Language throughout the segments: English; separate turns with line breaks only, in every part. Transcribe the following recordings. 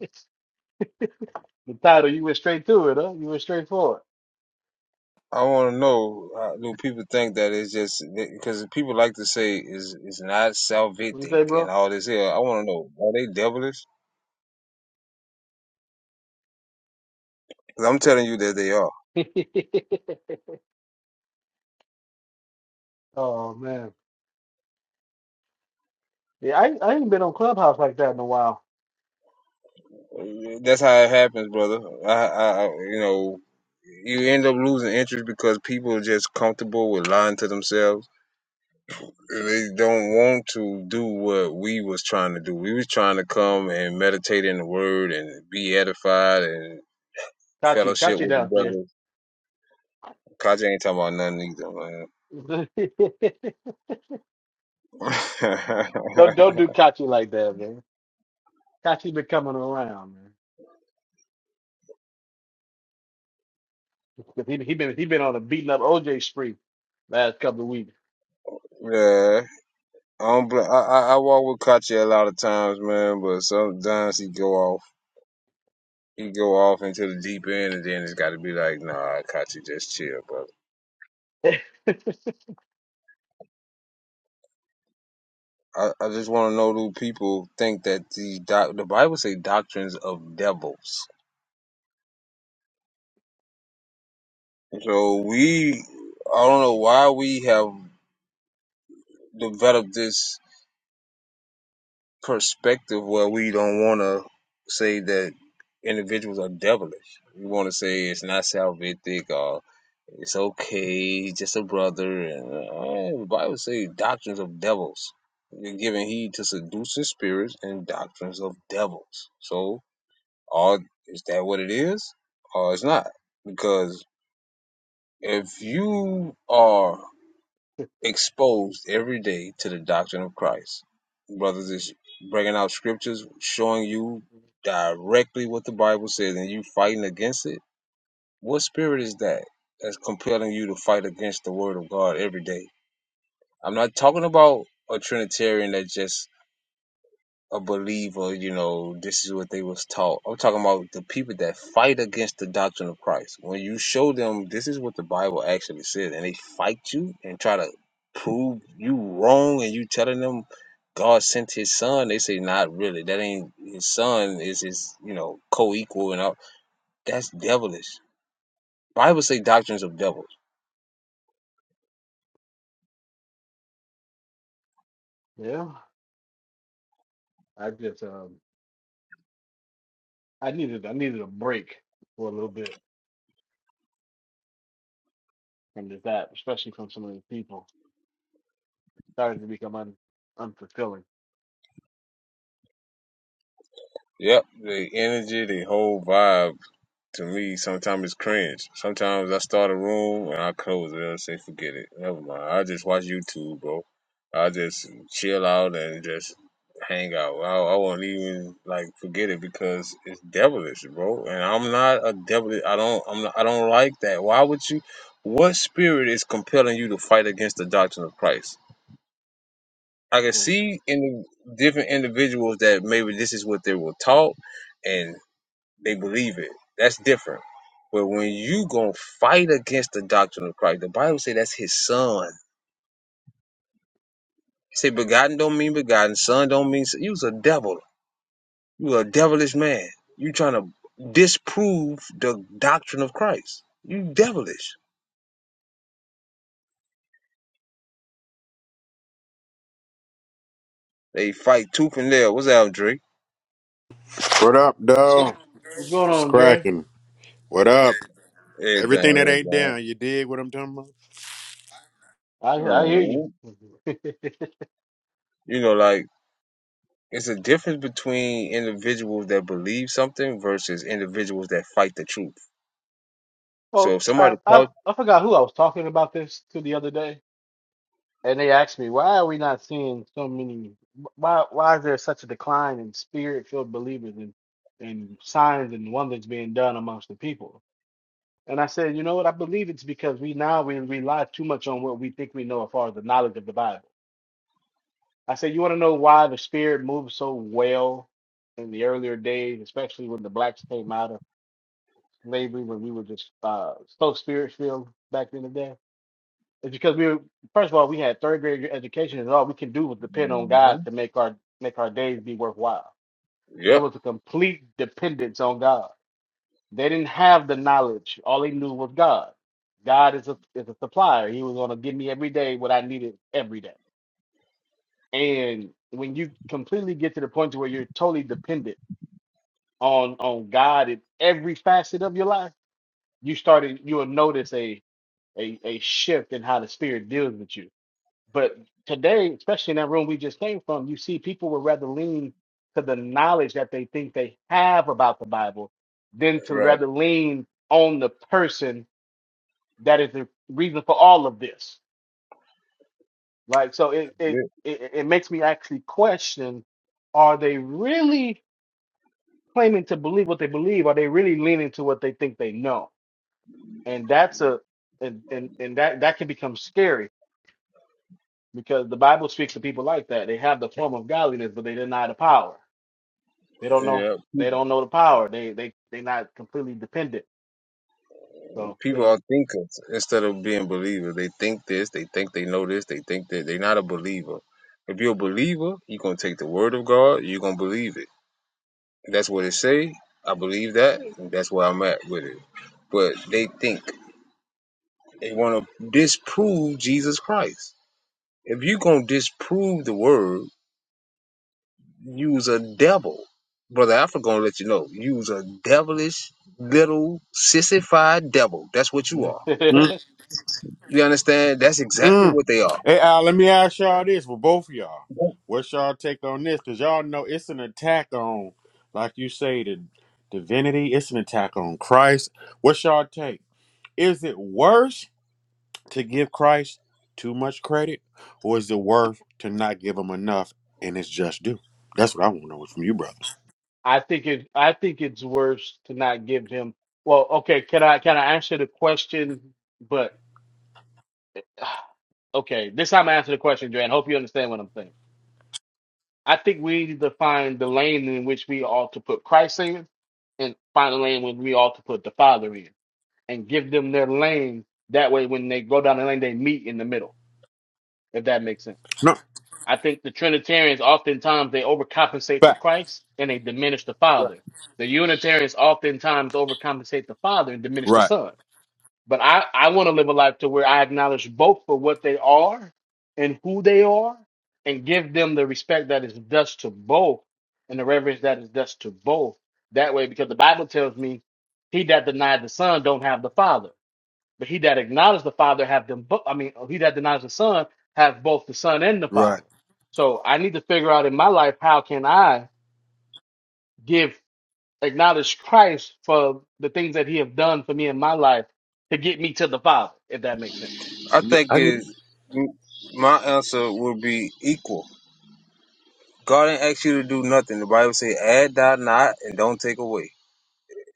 The title, you went straight to it, huh? You went straight for it.
I want to know uh, do people think that it's just because people like to say is it's not
What do you
salvific
say,
and
bro?
all this here. I want to know are they devilish? 'Cause I'm telling you that they are.
Oh man. Yeah, I, I ain't been on Clubhouse like that in a while.
That's how it happens, brother. I, I, I you know, you end up losing interest because people are just comfortable with lying to themselves. They don't want to do what we was trying to do. We was trying to come and meditate in the Word and be edified and
Kachi,
fellowship
Kachi
with the
down there.
brothers. Kaja ain't talking about nothing either, man. yeah,
Don't don't do Kachi like that, man. Kachi been coming around, man. 'Cause He he been he been on a beating up OJ spree last couple of weeks.
I don't. Bl- I, I I walk with Kachi a lot of times, man. But sometimes he go off. He go off into the deep end, and then it's got to be like, nah, Kachi, just chill, brother. I, I just want to know do people think that the doc- the Bible say doctrines of devils. So we, I don't know why we have developed this perspective where we don't want to say that individuals are devilish. We want to say it's not salvific or It's okay. He's just a brother. And, uh, the Bible say doctrines of devils. You're giving heed to seducing spirits and doctrines of devils. So, are is that what it is, or it's not? Because if you are exposed every day to the doctrine of Christ, brothers is bringing out scriptures showing you directly what the Bible says, and you fighting against it what spirit is that that's compelling you to fight against the word of God every day? I'm not talking about a Trinitarian that just a believer, you know, this is what they was taught. I'm talking about the people that fight against the doctrine of Christ. When you show them this is what the Bible actually says and they fight you and try to prove you wrong and you telling them God sent his son, they say not really. That ain't his son is his, you know, co equal and all that's devilish. Bible say doctrines of devils.
Yeah, I just um I needed I needed a break for a little bit from this app, especially from some of these people. Starting to become un, unfulfilling.
Yep, the energy, the whole vibe to me sometimes is cringe. Sometimes I start a room and I close it and say, forget it. Never mind. I just watch YouTube, bro. I just chill out and just hang out. I, I won't even like forget it because it's devilish, bro. And I'm not a devilish. I don't. I'm. Not, I don't like that. Why would you? What spirit is compelling you to fight against the doctrine of Christ? I can
right.
see in the different individuals that maybe this is what they were taught and they believe it. That's different. But when you gonna fight against the doctrine of Christ, the Bible say that's his son. It say begotten don't mean begotten, son don't mean son. You was a devil. You a devilish man. You trying to disprove the doctrine of Christ. You devilish. They fight tooth and nail. What's that, Drake?
What up, dog?
What's going
What's
on, Dre?
cracking? What up?
Everything,
Like,
Everything that ain't
everything.
down, you dig what I'm talking
I I hear you.
Mhm. You know, like it's a difference between individuals that believe something versus individuals that fight the truth. So
well,
if
I,
somebody
I
tells,
I forgot who I was talking about this to the other day, and they asked me why are we not seeing so many? Why why is there such a decline in spirit-filled believers and and signs and wonders being done amongst the people? And I said, you know what? I believe it's because we now we rely too much on what we think we know as far as the knowledge of the Bible. I said, you want to know why the spirit moved so well in the earlier days, especially when the blacks came out slavery when we were just uh, so spirit filled back in the day. It's because we were, first of all, we had third grade education, and all we can do was depend on God
Mhm.
to make our make our days be worthwhile.
Yep.
There was a complete dependence on God. They didn't have the knowledge. All they knew was God. God is a is a supplier. He was going to give me every day what I needed every day. And when you completely get to the point to where you're totally dependent on on God in every facet of your life, you started you will notice a a, a shift in how the spirit deals with you. But today, especially in that room we just came from, you see people would rather lean to the knowledge that they think they have about the Bible than to
Right.
rather lean on the person that is the reason for all of this. Like so it it it, it makes me actually question are they really claiming to believe what they believe? Are they really leaning to what they think they know? And that's a and and, and that that can become scary because the Bible speaks to people like that. They have the form of godliness, but they deny the power. They don't know.
Yeah.
They don't know the power. They they they not completely dependent. So
People
you
are thinkers instead of being believers. They think this, they think they know this, they think that they're not a believer. If you're a believer, you're gonna take the word of God, you're gonna believe it. That's what it say. I believe that, and that's where I'm at with it. But they think they wanna disprove Jesus Christ. If you're gonna disprove the word, use a devil. Brother Alfred gonna let you know. Use a devilish little sissified devil. That's what you
know,
are
about?
You understand? That's exactly
Mm-mm.
what they are.
Hey, Al, let me ask y'all this for both of y'all. What's y'all take on this? Because y'all know it's an attack on, like you say, the divinity. It's an attack on Christ. What's y'all take? Is it worse to give Christ too much credit, or is it worth to not give him enough and it's just due? That's what I want to know from you, brother.
I think it. I think it's worse to not give him. Well, okay. Can I can I answer the question? But okay, this time I answer the question, Joanne. Hope you understand what I'm saying. I think we need to find the lane in which we ought to put Christ in, and find the lane when we ought to put the Father in and give them their lane. That way, when they go down the lane, they meet in the middle, if that makes sense.
No,
I think the Trinitarians oftentimes they overcompensate for
fact.
Christ and they diminish the
Right,
Father. The Unitarians oftentimes overcompensate the Father and diminish the
right.
Son. But I, I want to live a life to where I acknowledge both for what they are and who they are and give them the respect that is thus to both and the reverence that is thus to both. That way, because the Bible tells me he that denied the Son don't have the Father. But he that acknowledges the Father have them both. I mean, he that denies the Son have both the Son and the
right.
Father. So I need to figure out in my life how can I give acknowledge Christ for the things that He have done for me in my life to get me to the Father, if that makes sense.
I think
I get
it, my answer would be equal. God didn't ask you to do nothing. The Bible say, add thou not and don't take away.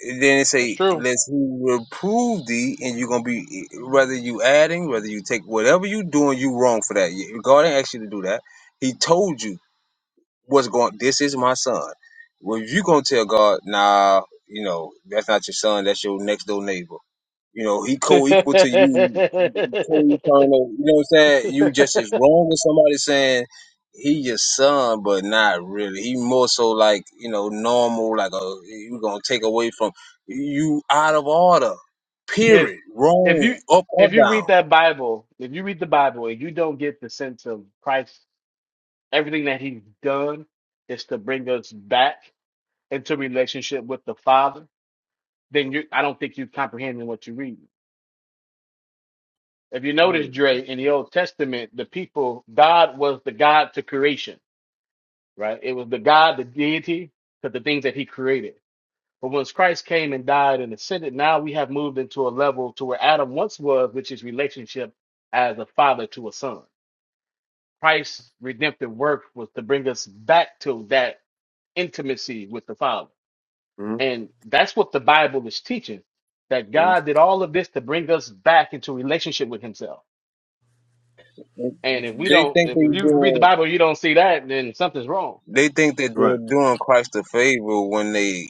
And then it
That's
say,
true.
lest he reprove thee, and you're gonna be whether you adding, whether you take whatever you doing, you wrong for that. Yeah, God didn't ask you to do that. He told you what's going. This is my son. Well, if you gonna tell God, nah, you know that's not your son. That's your next door neighbor. You know he
if
co-equal to you You know what I'm saying? You just as wrong as somebody saying he your son, but not really. He more so like you know normal, like a you gonna take away from you out of order. Period.
if you
Wrong, up or
if you read
down.
that Bible, if you read the Bible and you don't get the sense of Christ, everything that He's done is to bring us back into relationship with the Father, then you I don't think you're comprehending what you read. If you notice,
Yeah.
Dre, in the Old Testament, the people, God was the God to creation, right? It was the God, the deity, to the things that he created. But once Christ came and died and ascended, now we have moved into a level to where Adam once was, which is relationship as a father to a son. Christ's redemptive work was to bring us back to that intimacy with the Father.
hmm
And that's what the Bible is teaching that
hmm
God did all of this to bring us back into relationship with Himself. And if we
They
don't,
think
if
they
you read the
doing.
Bible, and you don't see that, then something's wrong.
They think that
Right.
they're doing Christ a favor when they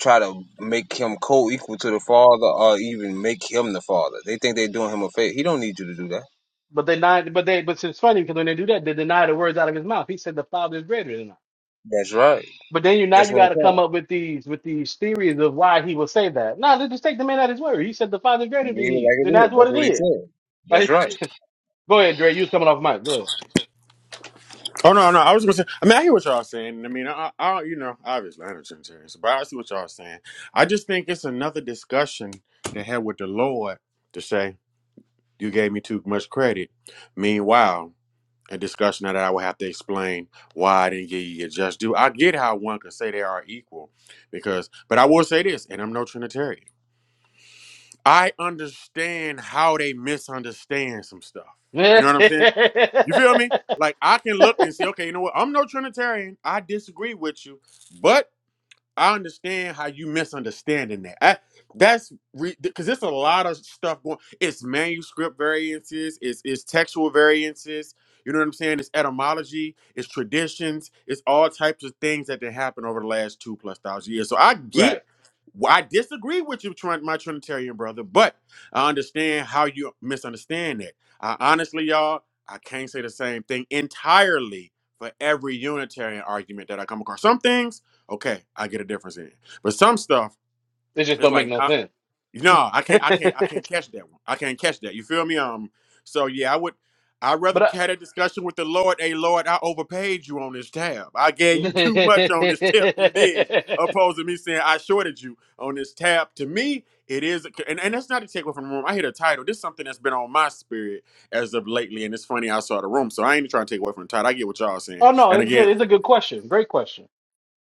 try to make him co-equal to the father, or even make him the father. They think they're doing him a favor. He don't need you to do that.
But they not, but they, but it's funny because when they do that, they deny the words out of His mouth. He said the Father is greater than I.
That's right.
But then you now
That's
you
what I'm
got to
saying.
come up with these with these theories of why He will say that. No, let's just take the man at His word. He said the Father is greater than
leave it
He.
like
Then
it
that's
is.
what
That's
it
what he
is.
said. That's
Like,
right.
go ahead, Dre. You was coming off mic. Go ahead.
Oh no, no. I was gonna say. I mean, I hear what y'all saying. I mean, I, I, you know, obviously I'm a Trinitarian, so- but I see what y'all saying. I just think it's another discussion they had with the Lord to say you gave me too much credit. Meanwhile, a discussion that I would have to explain why I didn't give you your just due. I get how one could say they are equal, because, but I will say this, and I'm no Trinitarian. I understand how they misunderstand some stuff. You know what I'm saying? You feel me? Like I can look and see, okay, you know what? I'm no Trinitarian. I disagree with you, but I understand how you misunderstanding that. I, that's because it's a lot of stuff going. It's manuscript variances. It's it's textual variances. You know what I'm saying? It's etymology. It's traditions. It's all types of things that have happened over the last two plus thousand years. So I
right.
get. why- I disagree with you, Trin- my Trinitarian brother, but I understand how you misunderstand that. I honestly, y'all, I can't say the same thing entirely for every Unitarian argument that I come across. Some things okay, I get a difference in it. But some stuff,
It just
it's
don't make
like
no
nah,
sense.
no, I can't, I can't, I can't catch that one. I can't catch that. You feel me? Um, so yeah, I would. I'd rather
But I,
had a discussion with the Lord. Hey, Lord, I overpaid you on this tab. I gave you too much on this tip. You dig? Opposed to me saying I shorted you on this tab. To me, it is, and, and that's not a takeaway from the room. I hear the title. This is something that's been on my spirit as of lately, and it's funny I saw the room. So I ain't trying to take away from the title. I get what y'all saying.
oh no,
And
it's
again,
good. It's a good question. Great question.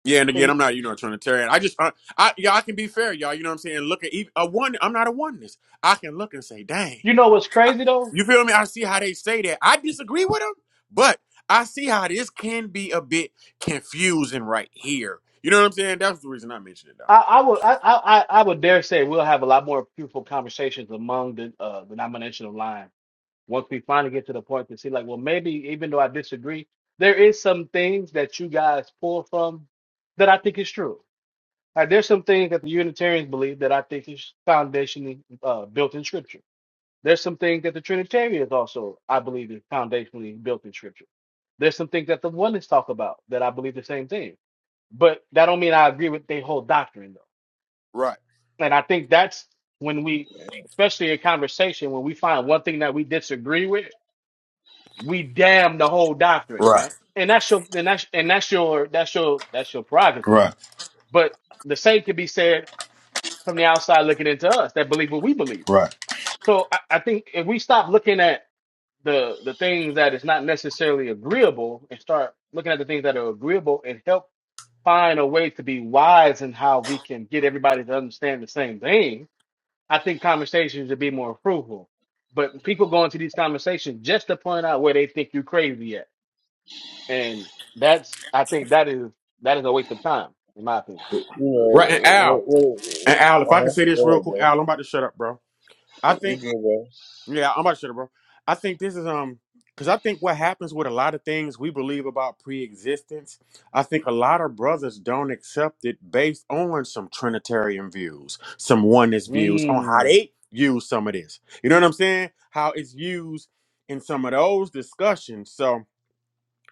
yeah, and again,
And
I'm not, you know, trying to tear it. I just, I, I, yeah, I can be fair, y'all. You know what I'm saying? Look at even, a one. I'm not a oneness. I can look and say, dang,
You know what's crazy though?
you feel me? I see how they say that. I disagree with them, but I see how this can be a bit confusing right here. You know what I'm saying? That's the reason I mentioned it, though.
I, I would I, I I I would dare say we'll have a lot more beautiful conversations among the uh, the nominational line once we finally get to the point to see like well maybe even though I disagree there is some things that you guys pull from that I think is true. Like there's some things that the Unitarians believe that I think is foundationally uh, built in Scripture There's some things that the Trinitarians also, I believe, is foundationally built in Scripture. There's some things that the oneness talk about that I believe the same thing. But that don't mean I agree with their whole doctrine, though.
Right,
And I think that's when we, especially in conversation, when we find one thing that we disagree with, we damn the whole doctrine,
right,
right? And that's your, and that's, and that's your, that's your, that's your prerogative.
right,
But the same can be said from the outside looking into us that believe what we believe.
right.
So I, I think if we stop looking at the the things that is not necessarily agreeable and start looking at the things that are agreeable and help find a way to be wise in how we can get everybody to understand the same thing, I think conversations would be more fruitful. But people go into these conversations just to point out where they think you're crazy at. And that's I think that is that is a waste of time, in my opinion.
You
Right,
know,
and
it-
Al,
what, what,
and Al, if
uh
I can
huh.
say this
Go
real
ahead,
quick,
bro.
Al, I'm about to shut up, bro. I
You
think.
good, bro?
Yeah, I'm about to shut it, bro. I think this is um because I think what happens with a lot of things we believe about pre-existence, I think a lot of brothers don't accept it based on some Trinitarian views, some oneness views on how
Mm.
they use some of this. You know what I'm saying? How it's used in some of those discussions. So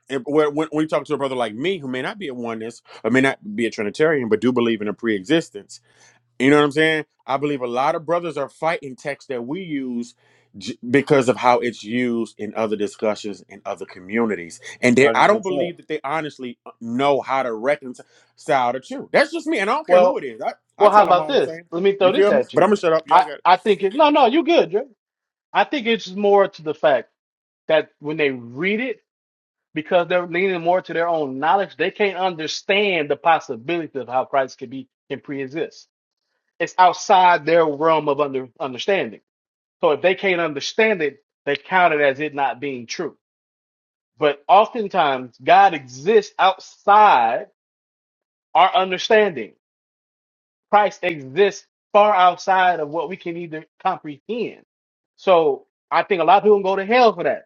if- when, when when you talk to a brother like me who may not be a oneness or may not be a Trinitarian, but do believe in a pre-existence, you know what I'm saying? I believe a lot of brothers are fighting text that we use j- because of how it's used in other discussions in other communities. And they, I
Hundred
don't
percent.
believe that they honestly uh, know how to reconcile the two. That's just me. And I don't care who
Well
it is. I, I
well how
tell them
about
all the
this?
same
Let
thing.
me throw
You
this
feel me?
at
But I'm
you.
going to shut up. Y'all
I,
got it.
I think it no no, you're good, Dre. I think it's more to the fact. that when they read it, because they're leaning more to their own knowledge, they can't understand the possibility of how Christ can be can pre-exist. It's outside their realm of under understanding. So if they can't understand it, they count it as it not being true. But oftentimes, God exists outside our understanding. Christ exists far outside of what we can either comprehend. So I think a lot of people go to hell for that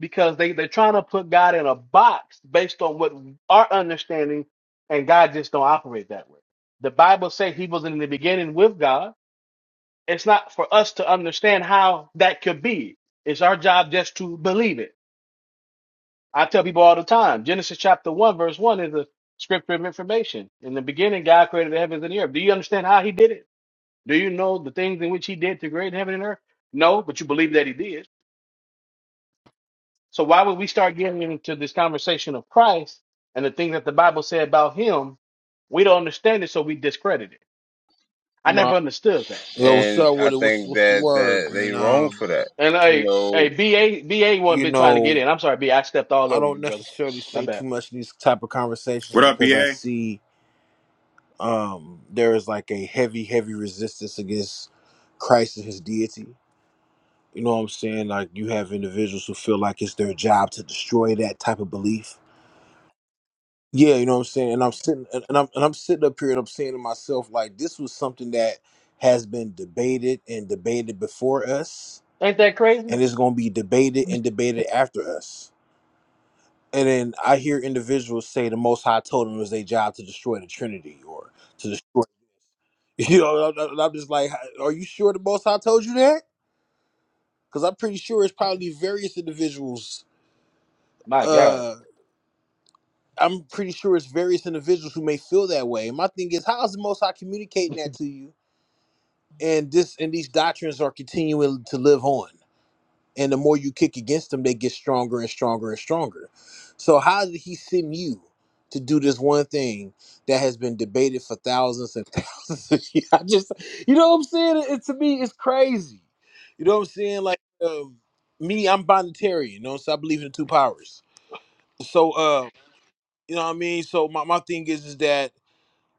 because they, they're trying to put God in a box based on what our understanding, and God just don't operate that way. The Bible says he was in the beginning with God. It's not for us to understand how that could be. It's our job just to believe it. I tell people all the time Genesis chapter 1, verse 1 is a scripture of information. In the beginning, God created the heavens and the earth. Do you understand how he did it? Do you know the things in which he did to create heaven and earth? No, but you believe that he did. So why would we start getting into this conversation of Christ and the things that the Bible said about him? We don't understand it, so we discredit it. I
No.
never understood that.
Yo, what's
And
up
I
with it? What's
think
what's the
that
word?
that they
And
wrong
um,
for that.
And
You
a a
know,
BA BA one
you
been trying to get in.
know,
I'm sorry, B. I stepped all
I
over you,
don't
brother.
necessarily
My
say too
bad.
much in these type of conversations
What up,
because I
BA?
see um there is like a heavy, heavy resistance against Christ and his deity. You know what I'm saying? Like you have individuals who feel like it's their job to destroy that type of belief. Yeah, you know what I'm saying? And I'm sitting and and I'm and I'm sitting up here and I'm saying to myself, like, this was something that has been debated and debated before us
Ain't that crazy?
and it's going to be debated and debated after us. And then I hear individuals say the Most High told them it was their job to destroy the Trinity or to destroy. You know, and I'm and I'm just like, are you sure the Most High told you that? Because I'm pretty sure it's probably various individuals.
My God.
Uh, I'm pretty sure it's various individuals who may feel that way. And my thing is, how is the Most High communicating that to you? And this and these doctrines are continuing to live on. And the more you kick against them, they get stronger and stronger and stronger. So how did he send you to do this one thing that has been debated for thousands and thousands of years? I just, you know what I'm saying? It, it- to me, it's crazy. You know what I'm saying? Like um, me, I'm binitarian. You know, so I believe in the two powers. So, uh, you know what I mean? So my, my thing is, is that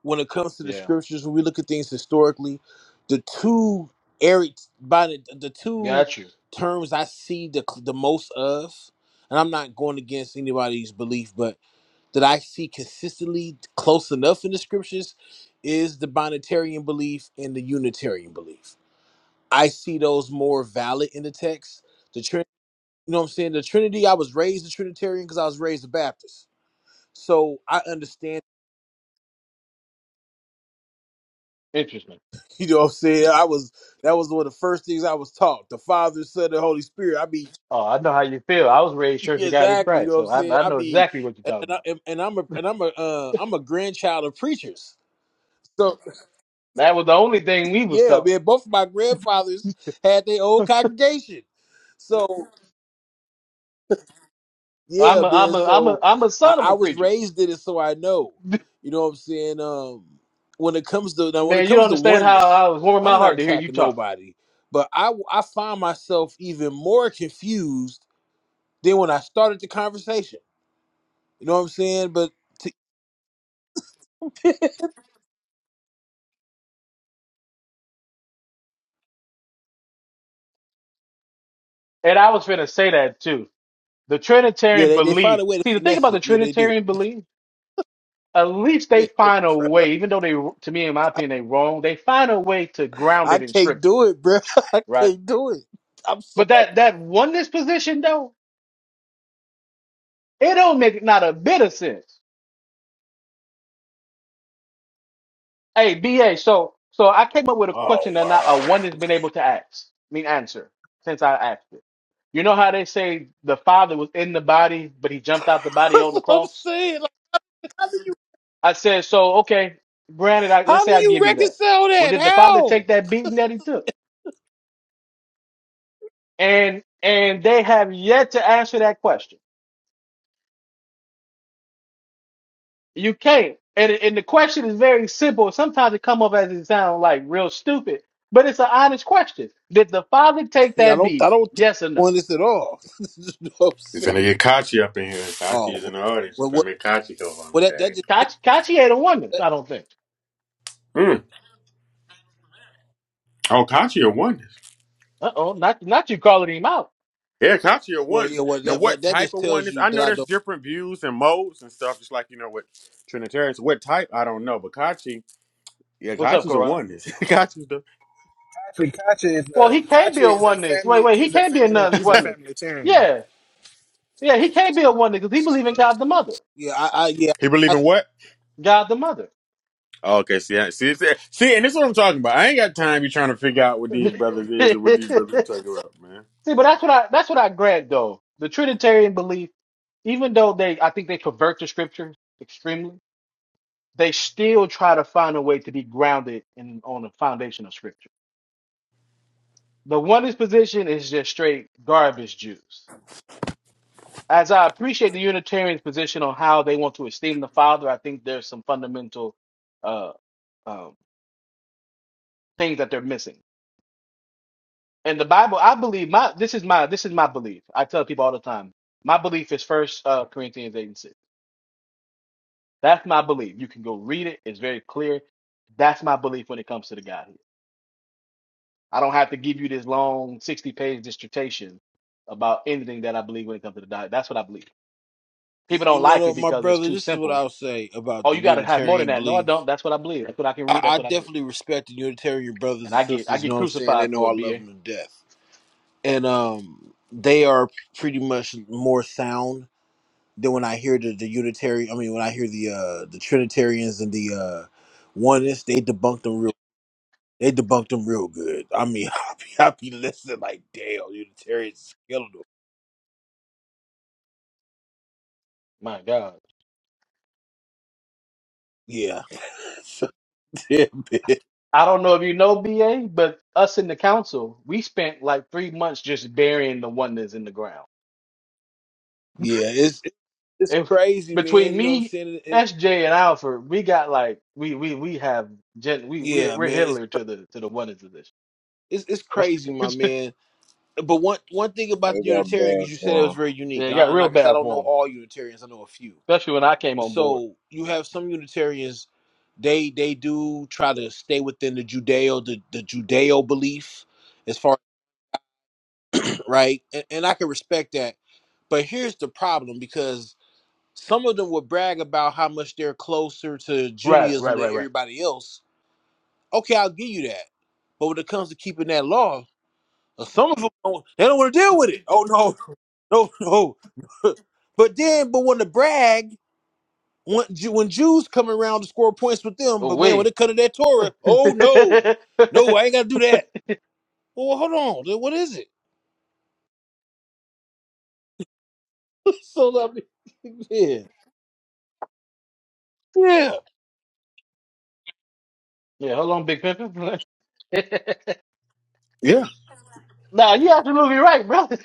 when it comes to the
Yeah.
scriptures, when we look at things historically, the two area by the, the two
Got you.
terms I see the the most of, and I'm not going against anybody's belief, but that I see consistently close enough in the scriptures is the binitarian belief and the unitarian belief. I see those more valid in the text. The Trinity, you know what I'm saying? The Trinity, I was raised a Trinitarian because I was raised a Baptist. So I understand
Interesting.
You know what I'm saying? I was that was one of the first things I was taught. The Father, Son, and Holy Spirit. I mean,
Oh, I know how you feel. I was raised Church of God in
exactly. You know
Christ,
what I'm
so I,
saying?
I
I
know
mean,
exactly what you're
and
talking
I,
about.
and and I'm a and I'm a uh, I'm a grandchild of preachers. So
That was the only thing we was
yeah,
taught.
man. Both of my grandfathers had their own congregation. So yeah,
I'm a, I'm
man.
a, I'm
So
a, I'm a
I,
son of
I
a
was
preacher.
raised in it, so I know. You know what I'm saying? Um, when it comes to now, when it
Man, you don't
comes to
understand how
oneness,
I was warming
I'm
my
not
heart to hear you
attacking
talk.
nobody, but I I find myself even more confused Then when I started the conversation, you know what I'm saying? But t-
And I was finna say that too. The
yeah,
Trinitarian
they, they find
belief.
a way to
See, the thing
finesse
about the
it. Yeah, they do.
Trinitarian belief, at least
Yeah,
they
bro.
find a way, even though they, to me, in my opinion, they wrong, they find a way to ground
I
it in
can't
scripture,
do it, bro. I
right?
can't do it. I'm sorry.
But that, that oneness position though, it don't make not a bit of sense. Hey, BA, so so I came up with a
Oh
question that not a
wow.
one has been able to ask, I mean answer, since I asked it. You know how they say the Father was in the body, but he jumped out the body
That's
on the
what I'm
cross?
saying. Like,
I said, so okay, granted, I, let's
how do
say I
you
give you that.
reconcile
Well,
that?
did the Father
How?
take that beating that he took? And and they have yet to answer that question. You can't. And and the question is very simple. Sometimes it come up as it sounds like real stupid, but it's an honest question. Did the Father take
Yeah, I
that
don't. I
beating?
don't think
Yes or no?
on this at all. You know what I'm
You
saying?
finna get Kachi up in here. Kachi
Oh,
is
well,
in the audience.
well,
You
well
finna make Kachi go on the
well, that that
stage.
just
Kachi, Kachi ain't a oneness,
that,
I don't think.
Mm. Oh, Kachi a one.
Uh oh, not not you calling him out.
Yeah, Katya
well, yeah,
oneness.
well,
Now,
that but
what
that
type
just
of
tells
oneness?
you
I
that
know
I
there's
don't.
different views and modes and stuff, just like you know with Trinitarians. What type? I don't know, but Kachi, yeah,
What's up,
Kachi's a
Corrupt?
oneness. Kachi's the
Actually, Kachi is
Well,
a
he can't be
Kachi
a
is a
oneness. Wait,
family.
wait, he
He's a
can't be a
family.
non
He's a
oneness.
family term.
Yeah, yeah, he can't be a oneness because he believes in God the Mother.
Yeah, I, I yeah.
he
I
believe in what?
God the Mother.
okay, see, I- see, see, see, and this is what I'm talking about. I ain't got time. You trying to figure out what these brothers is and what these brothers are talking about, man.
See, but that's what I that's what I grant though. The Trinitarian belief, even though they I think they convert the scriptures extremely, they still try to find a way to be grounded in on the foundation of scripture. The oneness position is just straight garbage juice. as I appreciate the Unitarian's position on how they want to esteem the Father, I think there's some fundamental uh, um, things that they're missing. And the Bible, I believe my this is my this is my belief. I tell people all the time, my belief is First uh, Corinthians eight and six. That's my belief. You can go read it; it's very clear. That's my belief when it comes to the Godhead. I don't have to give you this long sixty page dissertation about anything that I believe when it comes to the Godhead. That's what I believe.
You,
People
you
don't like
know,
it
my
because it's
brother,
too
this is what
simple
I'll say about
Oh,
the
you gotta have more than
Unitarian
that. No, I
belief.
don't. That's what I believe. That's what I can
I,
read. That's
I
what I believe.
definitely respect the Unitarian brothers
And
and
I get I
sisters. You
get
know what I'm saying? They
crucified
know
for
I
it,
love
BA.
them to death. And um, they are pretty much more sound than when I hear the, the Unitarian, I mean, when I hear the uh, the Trinitarians and the uh, Oneness, they debunk them real They debunked them real good. I mean, i be, i be listening like, damn, Unitarians is killing them.
My God.
Yeah. so, damn, man.
I don't know if you know BA, but us in the council, we spent like three months just burying the oneness in the ground.
Yeah, it's it's
It,
crazy, man.
between
You know what I'm
me,
saying?
SJ, and Alfred, we got like we we we have gen, we we
Yeah,
we're
man, it's
Hitler to the to the oneness of this.
it's, it's crazy, my man. But one one thing about
they
the
got
Unitarian, because
banned
you said it
for
was very
yeah,
unique,
it
and, I,
got
and
real
like I said, I
bad
don't know
for him,
all Unitarians. I know a few.
especially when I came on board.
So you have some Unitarians, they they do try to stay within the Judeo the, the Judeo belief, as far right, and, and I can respect that. But here's the problem because some of them will brag about how much they're closer to
Right,
Judaism
right,
than
right, right.
everybody else. Okay, I'll give you that. But when it comes to keeping that law, Some of them don't, they don't want to deal with it. Oh no, no, no. but then, but when the brag, when Ju- when Jews come around to score points with them,
Oh,
but man, when
we.
it comes to that Torah, oh no, no, I
yeah,
ain't got to do that. Well, well, hold on, then what is it? so lovely. me, yeah, yeah.
hold on, Big Pimpin.
Yeah.
now you absolutely right, brother.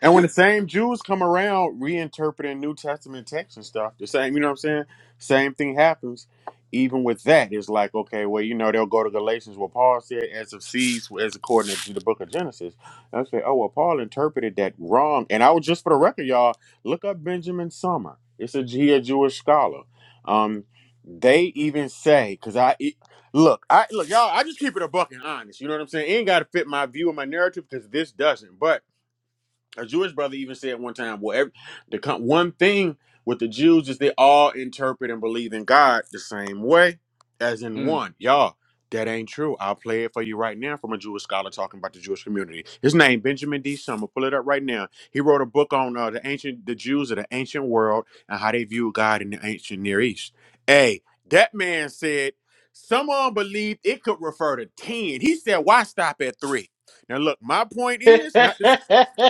And when the same Jews come around reinterpreting New Testament texts and stuff, the same, you know what I'm saying? Same thing happens. Even with that, it's like, okay, well, you know, they'll go to Galatians where Paul said, as of seeds, as according to the book of Genesis. I say, oh, well, Paul interpreted that wrong. And I was just for the record, y'all, look up Benjamin Summer. It's a, he a Jewish scholar. Um, they even say, because I, it, look, I, look, y'all, I just keep it a buck and honest. You know what I'm saying? It ain't got to fit my view and my narrative because this doesn't. But a Jewish brother even said one time, well, every, the con- one thing with the Jews is they all interpret and believe in God the same way as in
Mm.
one. Y'all, that ain't true. I'll play it for you right now from a Jewish scholar talking about the Jewish community. His name, Benjamin D. Summer. Pull it up right now. He wrote a book on uh, the ancient, the Jews of the ancient world and how they view God in the ancient Near East. Hey, that man said someone believed it could refer to 10. He said, why stop at three? Now, look, my point is not this.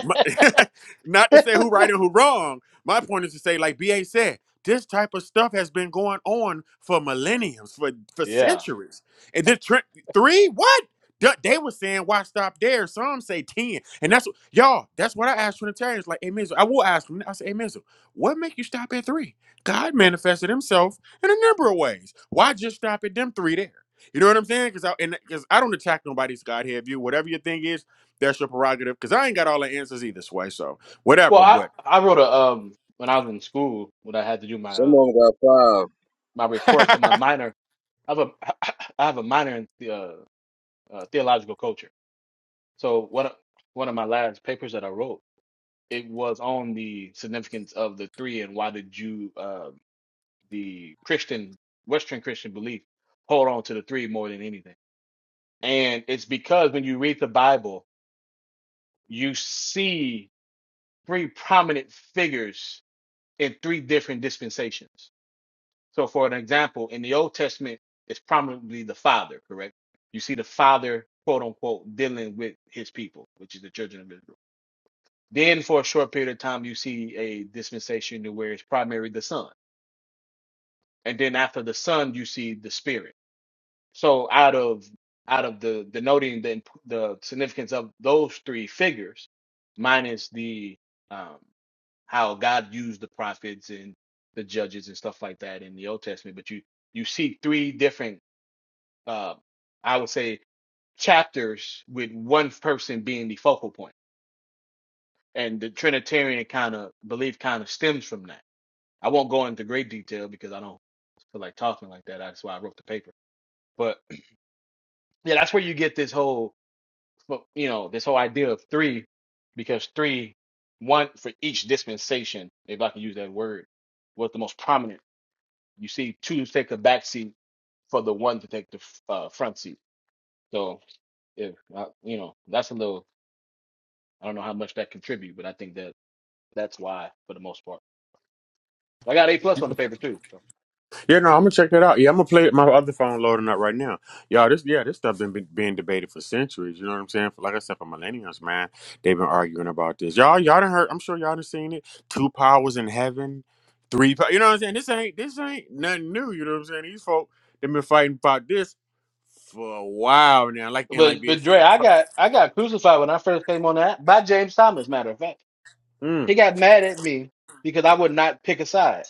My, not to say who right and who wrong. My point is to say, like BA said, this type of stuff has been going on for millenniums, for for
yeah.
centuries. And then tr- three, what? Th- They were saying, why stop there? Some say 10. And that's what, y'all, that's what I asked Trinitarians. Like, hey, Mizzle, I will ask them. I say, hey, Mizzle, what make you stop at three? God manifested himself in a number of ways. Why just stop at them three there? You know what I'm saying? Because I, and- 'cause I don't attack nobody's Godhead view. Whatever your thing is, that's your prerogative, because I ain't got all the answers either, Sway. So
Well,
whatever.
I,
But
I wrote a um when I was in school when I had to do my
some of
um
them got five.
my
yeah,
report for my minor. I have a I have a minor in the, uh, uh, theological culture. So one of- one of my last papers that I wrote it was on the significance of the three and why did you uh, the Christian Western Christian belief hold on to the three more than anything. And it's because when you read the Bible you see three prominent figures in three different dispensations. So, for an example, in the Old Testament, it's prominently the Father, correct? You see the Father, quote unquote, dealing with his people, which is the children of Israel. Then, for a short period of time, you see a dispensation where it's primarily the Son. And then, after the Son, you see the Spirit. So out of out of the denoting the imp- the significance of those three figures, minus the um, how God used the prophets and the judges and stuff like that in the Old Testament, but you you see three different uh, I would say chapters with one person being the focal point. And the Trinitarian kind of belief kind of stems from that. I won't go into great detail because I don't feel like talking like that. That's why I wrote the paper. But yeah, that's where you get this whole. but you know this whole idea of three because three one for each dispensation if i can use that word was the most prominent you see two take the back seat for the one to take the f- uh, front seat so if uh, you know that's a little i don't know how much that contribute but i think that that's why for the most part i got a plus on the
no,
paper too so.
I'm gonna check that out. Yeah, I'm gonna play it. My other phone loading up right now. Y'all, this yeah, this stuff been been being debated for centuries. You know what I'm saying? For, like I said, for millennials, man, they've been arguing about this. Y'all, y'all done heard? I'm sure y'all done seen it. Two powers in heaven, three. pow- You know what I'm saying? This ain't this ain't nothing new. You know what I'm saying? These folk they've been fighting about this for a while now. Like and like
but
being.
but Dre, i got i got crucified when i first came on that by james thomas matter of fact
Mm,
he got mad at me because i would not pick a side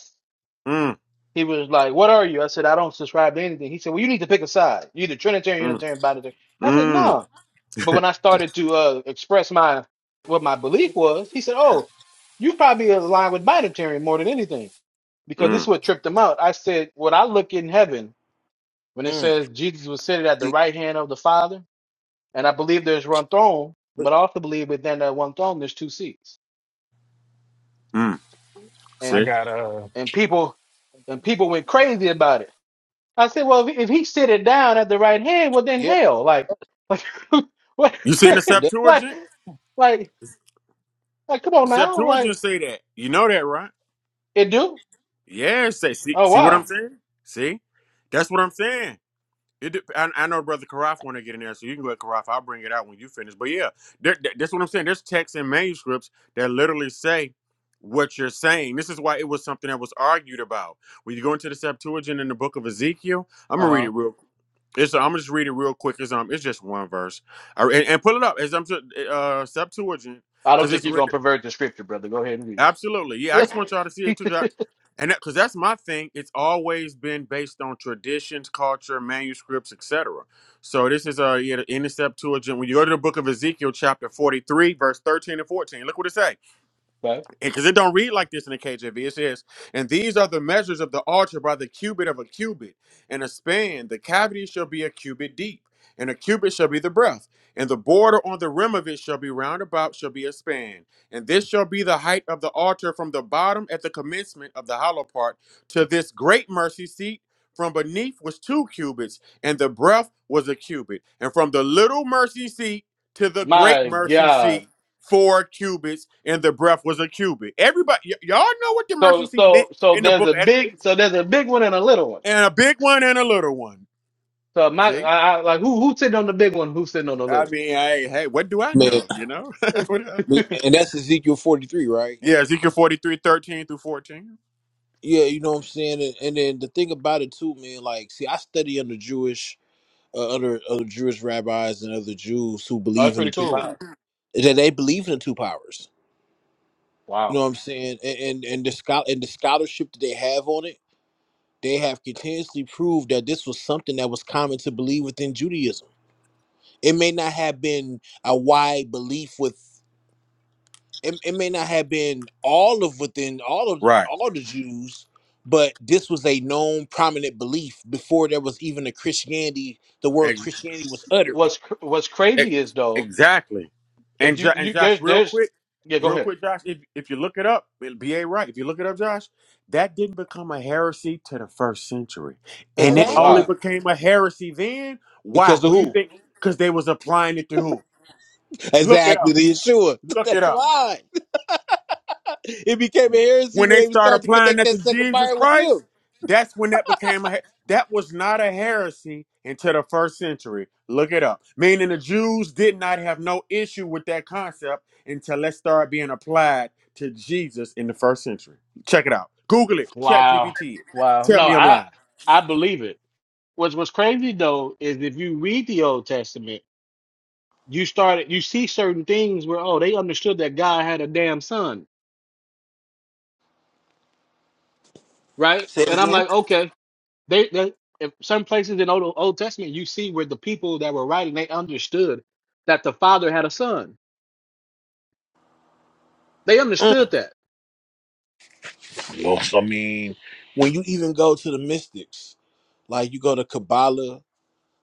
mm,
He was like, "What are you?" I said, "I don't subscribe to anything." He said, "Well, you need to pick a side. You either Trinitarian,
mm,
Unitarian, Binitarian." I said,
mm,
"No." But when I started to uh, express my what my belief was, he said, "Oh, you probably align with Binitarian more than anything because this is
mm,
what tripped him out." I said, "When I look in heaven, when it
Mm,
says Jesus was seated at the
see,
right hand of the Father, and I believe there's one throne,
but-
but I also believe within that one throne there's two seats,
mm.
I
See.
and
got uh.
and people and people went crazy about it." I said, well, if, if he sit down at the right hand, well, then
yeah,
hell, like, like, what,
You seen the
yep. and that-
like,
Septuagint?
like, like, come on
The
now, like,
Septuagint say that. You know that, right?
it do?
Yeah, it say see
Oh
see what I'm
wow,
saying? See, that's what I'm saying. It, de- I, I know brother Karaf want to get in there, so you can let Karaf. I'll bring it out when you finish. But yeah, there, there- that's what I'm saying. There's texts and manuscripts that literally say what you're saying. This is why it was something that was argued about. When you go into the Septuagint in the book of Ezekiel, I'm
uh
gonna read it
huh.
real. It's I'm gonna just read it real quick. It's um, it's just one verse. I, and, and pull it up. It's um, uh, Septuagint
I don't
because
think
it's
you're
written.
gonna pervert the scripture, brother. Go ahead and read
Absolutely. Yeah, I just want y'all to see it too. 'cause I-
it.
And because that's my thing, it's always been based on traditions, culture, manuscripts, etc. So this is uh, yeah, in the Septuagint. When you go to the book of Ezekiel, chapter forty-three, verse thirteen and fourteen, look what it say
But
because it don't read like this in the KJV. It says, "And these are the measures of the altar by the cubit of a cubit, and a span. The cavity shall be a cubit deep, and a cubit shall be the breadth, and the border on the rim of it shall be round about, shall be a span. And this shall be the height of the altar from the bottom at the commencement of the hollow part to this great mercy seat." From beneath was two cubits, and the breadth was a cubit, and from the little mercy seat to the great
my
mercy seat
God,
four cubits and the breadth was a cubit. Everybody, y- y'all know what the mercy
so
seat
so
meant
so
in the
there's
book
a
of
big,
Exodus,
so there's a big one and a little one.
and a big one and a little one.
So my,
See,
I, I, like, who who's sitting on the big one? Who's sitting on the
I
little?
mean, hey, hey, what do I
man,
know? You know, what do I know?
and that's Ezekiel forty three, right?
Yeah, Ezekiel 43 13 through fourteen.
Yeah, you know what I'm saying. And, and then the thing about it too, man, like, see, I study under Jewish. uh, other other Jewish rabbis and other Jews who
Oh, that's
believe in the
pretty
two
cool.
powers. That they believe in the two powers. You
Wow.
know what I'm saying? And and, and the schol- and the scholarship that they have on it, they have continuously proved that this was something that was common to believe within Judaism. It may not have been a wide belief with it, it may not have been all of within all of
Right.
all the Jews, but this was a known prominent belief before there was even a Christianity, the word Christianity was uttered.
What's cr- what's
E-
crazy is though,
Exactly. And
if you
jo- and
you
Josh,
there's
real
there's
quick,
yeah, go
real
ahead.
quick, Josh, if if you look it up, it'll be a right. If you look it up, Josh, that didn't become a heresy to the first century,
I
and it
wonder
Exactly.
only
why.
became a heresy then.
Because
Why?
of
Who you
who?
think? Because they was applying it to who? Look it
Exactly,
up.
the Yeshua.
Look it
That's
up.
why. It became a heresy
When they
when they
start
started to
applying
connect
that to
that second
Jesus
buyer was
Christ,
him.
that's when that became a he- that was not a heresy until the first century. Look it up. Meaning the Jews did not have no issue with that concept until it started being applied to Jesus in the first century. Check it out. Google it. Chat
Wow.
GPT it.
Wow.
Tell
No,
me I'm
I
lying.
I believe it. What's what's crazy though is if you read the Old Testament, you started you see certain things where oh they understood that God had a damn son, right?
Say it
And I'm
again.
like, okay, they, they if some places in Old Old Testament you see where the people that were writing they understood that the father had a son. They
Mm.
understood that.
Yes, I mean, when you even go to the mystics, like you go to Kabbalah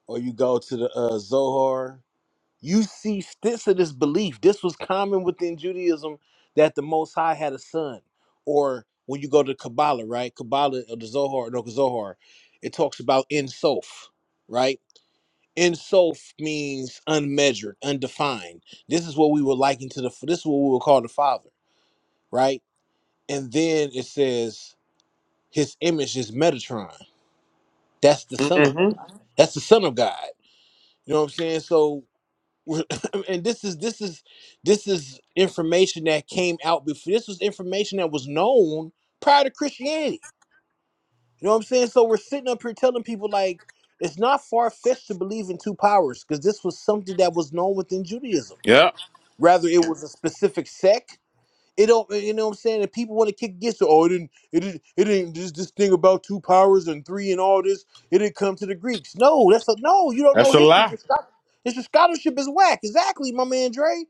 or you go to the uh, Zohar, you see stints of this belief. This was common within Judaism that the Most High had a son. Or when you go to Kabbalah, right? Kabbalah or the Zohar, no, Zohar, it talks about in Sof, right? Insof means unmeasured, undefined. This is what we would liken to the. This is what we would call the Father, right? And then it says His image is Metatron. That's the Son of God.
hmm
That's the Son of God. You know what I'm saying? So, we're- and this is this is this is information that came out before. This was information that was known prior to Christianity. You know what I'm saying? So we're sitting up here telling people like it's not far fetched to believe in two powers because this was something that was known within Judaism.
Yeah,
rather it was a specific sect. It don't, you know what I'm saying? If people want to kick against it, oh, it didn't, it didn't, it didn't, this, this thing about two powers and three and all this, it didn't come to the Greeks. No, that's a, no, you don't know
that's a
history.
lie.
Your, scho- it's your scholarship is whack. Exactly, my man Dre.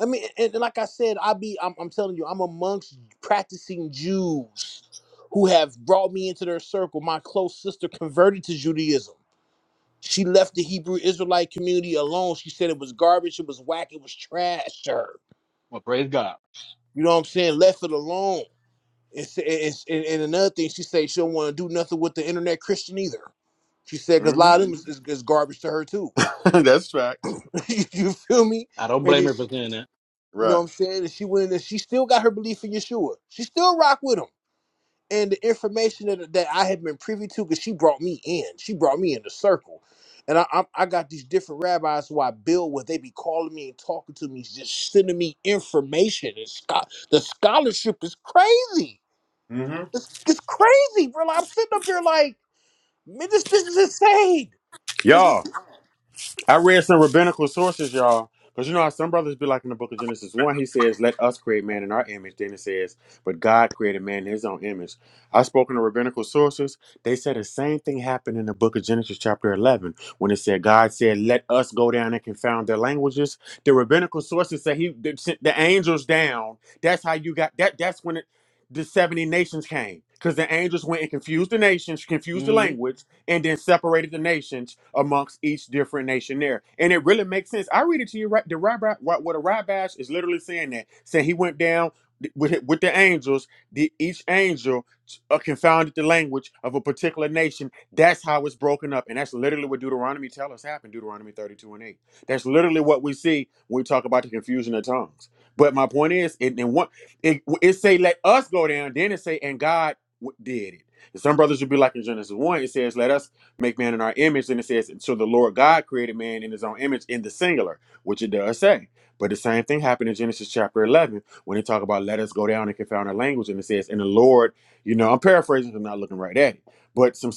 I mean, and, and like I said, I be, I'm, I'm telling you, I'm amongst practicing Jews who have brought me into their circle. My close sister converted to Judaism. She left the Hebrew Israelite community alone. She said it was garbage, it was whack, it was trash to her
Well, praise God.
you know what I'm saying? Left it alone. It's, it's, and, and another thing, she said she don't want to do nothing with the internet Christian either. She said because a
hmm
lot of them is, is, is garbage to her too.
that's facts.
you feel me?
I don't
And
blame
then
her
she,
for saying that.
you know what
Right.
I'm saying? And she went in and she still got her belief in Yeshua. She still rock with him. And the information that, that I had been privy to, because she brought me in, she brought me in the circle. And I, I, I got these different rabbis who I build with. They be calling me and talking to me, just sending me information. And scho- the scholarship is crazy.
hmm
It's, it's crazy, bro. I'm sitting up here like, man, this this is insane. This is
Y'all. I read some rabbinical sources, y'all. Because you know how some brothers be like in the book of Genesis 1, he says, Let us create man in our image. Then it says, But God created man in his own image. I spoke in the rabbinical sources. They said the same thing happened in the book of Genesis, chapter 11, when it said, God said, Let us go down and confound their languages. The rabbinical sources say he they sent the angels down. That's how you got that. That's when it, the 70 nations came. Because the angels went and confused the nations, confused the
Mm-hmm.
language and then separated the nations amongst each different nation there. And it really makes sense. I read it to you right. The Rabbah, what, what a Rabbah is literally saying that, saying he went down with with the angels. The, each angel uh, confounded the language of a particular nation. That's how it's broken up, and that's literally what Deuteronomy tells us happened. Deuteronomy thirty-two and eight. That's literally what we see when we talk about the confusion of tongues. But my point is, it and what it, it say, let us go down. Then it say, and God w- did it. And some brothers would be like in Genesis 1, it says, Let us make man in our image. And it says, So the Lord God created man in his own image in the singular, which it does say. But the same thing happened in Genesis chapter 11 when they talk about let us go down and confound our language. And it says, And the Lord, you know, I'm paraphrasing, 'cause I'm not looking right at it. But some,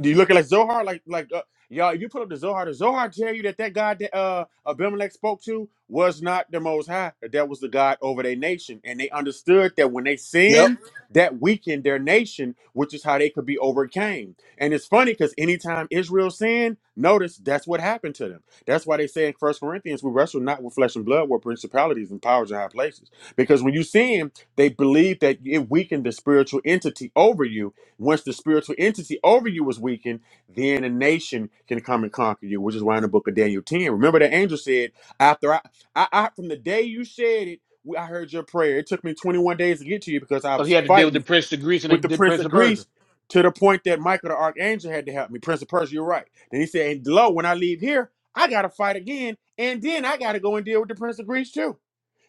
do you look at like Zohar? Like, like, uh, y'all, if you put up the Zohar, the Zohar tell you that that God that uh, Abimelech spoke to was not the Most High, that that was the God over their nation. And they understood that when they
Yep.
sinned, that weakened their nation, which is how they could be overcame. And it's funny because anytime Israel sinned, notice that's what happened to them. That's why they say in First Corinthians, we wrestle not with flesh and blood, with principalities and powers in high places. Because when you sin, they believe that it weakened the spiritual entity over you. Once the spiritual entity over you was weakened, then a nation can come and conquer you, which is why in the book of Daniel 10, remember the angel said, after I, I, I from the day you said it, we- I heard your prayer. It took me 21 days to get to you because I
Because he
was
had to deal with the
fighting
prince of Greece and
with the
the the
Prince
prince
of
of Persia.
Greece to the point that Michael the Archangel had to help me. Prince of Persia, you're right. Then he said, and lo, when I leave here, I got to fight again. And then I got to go and deal with the Prince of Greece too.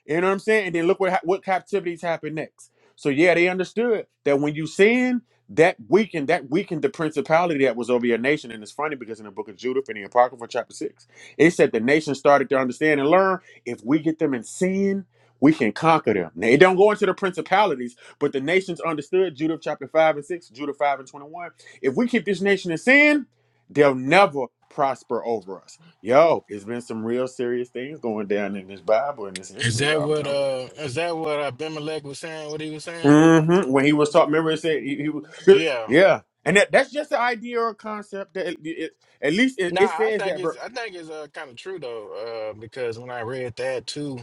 You know what I'm saying? And then look what what captivities happened next. So yeah, they understood that when you sin, that weakened that weakened the principality that was over your nation. And it's funny because in the book of Judith in the Apocrypha chapter six, it said the nation started to understand and learn if we get them in sin, we can conquer them. Now it don't go into the principalities, but the nations understood Judith chapter five and six, Judith five and twenty one. If we keep this nation in sin, they'll never prosper over us. Yo, it's been some real serious things going down in this Bible and this
Is
history,
that
y'all. I'm
what
telling
uh is that what Abimelech was saying? What he was saying?
you. hmm When he was talking, remember it said he, he was,
Yeah.
yeah, and that, that's just the idea or concept that it, it- at least it,
Nah,
it
I
says
think
that.
it's I think it's uh kind of true though, uh, because when I read that too,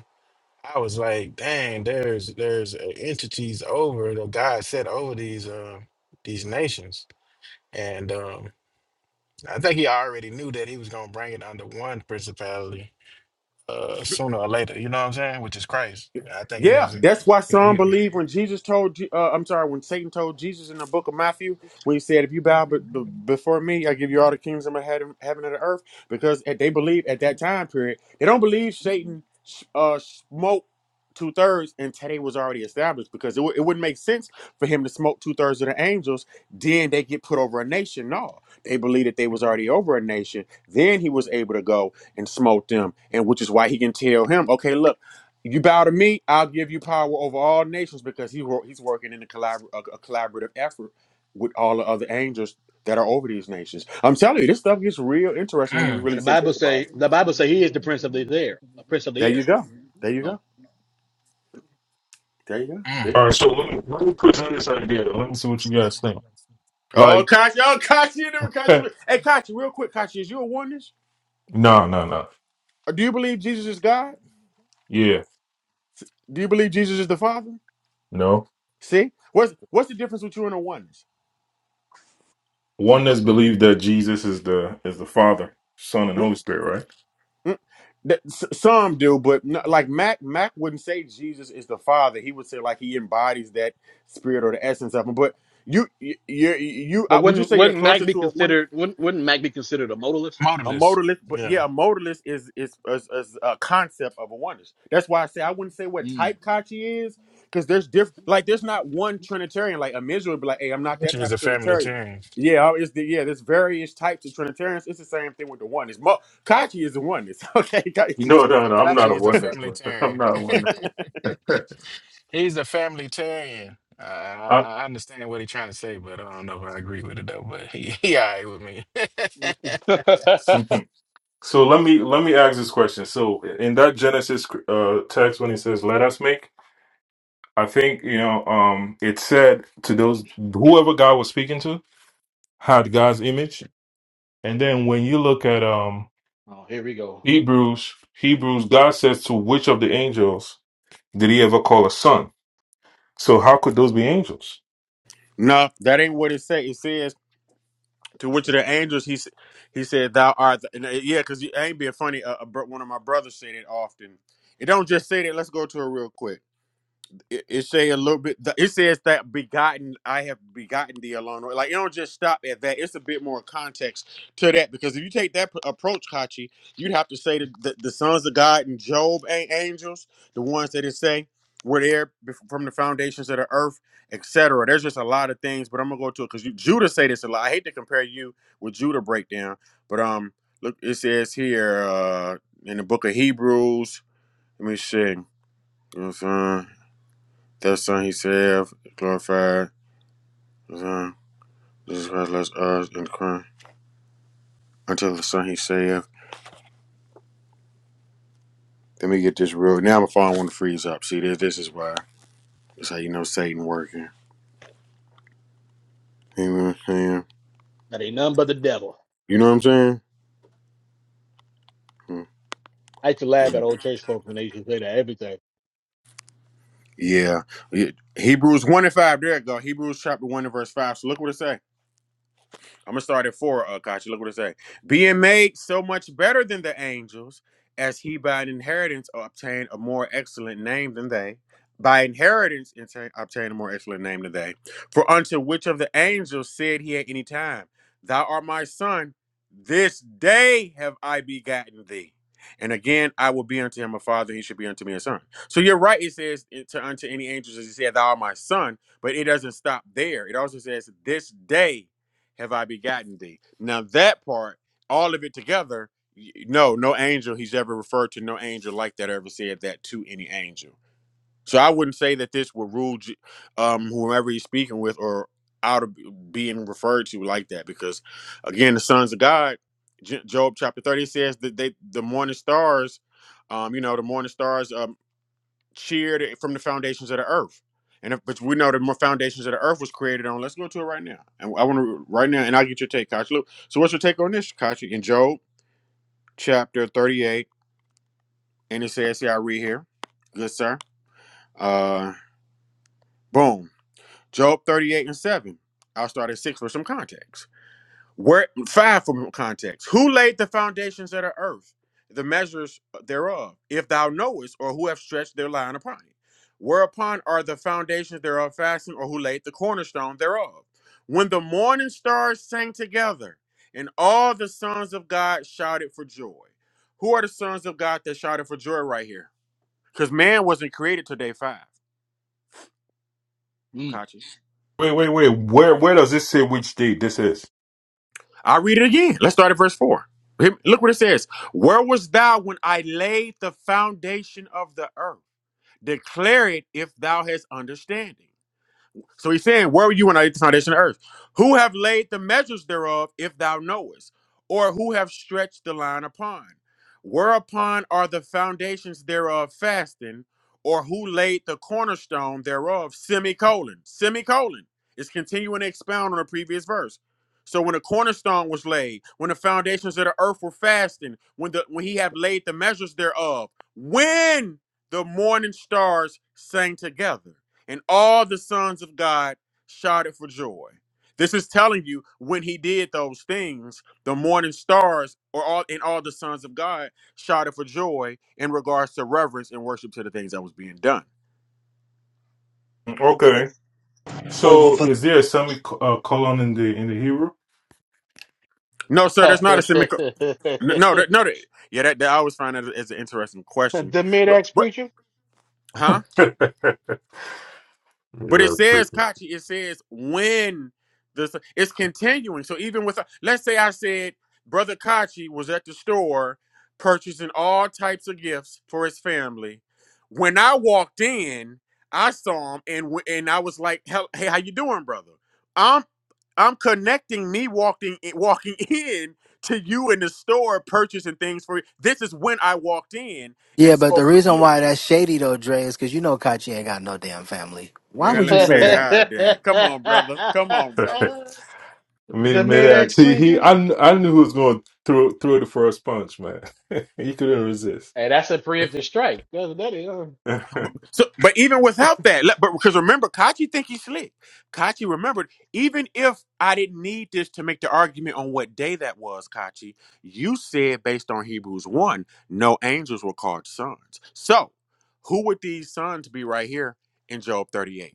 I was like, dang, there's there's uh, entities over that God set over these uh these nations. And um I think he already knew that he was gonna bring it under one principality. uh, sooner or later. You know what I'm saying? Which is crazy. I think he
Yeah,
was.
that's why
He,
some
he,
believe when Jesus told, Je- uh, I'm sorry, when Satan told Jesus in the book of Matthew, when he said, "If you bow be- be-
mm,
before me, I give you all the kingdoms of heaven, heaven and the earth," because at- they believe at that time period, they don't believe Satan uh, smoked two thirds until they was already established, because it, wou- it wouldn't make sense for him to smoke two thirds of the angels. Then they get put over a nation. No, they believe that they was already over a nation. Then he was able to go and smote them, and which is why he can tell him, "Okay, look." You bow to me, I'll give you power over all nations because he wor- he's working in a, collabor- a, a collaborative effort with all the other angels that are over these nations. I'm telling you, this stuff gets real interesting when you
And
really
the
sit and
Bible
think about
say
it.
the Bible say he is the prince of the air, a prince of the
There you
air.
go. There you
No.
go. There you go. See?
All right, so let me, let me present this idea. Let me see what you guys think.
Oh,
Like,
Kachi. Oh, Kachi. you never- Kachi.
no,
Hey, Kachi, real quick, Kachi, is you a oneness?
no, no.
Or do you believe Jesus is God?
Yeah,
Do you believe Jesus is the Father?
no.
See? What's what's the difference with you and a oneness?
One that's believed that Jesus is the is the Father, Son, and Holy Spirit, right?
Mm, that- s- Some do, but no, like Mac, Mac wouldn't say Jesus is the Father. He would say like he embodies that spirit or the essence of him. But you, you, you, you
But
I- would you
wouldn't
say you're
wouldn't Mac
closer
be
to a oneness,
considered wouldn't wouldn't Mac be considered a modalist?
a
motorless.
modalist? But
Yeah.
yeah, a modalist is is, is is a concept of a oneness. That's why I say I wouldn't say what
Mm.
type Kachi is because there's diff like there's not one Trinitarian like a miserable would be like hey I'm not that
Kachi is
type
a
of Trinitarian.
familitarian.
Yeah, it's the yeah. There's various types of Trinitarians. It's the same thing with the oneness. Mo- Kachi is the oneness. Okay, Kachi's the
No,
oneness.
no, no. I'm not
Kachi
a
is a
oneness. man. I'm
familitarian.
not a oneness.
He's a familitarian. I, I
I,
I understand what he's trying to say, but I don't know if I agree with it though. But he, he all right with me.
mhm.
oh,
So let me let me ask this question. So in that Genesis uh, text, when it says "Let us make," I think you know um, it said to those whoever God was speaking to had God's image, and then when you look at um
here we go.
Hebrews, Hebrews, God says to which of the angels did he ever call a son? So how could those be angels?
No, that ain't what it say. It says to which of the angels he s- he said thou art. The, and, uh, yeah, because I ain't being funny. Uh, uh, bro- one of my brothers said it often. It don't just say that. Let's go to it real quick it, it say a little bit. It says that begotten, I have begotten thee alone. Like it don't just stop at that. It's a bit more context to that because if you take that p- approach, Kachi, you'd have to say that the, the sons of God and Job ain't angels, the ones that it say were there bef- from the foundations of the earth, etc. There's just a lot of things, but I'm gonna go to it because Judah say this a lot. I hate to compare you with Judah breakdown, but um, look, it says here uh in the book of Hebrews. Let me see. You know what I'm saying? That Son He saved, glorified, the Son, Jesus Christ loves us in the crown. Until the Son He saved. Let me get this real. Now my phone want to freeze up. See, this this is why. That's how you know Satan working. You know what I'm saying?
That ain't none but the devil.
You know what I'm saying? Hmm.
I used to laugh at
Mhm.
old church folk when they used to say that everything.
Yeah. Yeah. Hebrews 1 and 5. There it go. Hebrews chapter 1 and verse 5. So look what it say. I'm gonna start at four, uh, Kachi. Look what it say. Being made so much better than the angels, as he by an inheritance obtained a more excellent name than they. By inheritance obtain- obtained a more excellent name than they. For unto which of the angels said he at any time, Thou art my son, this day have I begotten thee. And again, I will be unto him a father, and he should be unto me a son. So you're right, it says eh, to unto any angels, as he said, Thou art my son, but it doesn't stop there. It also says, This day have I begotten thee? Now that part, all of it together, y- no, no angel he's ever referred to, no angel like that ever said that to any angel. So I wouldn't say that this would rule J- um, whoever he's speaking with or out of being referred to like that, because again, the sons of God, J- Job chapter thirty says that they the morning stars, um, you know, the morning stars. um cheered from the foundations of the earth. And if, but we know the more foundations of the earth was created on. Let's go to it right now. And I want to right now, and I'll get your take, Kachi. Look, so what's your take on this, Kachi? In Job chapter 38, and it says here, I read here. Good sir. Uh boom. Job 38 and 7. I'll start at six for some context. Where five from context. Who laid the foundations of the earth, the measures thereof, if thou knowest, or who have stretched their line upon it? Whereupon are the foundations thereof fastened, or who laid the cornerstone thereof? When the morning stars sang together, and all the sons of God shouted for joy. Who are the sons of God that shouted for joy right here? Because man wasn't created till day five,
Mm.
Kachi.
Wait, wait, wait. Where where does this say which date this is?
I'll read it again. Let's start at verse 4. Here- Look what it says. Where was thou when I laid the foundation of the earth? Declare it if thou hast understanding. So he's saying, Where were you when I laid the foundation of earth? Who have laid the measures thereof, if thou knowest, or who have stretched the line upon? Whereupon are the foundations thereof fasting, or who laid the cornerstone thereof? Semicolon. Semicolon. It's continuing to expound on the previous verse. So when the cornerstone was laid, when the foundations of the earth were fasting, when the when he had laid the measures thereof, when the morning stars sang together and all the sons of God shouted for joy. This is telling you when he did those things, the morning stars or all and all the sons of God shouted for joy in regards to reverence and worship to the things that was being done.
Okay.
over
So
for
is there a semicolon in the in the Hebrew?
No, sir, that's not a semicolon. No, that, no, that, yeah, that, that I always find that as an interesting question,
the
but
mid-ax
but
preacher.
huh? But it
yeah, that's
says,
pretty.
Kachi, it says when this it's continuing. So even with let's say I said Brother Kachi was at the store purchasing all types of gifts for his family. When I walked in, I saw him and w- and I was like, "Hel- "Hey, how you doing, brother?" I'm I'm connecting me walking in- walking in to you in the store purchasing things for you. This is when I walked in
Yeah,
and
but the
spoke with
reason
you.
why that's shady though, Dre, is because you know Kachi ain't got no damn family. Why
Man,
would
let-
you say
man,
that?
god
the
dang. Come on, brother. Come on, brother.
mid mid act.
mid-ax
See, he
preacher.
I kn- I knew who was going to throw throw the first punch, man. he couldn't resist.
Hey, that's a preemptive strike. That's, that is, uh,
But, so, but even without that, let- but because remember, Kachi think he's slick. Kachi remembered, even if I didn't need this to make the argument on what day that was, Kachi, you said based on Hebrews one, no angels were called sons. So, who would these sons be right here in Job 38?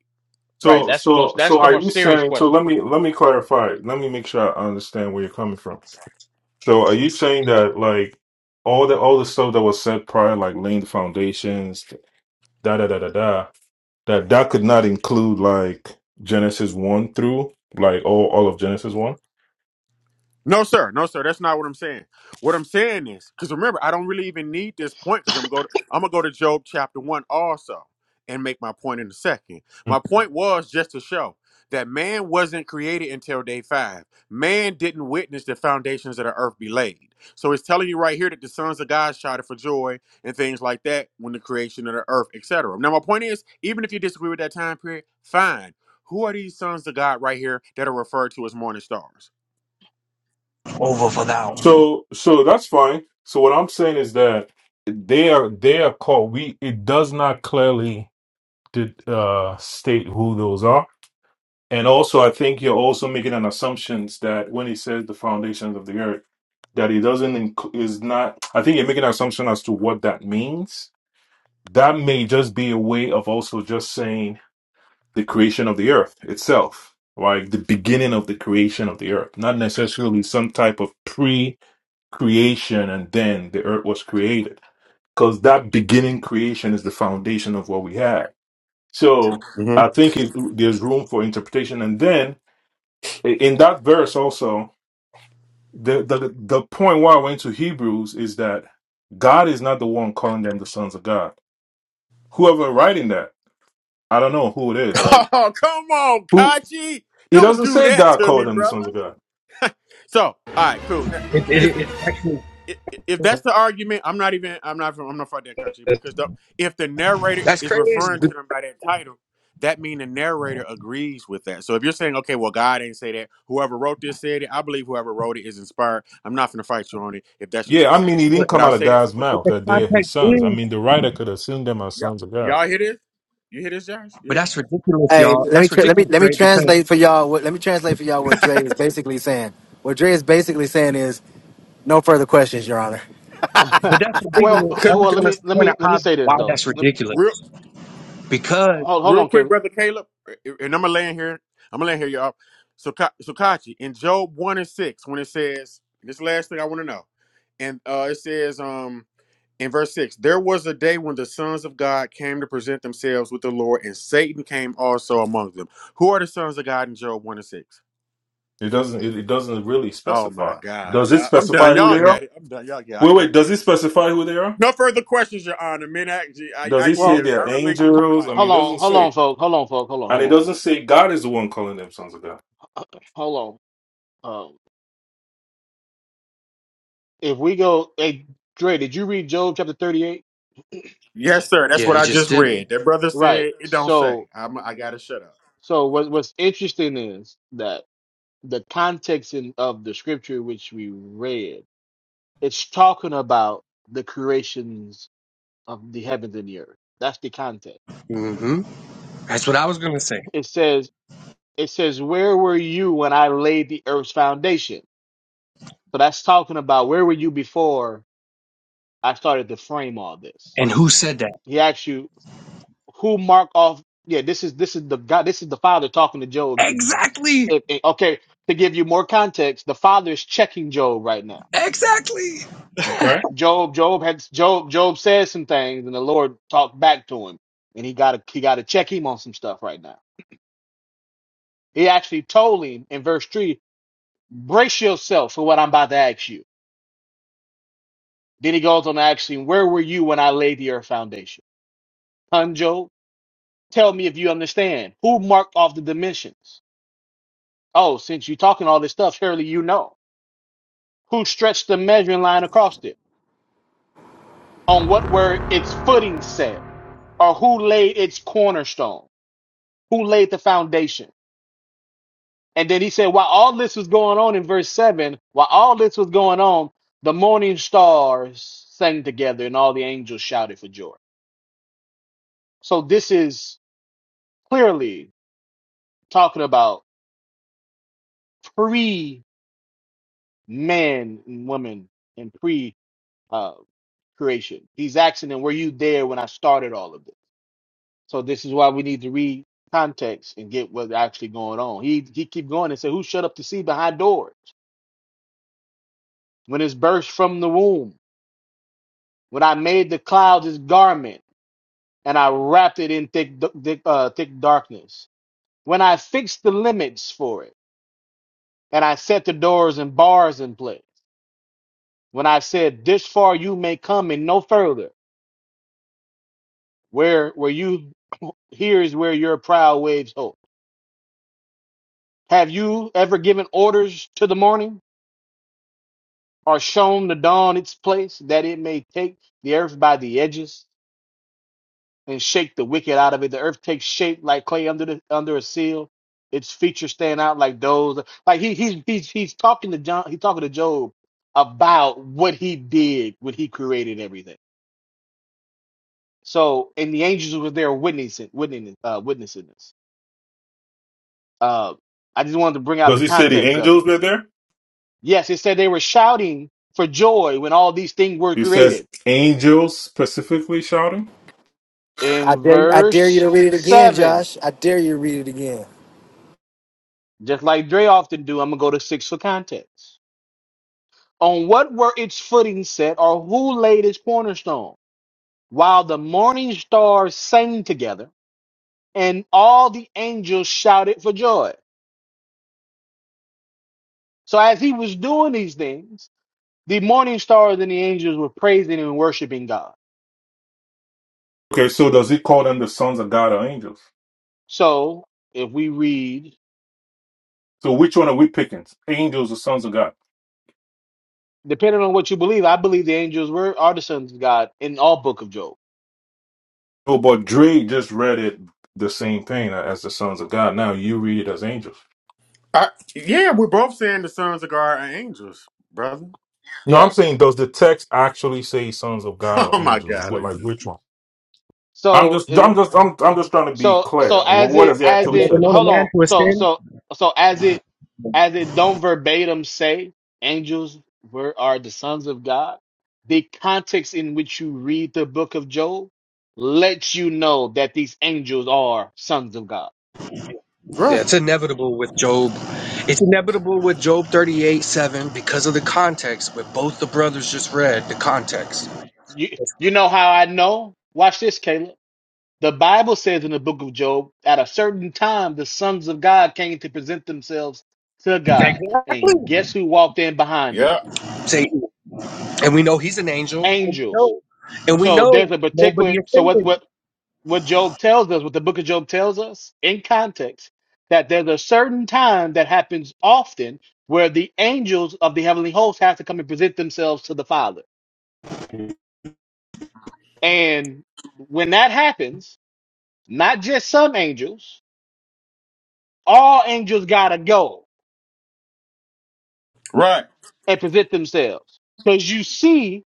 right.
so
That's the most.
so
That's
so
the
are you
most serious
saying? So
question.
let me let me clarify. Let me make sure I understand where you're coming from. So are you saying that like all the all the stuff that was said prior, like laying the foundations, da da da da da, that that could not include like Genesis one through like all all of Genesis one?
No, sir. No, sir. That's not what I'm saying. What I'm saying is, because remember, I don't really even need this point because I'm going to I'm gonna go to Job chapter one also and make my point in a second.
Mm.
My point was just to show that man wasn't created until day five. Man didn't witness the foundations of the earth be laid. So it's telling you right here that the sons of God shouted for joy and things like that when the creation of the earth, etc. Now, my point is, even if you disagree with that time period, fine. Who are these sons of God right here that are referred to as morning stars?
over for now.
So so that's fine. So what I'm saying is that they are they are called. We it does not clearly did, uh state who those are. And also, I think you're also making an assumption that when he says the foundations of the earth, that he doesn't inc- is not. I think you're making an assumption as to what that means. That may just be a way of also just saying the creation of the earth itself, like the beginning of the creation of the earth, not necessarily some type of pre-creation and then the earth was created, because that beginning creation is the foundation of what we have. So I think it, there's room for interpretation, and then in that verse also the, the the point why I went to Hebrews is that God is not the one calling them the sons of God. Whoever writing that, I don't know who it is, right?
Oh, come on,
Who
Kachi.
it
Don't
doesn't
do
say
that
God
to me,
called them the
brother.
sons of God.
So, all right, cool.
It, it,
Because
it's actually
if that's the argument, I'm not even. I'm not. I'm not for that, Kachi. Because the, if the narrator
that's
is
crazy,
referring
but
to them by that title, that mean the narrator agrees with that. So if you're saying, okay, well, God ain't say that. Whoever wrote this said it. I believe whoever wrote it is inspired. I'm not gonna fight you on it if that's your
Yeah,
take,
I mean it
Kachi.
but
didn't
But
come
I'll
out of
say this.
God's mouth
the
that they're his
context
sons. I
is.
mean the writer could assume them as
Y'all,
sons of God.
y'all hear this? You hear this, Josh? You
But
hear
that's ridiculous,
Hey,
y'all.
let me
That's
tra- let me
ridiculous,
let me
right? Because
translate for y'all. What, let me translate for y'all what Dre is basically saying. What Dre is basically saying is no further questions, Your Honor.
but that's
well,
ridiculous.
this?
I
well,
just
let
want us
me
to
let
point out
me let me
how
say this
why
though.
that's
Let,
Real.
ridiculous. Because
hold hold
real
on,
quick,
Caleb.
brother Caleb, eh, eh, and I'm gonna land here. I'm gonna land here, y'all. So, Ka- so Kachi in Job one and six, when it says this last thing, I want to know, and uh, it says um in verse six, there was a day when the sons of God came to present themselves with the Lord, and Satan came also among them. Who are the sons of God in Job one and six?
It doesn't it, it doesn't really
Oh my
specify.
God,
Does it
I- am done.
specify who
Y'all
they are?
got it. I'm done. Y'all got. It. I
Wait, wait,
can't.
does it specify who they are?
No further questions, Your Honor. Men, I, I,
Does
I
it say
yield.
Well,
I
they're
h-
relinquish the
angels? I
mic.
hold
mean it
on,
doesn't
hold
say.
on, folks. Hold on, folks. Hold on,
And
hold
it
on,
doesn't
hold on.
say God is the one calling them sons of God.
Hold on. Um, if we go, hey, Dre, did you read Job chapter thirty-eight?
Yes, sir. That's
yeah,
what
he
I
just
just
did.
read. That brother
Right.
said it don't say.
So,
I'm, I gotta shut up.
so what, what's interesting is that the context in, of the scripture which we read, it's talking about the creations of the heavens and the earth. That's the context.
hmm That's what I was gonna say.
It says It says, Where were you when I laid the earth's foundation? So that's talking about where were you before I started to frame all this?
And who said that?
He asks you, Who marked off? Yeah, this is this is the God, this is the father talking to Job because
Exactly.
it, it- okay, to give you more context, the father is checking Job right now.
Exactly.
Okay.
Job, Job had Job, Job said some things, and the Lord talked back to him, and he got to he got to check him on some stuff right now. He actually told him in verse three, "Brace yourself for what I'm about to ask you." Then he goes on to ask him, Where were you when I laid the earth foundation? Hanjo, tell me if you understand. Who marked off the dimensions? Oh, since you're talking all this stuff, surely you know. Who stretched the measuring line across it? On what were its footing set? Or who laid its cornerstone? Who laid the foundation? And then he said, While all this was going on in verse 7, while all this was going on, the morning stars sang together and all the angels shouted for joy. So this is clearly talking about. pre man and woman and pre uh, creation. He's asking them, were you there when I started all of this? So this is why we need to read context and get what's actually going on. He he keep going and say, Who shut up the sea behind doors? When it's burst from the womb, when I made the clouds his garment and I wrapped it in thick d- thick, uh, thick darkness, when I fixed the limits for it and I set the doors and bars in place, when I said, This far you may come and no further Where where you here is where your prow waves hope. Have you ever given orders to the morning, or shown the dawn its place, that it may take the earth by the edges and shake the wicked out of it? The earth takes shape like clay under the under a seal. Its features stand out like those. Like he he's he's he's talking to John. He's talking to Job about what he did when he created everything. So and the angels were there witnessing witnessing uh, witnessing this. Uh, I just wanted to bring out
Does
the
he say the
context of it
angels were there?
Yes, it said they were shouting for joy when all these things were
He says
created.
angels specifically shouting.
I
In
dare you, I dare you
verse
to read it again,
7,
Josh. I dare you to read it again.
just like Dre often do, I'm going to go to 6 for context. On what were its footing set, or who laid its cornerstone? While the morning stars sang together, and all the angels shouted for joy. So as he was doing these things, the morning stars and the angels were praising and worshiping God.
Okay, so does he call them the sons of God or angels?
So if we read
So which one are we picking? Angels or sons of God?
depending on what you believe, I believe the angels were are the sons of God in all Book of Job.
Oh, but Dre just read it the same thing as the sons of God. Now you read it as angels.
I, yeah, we're both saying the sons of God are angels, brother.
No, I'm
Yes.
saying does the text actually say sons of God or
Oh my
angels?
God, are
What,
you
like
just
which one? I'm
So
just,
in
I'm just, I'm, I'm just trying to be
so so
clear. What,
as
what
it
does he
as
Have you
actually
it
ever
say?
known a
hold
man
on
who has
so
sinned?
so so as it as it don't verbatim say angels were are the sons of God. The context in which you read the Book of Job lets you know that these angels are sons of God.
Yeah,
right?
it's inevitable with Job. It's inevitable with Job 38 7 because of the context with both the brothers just read the context.
You you know how I know? Watch this, Caleb. The Bible says in the book of Job, at a certain time, the sons of God came to present themselves to God.
Exactly.
And guess who walked in behind them?
Yeah,
See, and we know he's an angel. And we
Angels.
know, and we
So there's
know
a
nobody
particular, so what,
offended.
what, what Job tells us, what the book of Job tells us in context, that there's a certain time that happens often where the angels of the heavenly host have to come and present themselves to the Father. And when that happens, not just some angels, all angels gotta go
right,
and present themselves. Because you see,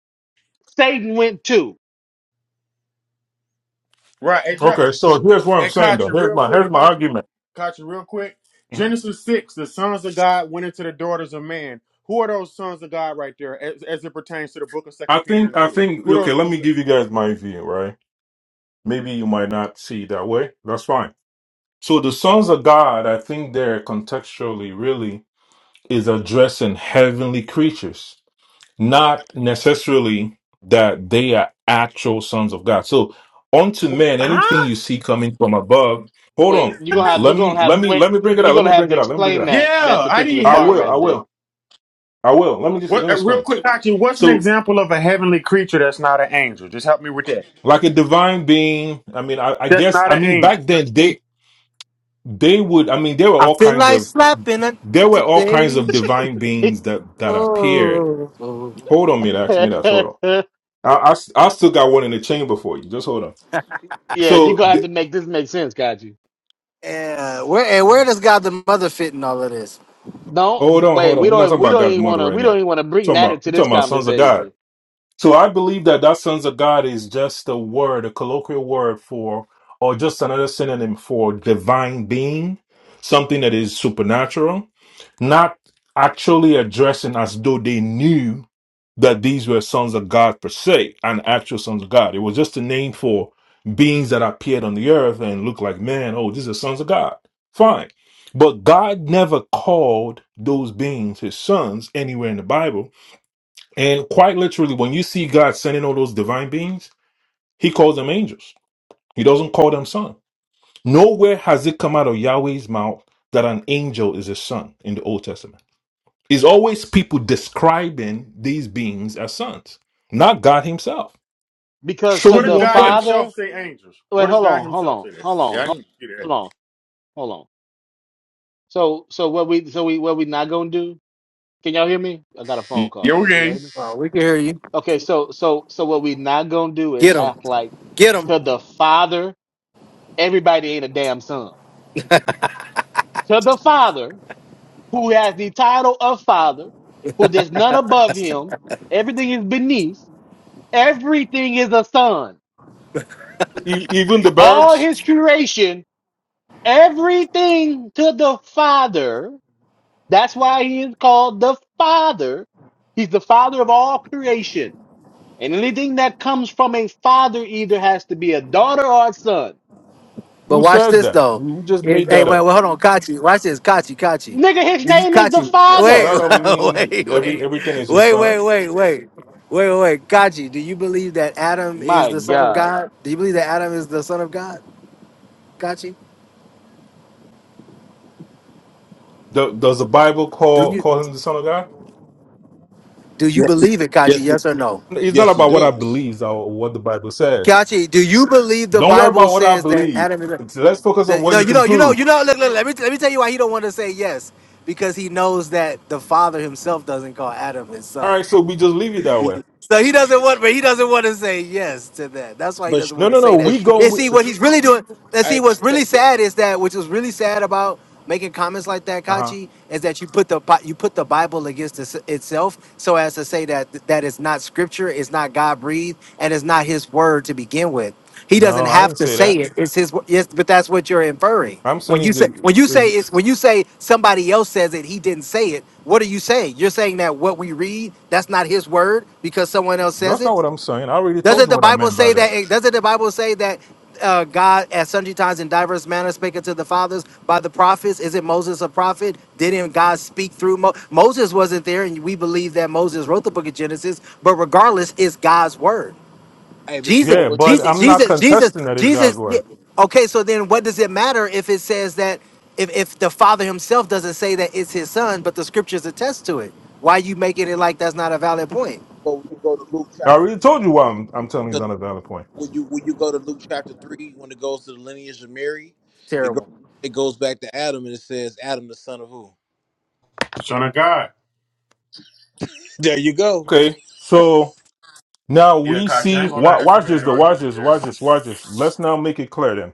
Satan went too.
right. Hey, Josh.
Okay, so here's what I'm
Hey,
saying
Kachi,
though. Here's
real
my,
quick,
here's my
Kachi,
argument.
Kachi, real quick.
Mhm.
Genesis six: the sons of God went into the daughters of man. Who are those sons of God right there, as, as it pertains to the book of
I
Second Peter
think,
and
I
Jude?
think.
Who are
Okay,
those
let
sons?
me
Of,
give you guys my view, right? maybe you might not see it that way. That's fine. So the sons of God, I think there contextually really is addressing heavenly creatures, not necessarily that they are actual sons of God. So unto
wh-
men, anything
huh?
you see coming from above, hold
Wait, you're
on.
gonna have you're
Let me
gonna have
let me
wait
let me bring it
you're
out. Let
gonna
me
have
bring
to
it out. Let me bring it
explain
out.
that that
Yeah, I need
particular
I
part
help.
will, I
right there.
will, I will. Let me just let
What,
me
uh, real
explain.
quick, Kachi, what's an
So
example of a heavenly creature that's not an angel? Just help me with that.
like a divine being, I mean, I, I
That's
guess
not
I
an
mean
angel.
back then they they would I mean there were
I
all
feel
kinds of
like slapping it
There were all kinds
today.
of divine beings that that appeared.
Oh, oh.
Hold on, Midax, Midax, hold on. I, I s- I still got one in the chamber for you. Just hold on.
yeah, you're
So
gonna have
the,
to make this make sense, Kaji.
yeah. Where and where does God the Mother fit in all of this?
hold
Don't
on,
wait,
hold
we
on. We're not
don't
talking
we
about
don't
God's
even
mother
wanna
right
we
now.
don't even wanna bring
talking
that
about
into
we're
this
talking about sons of God.
conversation.
So I believe that that sons of God is just a word, a colloquial word for, or just another synonym for divine being, something that is supernatural not actually addressing as though they knew that these were sons of God per se and actual sons of God. It was just a name for beings that appeared on the earth and looked like man. Oh, these are sons of God. Fine. But God never called those beings his sons anywhere in the Bible. And quite literally, when you see God sending all those divine beings, he calls them angels. He doesn't call them son. Nowhere has it come out of Yahweh's mouth that an angel is a son in the Old Testament. It's always people describing these beings as sons, not God Himself.
Because
So
Show
to
what
me
does
the
one
God
place.
father
himself say angels? What
wait,
does
hold
God
on, hold
himself
on,
say that?
hold
Yeah,
on,
I
hold
didn't
hold
see
on, hold on. So so what we so we what we not gonna do? Can y'all hear me? I got a phone
that. Yeah,
call. Can y'all
okay.
hear me?
Oh, we can hear you.
Okay, so so so what we not gonna do is
Get him,
act like
get him.
to the father, everybody ain't a damn son. To the father, who has the title of father, who there's none above him, everything is beneath, everything is a son.
E- even the
All
birds,
his creation, everything to the father. That's why he is called the father. He's the father of all creation. And anything that comes from a father either has to be a daughter or a son.
But
who
watch
says
this
that?
though.
Who just made
It- hey,
that
wait,
up?
wait, hold on, Kachi. Watch this, Kachi, Kachi.
Nigga, his
You-
name is the
Kachi,
And
wait,
that
Father.
don't mean
wait,
every
wait,
everything
wait,
is His
wait,
son.
wait, wait, wait, wait, Kachi. Do you believe that Adam is
My
the son of
God.
God? Do you believe that Adam is the son of God, Kachi?
Do- does the Bible
Do
call call
you
Him the Son of God?
do you
Yes.
believe it, Kachi?
Yes.
Yes
It,
or no,
It's not
yes, it
about what I
does.
believe or what the Bible says.
Kachi? Do you believe the
Don't worry
Bible
about what I
says that
believe.
Adam is the,
Let's focus on
the
what
no?
you
You
can
know, you know,
prove.
you know. Look, look. Let me let me tell you why he don't want to say yes because he knows that the Father himself doesn't call Adam his
All
son.
right, so we just leave it that way.
So he doesn't want, but he doesn't want to say yes to that. That's why he
But you-
doesn't
No,
want to
no,
say
no.
that.
We
but you
go.
And
know,
With-
see,
but,
what he's really doing, and
hey,
see, what's
check,
really sad is that, which was really sad about making comments like that,
uh huh.
Kachi, is that you put the Bi- you put the Bible against its- itself, so as to say that that is not scripture, it's not God breathed, and it's not His word to begin with. He doesn't
No, I
have
didn't
to
say
say
that.
it. It's His. Yes, but that's what you're inferring.
I'm saying
When you
he's
say when you say
a.
it's when you say somebody else says it, he didn't say it. What are you saying? You're saying that what we read, that's not his word because someone else says
That's not
it.
what I'm saying. I already
hey,
told
Doesn't
you
the
what I
Bible
meant by
say
that.
that? eh, Doesn't the Bible say that uh, God at sundry times in diverse manners spake unto the fathers by the prophets? Isn't Moses a prophet? Didn't God speak through Mo- Moses? Wasn't there, and we believe that Moses wrote the book of Genesis. But regardless, it's God's word.
hey, but
Jesus,
you know
Yeah,
what?
but
Jesus,
I'm not
Jesus, Jesus,
contesting that it's God's
Jesus. yeah.
word.
Okay, so then what does it matter if it says that if, if the Father Himself doesn't say that it's His Son, but the Scriptures attest to it? Why you making it like that's not a valid point?
But when you go to Luke
I
chapter
already
three,
told
though,
you why
right?
I'm, I'm telling you it's
'Cause
not a valid point.
when you when you go to Luke chapter three, when it goes to the lineage of Mary, it goes it goes back to Adam and it says Adam the son of who?
Son of God.
There you go.
Okay, so now
Yeah,
we
Kachi, I ain't
see.
gonna lie,
wa-
that's a
Watch
bad
this, though. Watch
argument
this.
there.
Watch this. Watch this. Let's now make it clear then.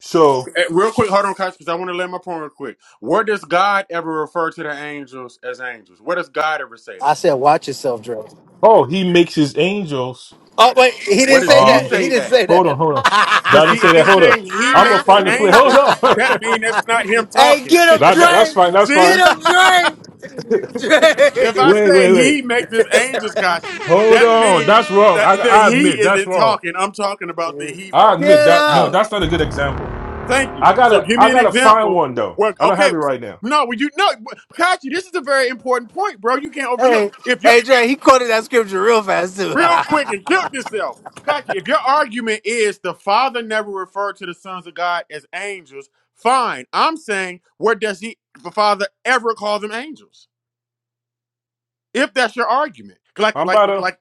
So,
Uh, real quick, hold on, Kachi, because I want to let my point real quick. Where does God ever refer to the angels as angels? Where does God ever say
I
that?
said, watch yourself, Dre.
oh, he makes his angels.
Oh wait, he
Where
didn't
does
say
he
that.
Um,
He
say
didn't
that?
say
hold on,
that.
hold on. I
Because
didn't
see, if
say that.
it's
Hold up.
saying he
I'm gonna
makes his
find the play. Hold
angels,
on.
that means that's not him
hey,
talking.
get him,
that, that-
Dre.
that's fine. That's
See?
fine.
Get him, Dre. Dre,
If I
Wait,
say
wait, wait.
he make this angels kashi,
Hold
that
on.
means
That's wrong.
that
I,
the
I
he
admit that's
isn't
wrong.
talking. I'm talking about the he,
I
brother.
admit
get
that. No,
him.
that's not a good example.
Thank you.
I
So
gotta
give
I
me an
gotta find
example.
one though.
Where
I don't
okay,
have it
so,
right now.
no, well, you no but- Kachi, this is a very important point, bro. You can't overlook.
Hey,
If you're
hey, Dre. He quoted that scripture real fast too.
real quick and killed yourself. Kachi, if your argument is the father never referred to the sons of God as angels, fine. I'm saying where does he the father ever call them angels? if that's your argument like
I'm
like
about to.
like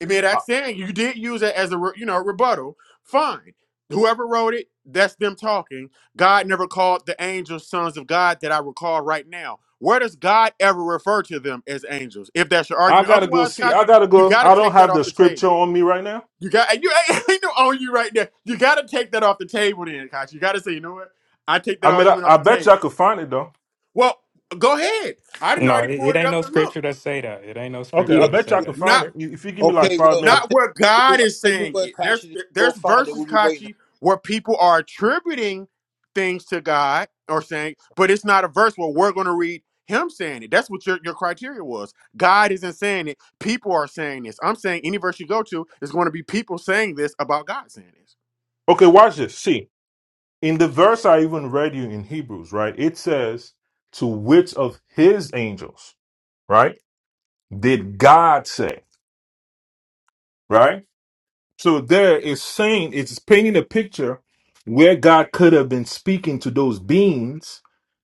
made
I,
that saying you did use it as a re- you know rebuttal fine whoever wrote it that's them talking god never called the angels sons of god that i recall right now where does god ever refer to them as angels if that's your
I
argument
gotta go
otherwise
see. I
kachi
gotta
you
go.
got to
I don't
take that
have the
off the
scripture
table
on me right now.
you got and you ain't no on you right there you got to take that off the table then kachi you got to say you know what i take that
I mean, I,
argument off
I
the
bet you I
table
could find it though.
well go ahead i didn't
No,
already
it, it
pulled it
ain't
up
no
and look.
scripture that say that. It ain't no
Okay,
scripture
I
Yeah.
that
bet you
say
I
that.
could
Not.
find it. You- If you give me like
Okay.
five
Well, I
minutes.
not
tell
where
you,
God
I
is
tell you
saying
what,
it. There's
Kasha, you go
there's
find it.
verses,
We'll be waiting.
Kachi, where people are attributing things to God or saying, but it's not a verse where we're going to read Him saying it. That's what your your criteria was. God isn't saying it. People are saying this. I'm saying any verse you go to is going to be people saying this about God saying this.
Okay, watch this. See, in the verse I even read you in Hebrews, right? It says to which of his angels, right? Did God say? Right? So there is saying it's painting a picture where God could have been speaking to those beings,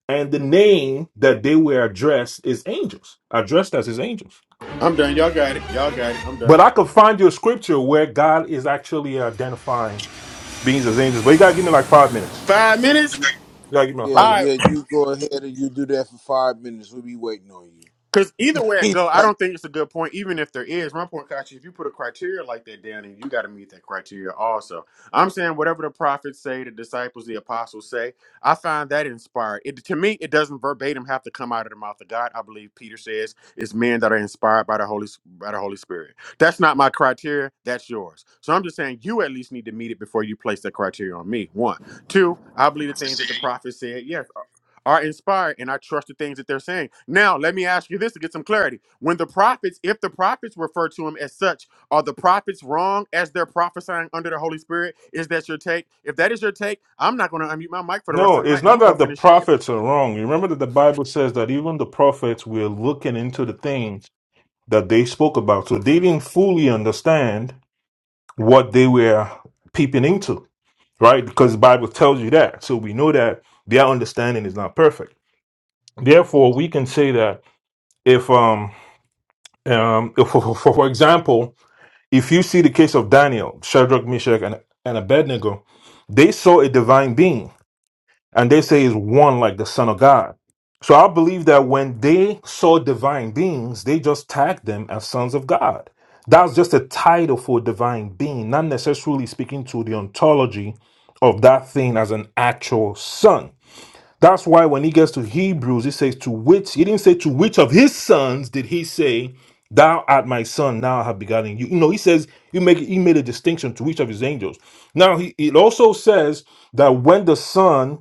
and the name that they were addressed is angels, addressed as his angels.
I'm done. Y'all got it. Y'all got it. I'm done.
But I could find you a scripture where God is actually identifying beings as angels. But you gotta give me like five minutes.
Five minutes.
You gotta give me like
Yeah,
five
All right.
yeah,
minutes.
you go ahead and you do that for five minutes. We'll be waiting on
Because either way it
you.
go, I don't think it's a good point. Even if there is, my point, Kachi, if you put a criteria like that, Danny, you got to meet that criteria also. I'm saying whatever the prophets say, the disciples, the apostles say, I find that inspired. It, to me, it doesn't verbatim have to come out of the mouth of God. I believe Peter says it's men that are inspired by the Holy by the Holy Spirit. That's not my criteria. That's yours. So I'm just saying you at least need to meet it before you place that criteria on me. One, two. I believe the things that the prophet said. Yes, are inspired and I trust the things that they're saying. Now, let me ask you this to get some clarity. When the prophets, if the prophets refer to him as such, are the prophets wrong as they're prophesying under the Holy Spirit? Is that your take? If that is your take, I'm not going to unmute my mic for the rest
No,
of the
it's
night and I'm
not
going to go
that the
finish shaving.
prophets are wrong. You remember that the Bible says that even the prophets were looking into the things that they spoke about. So they didn't fully understand what they were peeping into, right? Because the Bible tells you that. So we know that their understanding is not perfect. Therefore, we can say that if, um, um, if for, for for example, if you see the case of Daniel, Shadrach, Meshach, and, and Abednego, they saw a divine being and they say is one like the Son of God. So I believe that when they saw divine beings, they just tagged them as sons of God. That's just a title for a divine being, not necessarily speaking to the ontology of that thing as an actual son. That's why when he gets to Hebrews, he says to which he didn't say to which of his sons did he say, Thou art my son, now I have begotten you. You know, he says he make he made a distinction to each of his angels. Now he it also says that when the son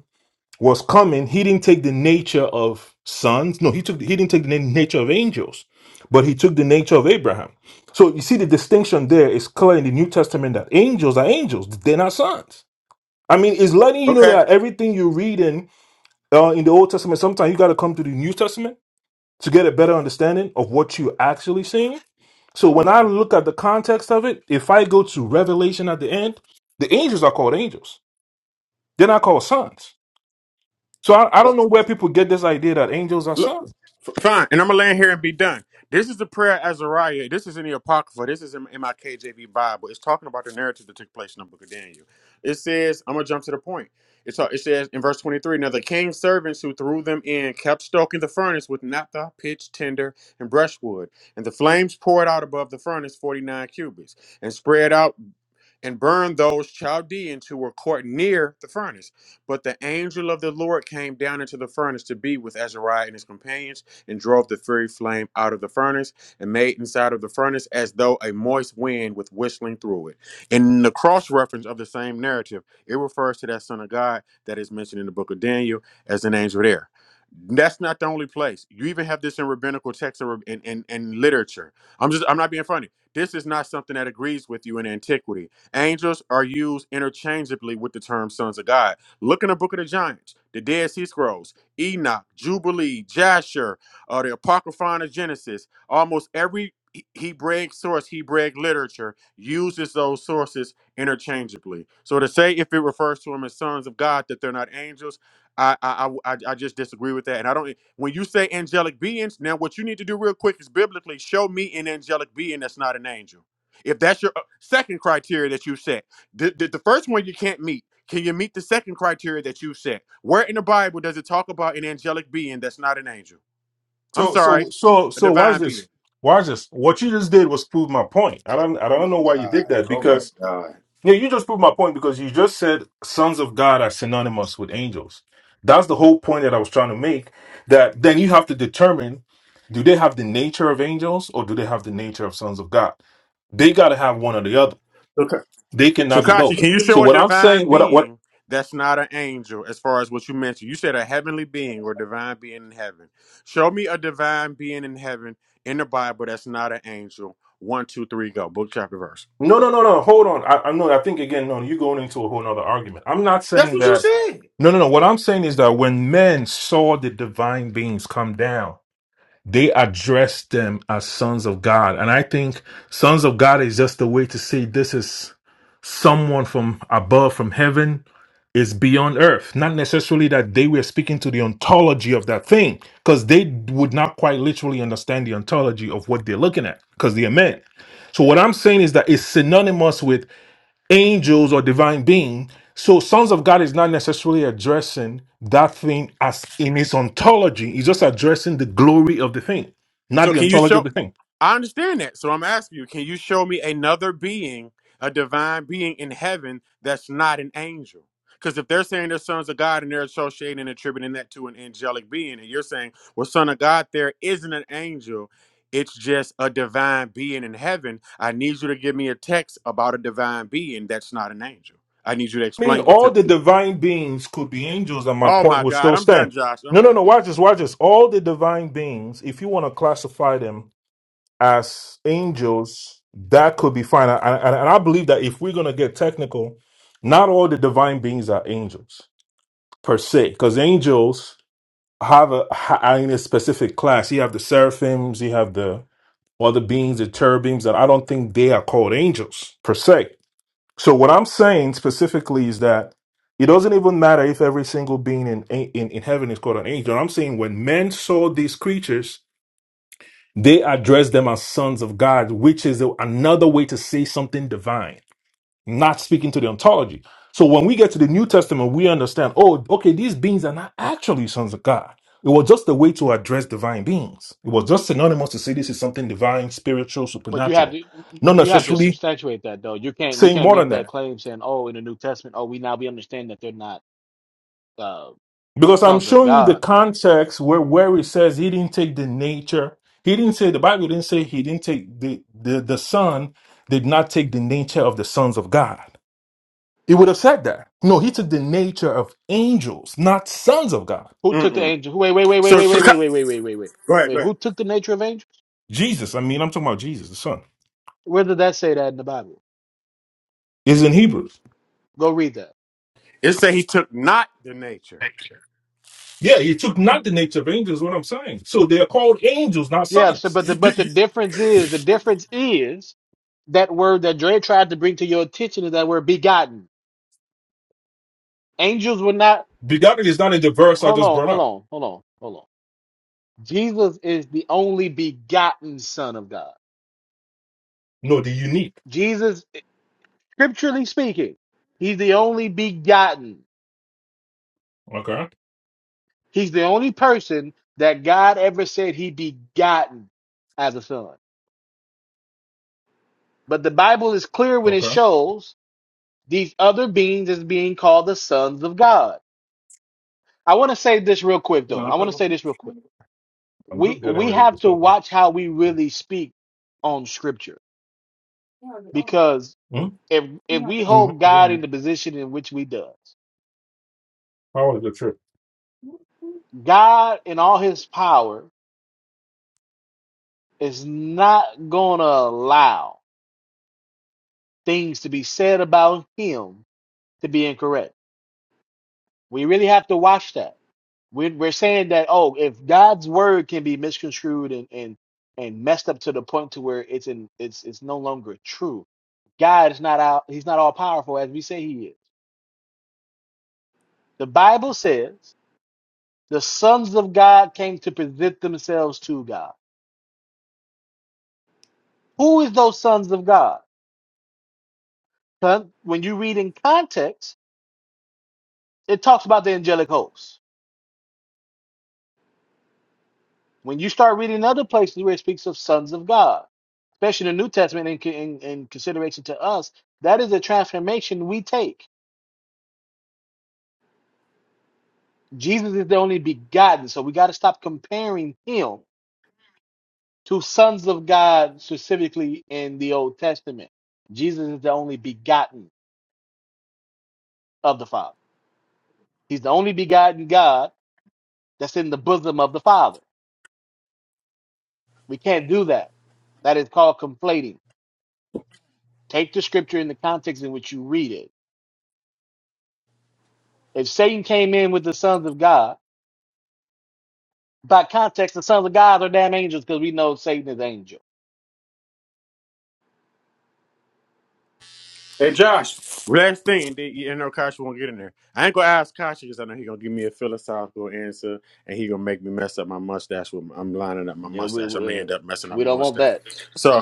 was coming, he didn't take the nature of sons. No, he took he didn't take the na- nature of angels, but he took the nature of Abraham. So you see the distinction there is clear in the New Testament that angels are angels; they're not sons. I mean, it's letting you know
Okay.
that everything you read in uh, in the Old Testament, sometimes you got to come to the New Testament to get a better understanding of what you actually seeing. So when I look at the context of it, if I go to Revelation at the end, the angels are called angels; they're not called sons. So I, I don't
Well,
know where people get this idea that angels are
Look,
sons.
Fine, and I'm gonna land here and be done. This is the prayer of Azariah. This is in the Apocrypha. This is in, in my KJV Bible. It's talking about the narrative that took place in the book of Daniel. It says, I'm gonna jump to the point. It's, it says in verse 23 Now the king's servants who threw them in kept stoking the furnace with naphtha, pitch, tinder, and brushwood. And the flames poured out above the furnace 49 cubits and spread out and burned those Chaldeans who were caught near the furnace. But the angel of the Lord came down into the furnace to be with Azariah and his companions, and drove the fiery flame out of the furnace, and made inside of the furnace as though a moist wind with whistling through it. In the cross reference of the same narrative, it refers to that son of God that is mentioned in the book of Daniel as an angel there. That's not the only place. You even have this in rabbinical texts and, and, and literature. I'm just I'm not being funny. This is not something that agrees with you in antiquity Angels are used interchangeably with the term sons of God. Look in the book of the Giants, the Dead Sea Scrolls, Enoch, Jubilee, Jasher, uh, the Apocryphon of Genesis. Almost every He- Hebraic source, Hebraic literature, uses those sources interchangeably. So to say if it refers to them as sons of God that they're not angels, I I, I I I just disagree with that. And I don't. When you say angelic beings, now what you need to do real quick is biblically show me an angelic being that's not an angel. If that's your Second criteria that you set. The, the, the first one you can't meet. Can you meet the second criteria that you set? Where in the Bible does it talk about an angelic being that's not an angel? I'm
So
sorry,
so so
a
so why is
divine being.
this? Why is this? What you just did was prove my point. I don't I
Oh
don't
my
know why you did
God.
that
Oh my
because
God.
yeah, you just proved my point because you just said sons of God are synonymous with angels. That's the whole point that I was trying to make. That then you have to determine do they have the nature of angels or do they have the nature of sons of God? They gotta have one or the other.
Okay.
They
so
cannot be
Kachi,
both.
can you
So
show a
what I'm
divine
saying, what what
being that's not an angel as far as what you mentioned? You said a heavenly being or divine being in heaven. Show me a divine being in heaven in the Bible that's not an angel. One, two, three, go. Book, chapter, verse.
No, no, no, no. Hold on. I, I no. I think again. No, you're going into a whole nother argument. I'm not
That's
saying
what you
that.
said.
No, no, no. What I'm saying is that when men saw the divine beings come down, they addressed them as sons of God, and I think sons of God is just a way to say this is someone from above, from heaven, is beyond earth. Not necessarily that they were speaking to the ontology of that thing, because they would not quite literally understand the ontology of what they're looking at, because they're men. So what I'm saying is that it's synonymous with angels or divine being. So, sons of God is not necessarily addressing that thing as in its ontology. He's just addressing the glory of the thing, not
So
the
can you
ontology of
show?
the thing.
I understand that. So I'm asking you, can you show me another being, a divine being in heaven that's not an angel? Because if they're saying they're sons of God and they're associating and attributing that to an angelic being, and you're saying, well, son of God, there isn't an angel, it's just a divine being in heaven. I need you to give me a text about a divine being that's not an angel. I need you to
I mean,
explain it to
all
me.
the divine beings could be angels, and my
Oh
point
my
would
God,
still
I'm done,
stand.
Josh. I'm
No, no,
done.
no. Watch this. Watch this. All the divine beings, if you want to classify them as angels, that could be fine. And, and, and I believe that if we're going to get technical, not all the divine beings are angels per se, because angels have a ha- in a specific class. You have the seraphims, you have the other beings, the cherubims, that I don't think they are called angels per se. So what I'm saying specifically is that it doesn't even matter if every single being in in, in heaven is called an angel. I'm saying when men saw these creatures, they addressed them as sons of God, which is another way to say something divine not speaking to the ontology. So when we get to the New Testament, we understand, oh, okay, these beings are not actually sons of God. It was just a way to address divine beings. It was just synonymous to say this is something divine, spiritual,
But you have
supernatural.
to
Not
you have to
necessarily
substantiate that though. You can't you
saying
can't
more than
make that
that.
claim saying, Oh, in the New Testament, oh, we now we understand that they're not uh
Because I'm
sons of
showing you the
God.
context where, where it says he didn't take the nature. He didn't say the Bible didn't say he didn't take the, the, the son did not take the nature of the sons of God. It would have said that. No, he took the nature of angels, not sons of God.
Who took the
Mm-mm.
angel wait, wait, wait, wait,
So,
wait, wait, wait, wait, wait, wait, wait, wait.
go ahead, go
Wait,
ahead.
who took the nature of angels?
Jesus, I mean, I'm talking about Jesus, the Son,
Where did that say that in the Bible?
is in Hebrews.
Go read that.
It said he took not the nature.
Yeah, he took not the nature of angels, what I'm saying. So they are called angels, not
Yeah, so
sons.
but the
You, do-
but the
you,
difference is the difference is that word that Dre tried to bring to your attention is that word begotten. Angels were not
Begotten is not in the verse I
hold
just
on,
brought
hold
up.
on, hold on, hold on. Jesus is the only begotten Son of God.
No, the unique.
Jesus, scripturally speaking, he's the only begotten.
Okay,
He's the only person that God ever said he begotten as a son. But the Bible is clear when it
okay.
shows these other beings as being called the sons of God. I want to say this real quick
Yeah,
though.
I'm
I want to
talking-
say this real quick.
I'm
We
just getting
we
ready to
have to
stuff out.
watch how we really speak on scripture because
Hmm?
if if we
Mhm,
hold
you
God in
do
the position in which we does
How was the trip?
God in all his power is not going to allow things to be said about him to be incorrect. We really have to watch that. We're, we're saying that, oh, if God's word can be misconstrued and, and, and messed up to the point to where it's in, it's, it's no longer true. God is not out. He's not all powerful as we say he is. The Bible says the sons of God came to present themselves to God. Who is those sons of God? Con- When you read in context, It talks about the angelic hosts. When you start reading other places where it speaks of sons of God, especially the New Testament in, in, in consideration to us, that is a transformation we take. Jesus is the only begotten, so we got to stop comparing him to sons of God specifically in the Old Testament. Jesus is the only begotten of the Father. He's the only begotten God that's in the bosom of the Father. We can't do that. That is called conflating. Take the scripture in the context in which you read it If Satan came in with the sons of God, by context, the sons of God are damn angels because we know Satan is angel.
Hey Josh, last thing, did you know Kasha won't get in there? I ain't gonna ask Kasha because I know he gonna give me a philosophical answer and he gonna make me mess up my mustache. With I'm lining up my
Yeah, we
mustache. I'm gonna
we, uh,
end up messing up
we
my
don't want
mustache.
that.
So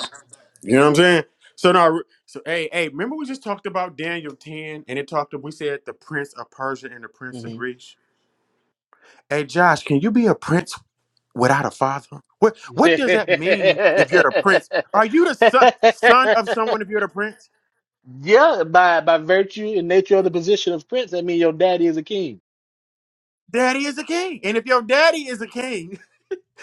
you know what I'm saying? So now, so hey, hey, remember we just talked about Daniel ten and it talked. We said the prince of Persia and the prince of
hmm
Greece. Hey Josh, can you be a prince without a father? What what does that mean if you're the prince? Are you the son son of someone if you're the prince?
yeah, by by virtue and nature of the position of prince, I mean your daddy is a king.
Daddy is a king. And if your daddy is a king,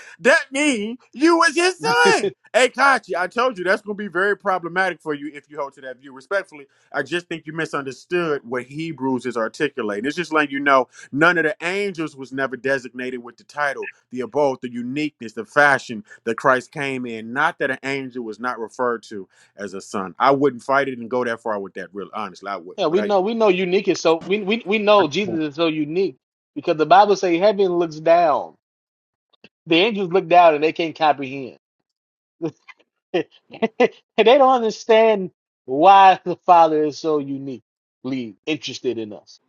that means you was his son. Hey, Kachi, I told you that's going to be very problematic for you if you hold to that view. Respectfully, I just think you misunderstood what Hebrews is articulating. It's just letting you know none of the angels was never designated with the title, the abode, the uniqueness, the fashion that Christ came in. Not that an angel was not referred to as a son. I wouldn't fight it and go that far with that, real honestly. I wouldn't,
Yeah,
but
we
I.
know we know unique is so we we we know Jesus is so unique because the Bible say heaven looks down. The angels look down and they can't comprehend. they don't understand why the Father is so uniquely interested in us.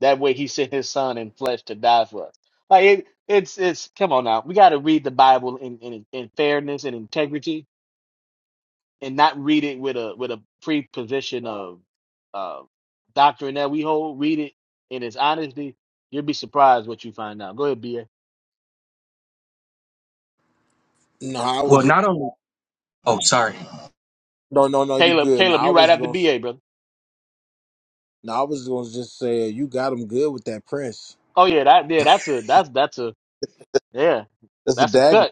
That way, He sent His Son in flesh to die for us. Like it, it's it's come on now. We got to read the Bible in, in in fairness and integrity, and not read it with a with a preposition of uh, doctrine that we hold. Read it in its honesty. You'll be surprised what you find out. Go ahead, BA.
no, I
Well,
was just,
not only. Oh, sorry.
no, no, no. You
Caleb,
good? No,
Caleb,
I
you right
was
after
gonna.
BA, brother.
No, I was gonna just say you got him good with that prince.
Oh yeah, that yeah, that's a that's that's a yeah,
That's a
that's a
dagger.
cut.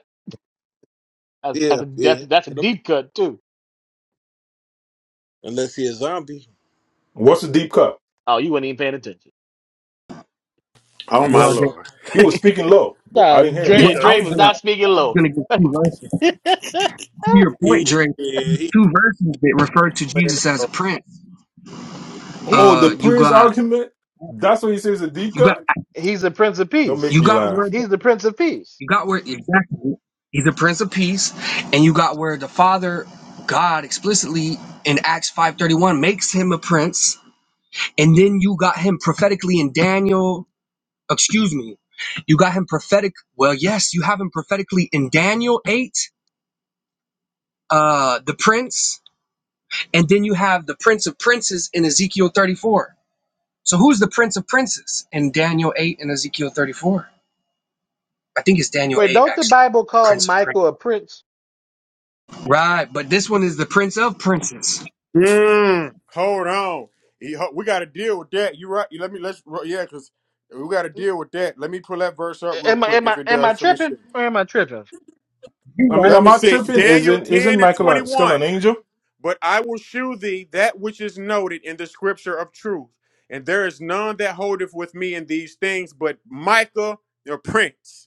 That's
Yeah,
that's a,
yeah.
that's, that's a
It okay.
deep cut too.
Unless he a zombie.
What's the deep cut?
Oh, you weren't even paying attention.
Oh my
Well, then,
lord.
He was speaking low. but
Nah,
I didn't hear what he
Dre
well, I
said.
Dre
was
was
gonna,
not speaking
I was
low.
gonna give two verses. To your
He-
point, Dre,
yeah, he.
two verses that refer to Jesus as a prince.
he
Oh, the
Uh, you
Prince
got,
argument? That's what he says a deep
you got,
cut?
he's the Prince of
Don't make
Peace.
you
me
got where,
laugh.
the,
He's the Prince of Peace.
you got where exactly. He's a prince of peace, and you got where the Father, God, explicitly in Acts five thirty one makes him a prince, and then you got him prophetically in Daniel excuse me, you got him prophetic. Well, yes, you have him prophetically in Daniel 8, uh, the prince, and then you have the prince of princes in Ezekiel 34. So who's the prince of princes in Daniel 8 and Ezekiel 34? I think it's Daniel
Wait,
8,
don't the
actually.
Bible call
Prince of princes.
Michael a prince?
Right, but this one is the prince of princes.
Mm, hold on. He- ho- We got to deal with that. You right? Let me let's yeah, because we got to deal with that. Let me pull that verse up real
Am I
quick.
am
If
I
it
am I
does, let me see.
tripping or am I tripping?
You
I mean,
right.
Let
am
me
I
see.
tripping?
Daniel
Isn't isn't
ten and
Michael
twenty
a- still an
one.
angel?
But I will shew thee that which is noted in the scripture of truth, and there is none that holdeth with me in these things, but Micah your prince.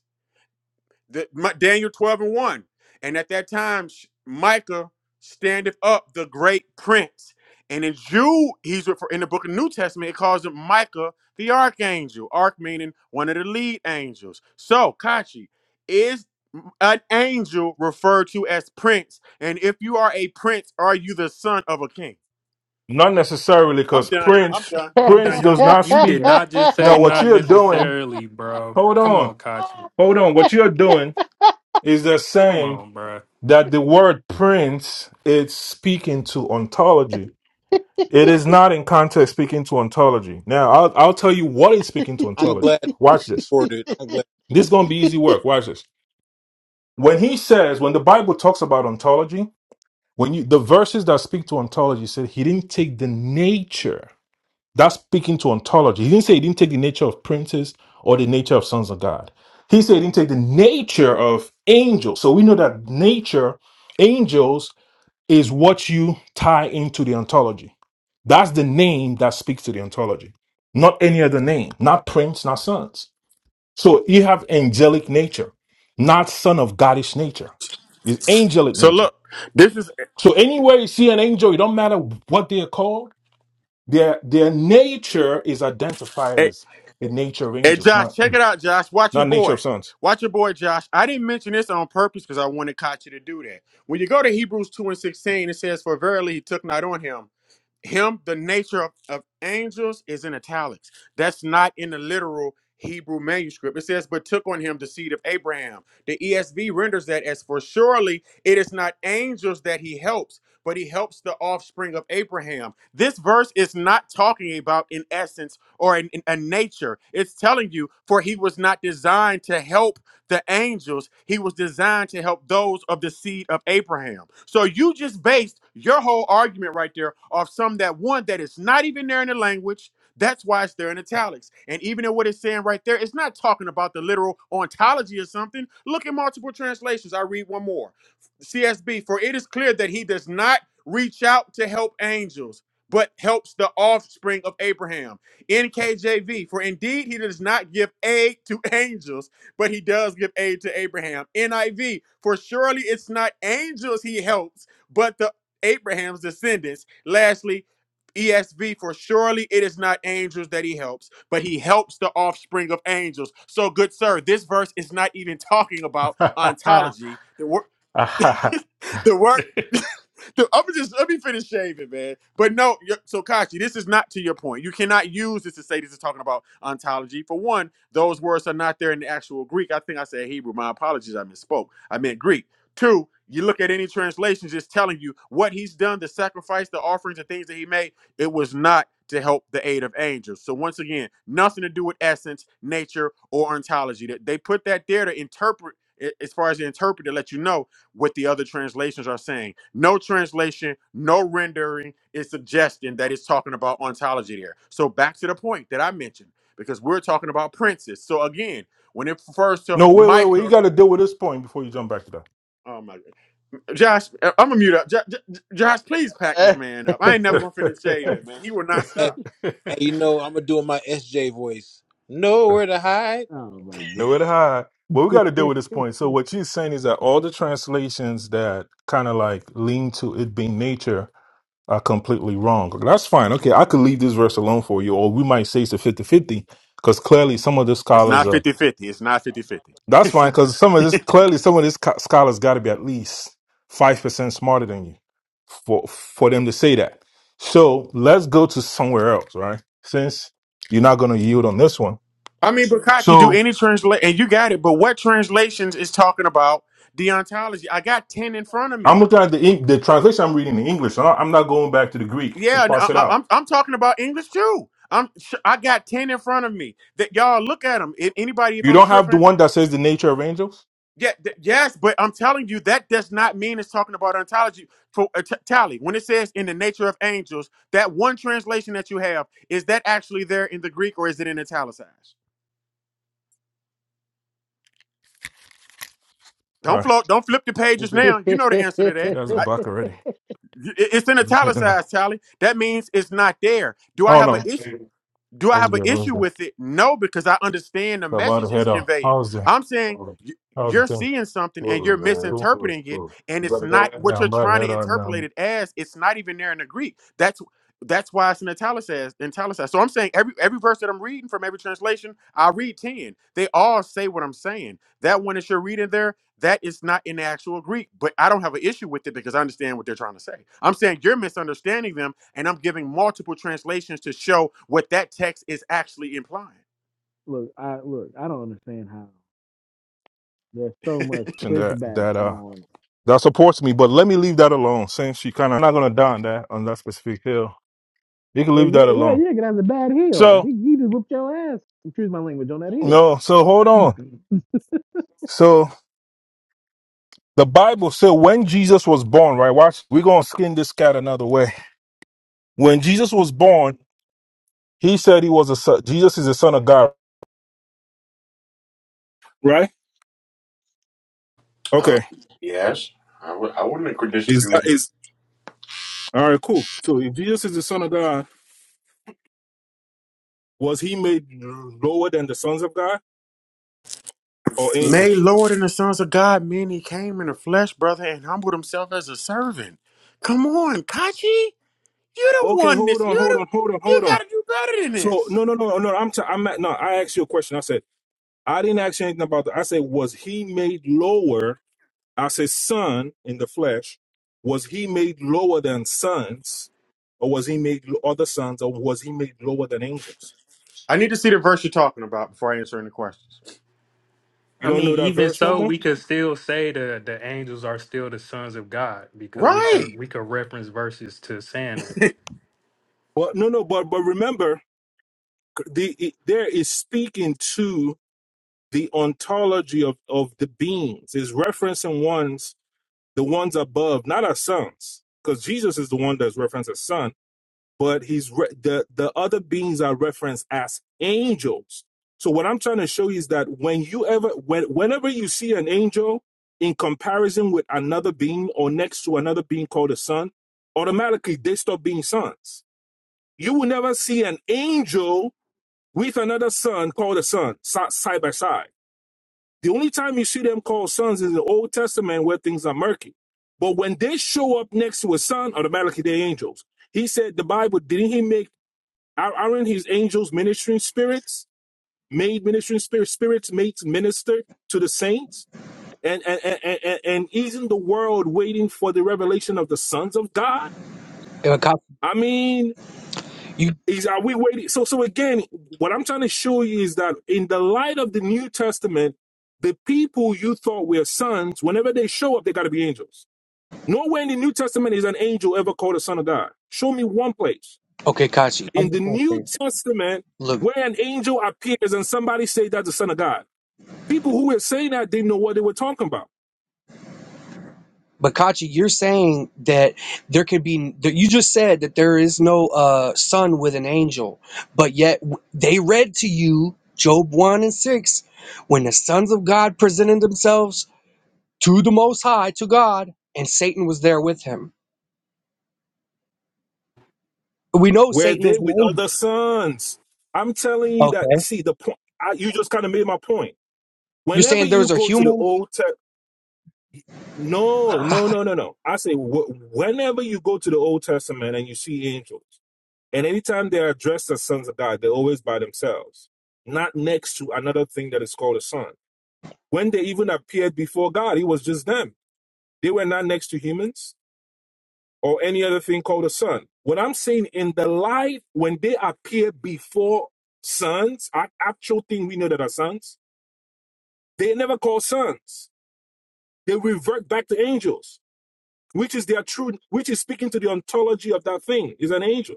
The, my, Daniel 12 and 1. And at that time, Sh- Micah standeth up, the great prince. And in Jude, he's refer- in the book of New Testament, it calls him Micah the archangel. Arch meaning one of the lead angels. So, Kachi, is an angel referred to as prince? And if you are a prince, are you the son of a king?
Not necessarily,
I'm
because
done. I'm
Prince
done. I'm
oh
Prince
done. Y'all
does
got
not
it.
You did
Y'all
speak.
got it.
not just say
No, what
not
you're doing,
necessarily, bro.
hold
Come
on,
on, Kachi.
hold on. What you're doing is they're
Come
saying
on, bro.
that the word Prince is speaking to ontology. It is not in context speaking to ontology. Now, I'll, I'll tell you what is speaking to
I'm
ontology.
glad you
Watch this.
recorded. I'm glad.
This is going to be easy work. Watch this. When he says, when the Bible talks about ontology, when you the verses that speak to ontology said he didn't take the nature That's speaking to ontology. He didn't say he didn't take the nature of princes or the nature of sons of God. He said he didn't take the nature of angels. So we know that nature, angels, is what you tie into the ontology. That's the name that speaks to the ontology, not any other name, not prince, not sons. So you have angelic nature, not son of Godish nature. It's angelic
So
nature.
look, this is
So anywhere you see an angel, it don't matter what they are called their their nature is identified as the nature of
Hey
angels,
Josh,
not
check it out, Josh. Watch your
not nature
boy.
of sons.
Watch your boy, Josh. I didn't mention this on purpose because I wanted Kachi to do that. When you go to Hebrews 2 and 16, it says, For verily he took not on him him the nature of, of angels is in italics that's not in the literal hebrew manuscript it says but took on him the seed of abraham the esv renders that as for surely it is not angels that he helps but he helps the offspring of abraham this verse is not talking about an essence or an, an- a nature it's telling you for he was not designed to help the angels, he was designed to help those of the seed of Abraham. So you just based your whole argument right there off some that one that is not even there in the language. That's why it's there in italics. And even in what it's saying right there, it's not talking about the literal ontology or something. Look at multiple translations. I read one more. CSB, for it is clear that he does not reach out to help angels, but helps the offspring of Abraham. NKJV, for indeed he does not give aid to angels but he does give aid to Abraham. NIV, for surely it's not angels he helps, but the Abraham's descendants. Lastly, ESV, for surely it is not angels that he helps, but he helps the offspring of angels. So, good sir, this verse is not even talking about
no,
ontology. The word, the word. I'm just let me finish shaving, man. But no, y- so Kashi, this is not to your point. You cannot use this to say this is talking about ontology. For one, those words are not there in the actual Greek. I think I said Hebrew. My apologies, I misspoke. I meant Greek. Two, you look at any translations, it's telling you what he's done, the sacrifice, the offerings, the things that he made. It was not to help the aid of angels. So once again, nothing to do with essence, nature, or ontology. That they put that there to interpret, a- as far as the interpreter, let you know what the other translations are saying. No translation, no rendering is suggesting that it's talking about ontology there. So back to the point that I mentioned, because we're talking about princes. So again, when it refers to
wait, wait, wait. You
Micah,
got to deal with this point before you jump back to
oh my God. Josh, I'm gonna mute up. Jo- Jo- Josh, please pack this man up. I ain't never gonna finish shaving,
that.
man. He will not
Hey,
stop.
hey, you know, I'm gonna do my SJ voice. Nowhere to hide.
my
no, it high. But we got to deal with this point. So what you're saying is that all the translations that kind of like lean to it being nature are completely wrong. Okay, That's fine. Okay, I could leave this verse alone for you, or we might say it's a fifty-fifty because clearly some of the
It's
scholars
not
are
fifty-fifty. It's not fifty-fifty.
That's fine because some of this clearly some of this co- scholars got to be at least five percent smarter than you for for them to say that. So let's go to somewhere else, right? Since you're not going to yield on this one,
I mean, Bakachi, do
so
any translation, and you got it, but what translations is talking about deontology? I got 10 in front of me.
I'm looking at the Eng- the translation I'm reading in English. I'm not I'm not going back to the Greek to
Yeah, and
parse
I,
it
I-
out.
I'm I'm talking about English too. I'm sh- I got ten in front of me. That y'all look at them. anybody, if
You
I'm
don't have the
tripping,
one that says the nature of angels.
yeah, th- yes, but I'm telling you that does not mean it's talking about ontology for uh, t- tally. When it says in the nature of angels, that one translation that you have is that actually there in the Greek or is it in italicized?
All
Don't
right,
float. Don't flip the pages
okay.
now. You know the answer to
You
that.
god.
guys are
I,
back already.
it- it's in
I'm just heading out.
italicized, Tally. That means it's not there. Do I
Oh
have
no,
an issue? Do I
what's
have an
good? What's
issue
good?
with it? No, because I understand the
So about to
message is
head on.
conveying.
How's the
I'm saying y-
how's the
you're
thing?
seeing something and
Cool,
you're
man. Cool. Cool,
misinterpreting it,
cool.
and
You
it's
about to
not
head out?
what
Yeah, I'm
you're
about to
trying to
head on
interpolate
now.
it as. It's not even there in the Greek. That's that's why it's in italicized. Italicized. So I'm saying every every verse that I'm reading from every translation, I read ten. They all say what I'm saying. That one that you're reading there that is not in the actual Greek, but I don't have an issue with it because I understand what they're trying to say. I'm saying you're misunderstanding them, and I'm giving multiple translations to show what that text is actually implying.
Look, I look, I don't understand how there's so much
And That
pushback
that uh
on.
that supports me, but let me leave that alone since she kind of not gonna die on that on that specific hill. You can
Well,
leave
yeah,
that
well,
alone.
yeah, because that's a bad hill.
So
He, he just whooped your ass. Excuse my language on that hill.
no, so hold on. So the Bible said when Jesus was born, right? Watch, we're gonna skin this cat another way. When Jesus was born, he said he was a son. Jesus is the son of God, right?
Um,
Okay.
yes, I w- I wouldn't agree
Is
disagree
that
with
is All right, cool. So if Jesus is the Son of God, was he made lower than the sons of God or
you. May
angels?
Lord and the sons of God mean he came in the flesh, brother, and humbled himself as a servant. Come on, Kachi. You're the
Okay,
one
hold
this.
on,
You're
hold
the
on, hold on,
you
hold on.
gotta do better than
So
this.
no, no, no, no. I'm t- I'm at, no. I asked you a question. I said I didn't ask you anything about that. I said was he made lower? I said son in the flesh. Was he made lower than sons, or was he made lo- other sons, or was he made lower than angels?
I need to see the verse you're talking about before I answer any questions.
You
I
don't know
mean,
that
even
verse no
so,
more.
we could still say the the angels are still the sons of God because we could
Right.
we could reference verses to saying that.
Well, no, no, but but remember, the, it, there is speaking to the ontology of, of the beings is referencing ones the ones above not our sons because jesus is the one that's referenced as son but he's re- the the other beings are referenced as angels so what i'm trying to show you is that when you ever when, whenever you see an angel in comparison with another being or next to another being called a son automatically they stop being sons you will never see an angel with another son called a son si- side by side the only time you see them called sons is the Old Testament where things are murky. But when they show up next to a son, automatically they're angels. He said the Bible, didn't he make, are- not his angels ministering spirits, made ministering spirits, spirits made to minister to the saints? And, and, and, and, and isn't the world waiting for the revelation of the sons of God?
Uh, Ka-
I mean,
you,
Is are we waiting? So so again, what I'm trying to show you is that in the light of the New Testament, the people you thought were sons, whenever they show up, they gotta be angels. Nowhere in the New Testament is an angel ever called a son of God. Show me one place.
okay, Kachi.
In the New Testament,
Look.
where an angel appears and somebody say that's the son of God. People who were saying that didn't know what they were talking about.
But Kachi, you're saying that there could be that you just said that there is no uh son with an angel, but yet w- they read to you Job 1 and 6 when the sons of God presented themselves to the most high to God and Satan was there with him. We know
Were
Satan is
they
an
with
angel.
other sons? I'm telling you that
Okay.
see the point I, you just kind of made my point.
You're
Whenever
saying
you
those are
go to the
humans?
old text No, no,
Bakachi.
no, no, no. I say wh- whenever you go to the Old Testament and you see angels, and anytime they are dressed as sons of God, they're always by themselves, not next to another thing that is called a son. When they even appeared before God, it was just them. They were not next to humans or any other thing called a son. What I'm saying in the life when they appear before sons, our actual thing we know that are sons, they never call sons. They revert back to angels. which is their true, which is speaking to the ontology of that thing, is an angel,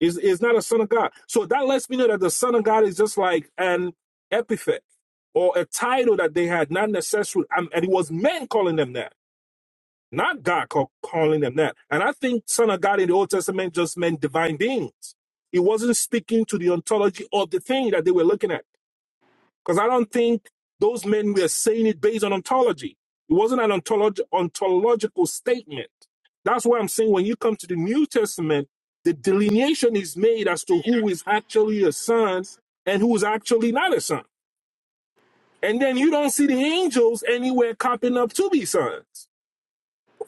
is is not a son of God. So that lets me know that the son of God is just like an epithet or a title that they had, not necessarily, um, and it was men calling them that, not God call, calling them that. And I think son of God in the Old Testament just meant divine beings. It wasn't speaking to the ontology of the thing that they were looking at. Because I don't think those men were saying it based on ontology. It wasn't an ontolog- ontological statement. That's why I'm saying when you come to the New Testament, the delineation is made as to who is actually a son and who is actually not a son. And then you don't see the angels anywhere copying up to be sons.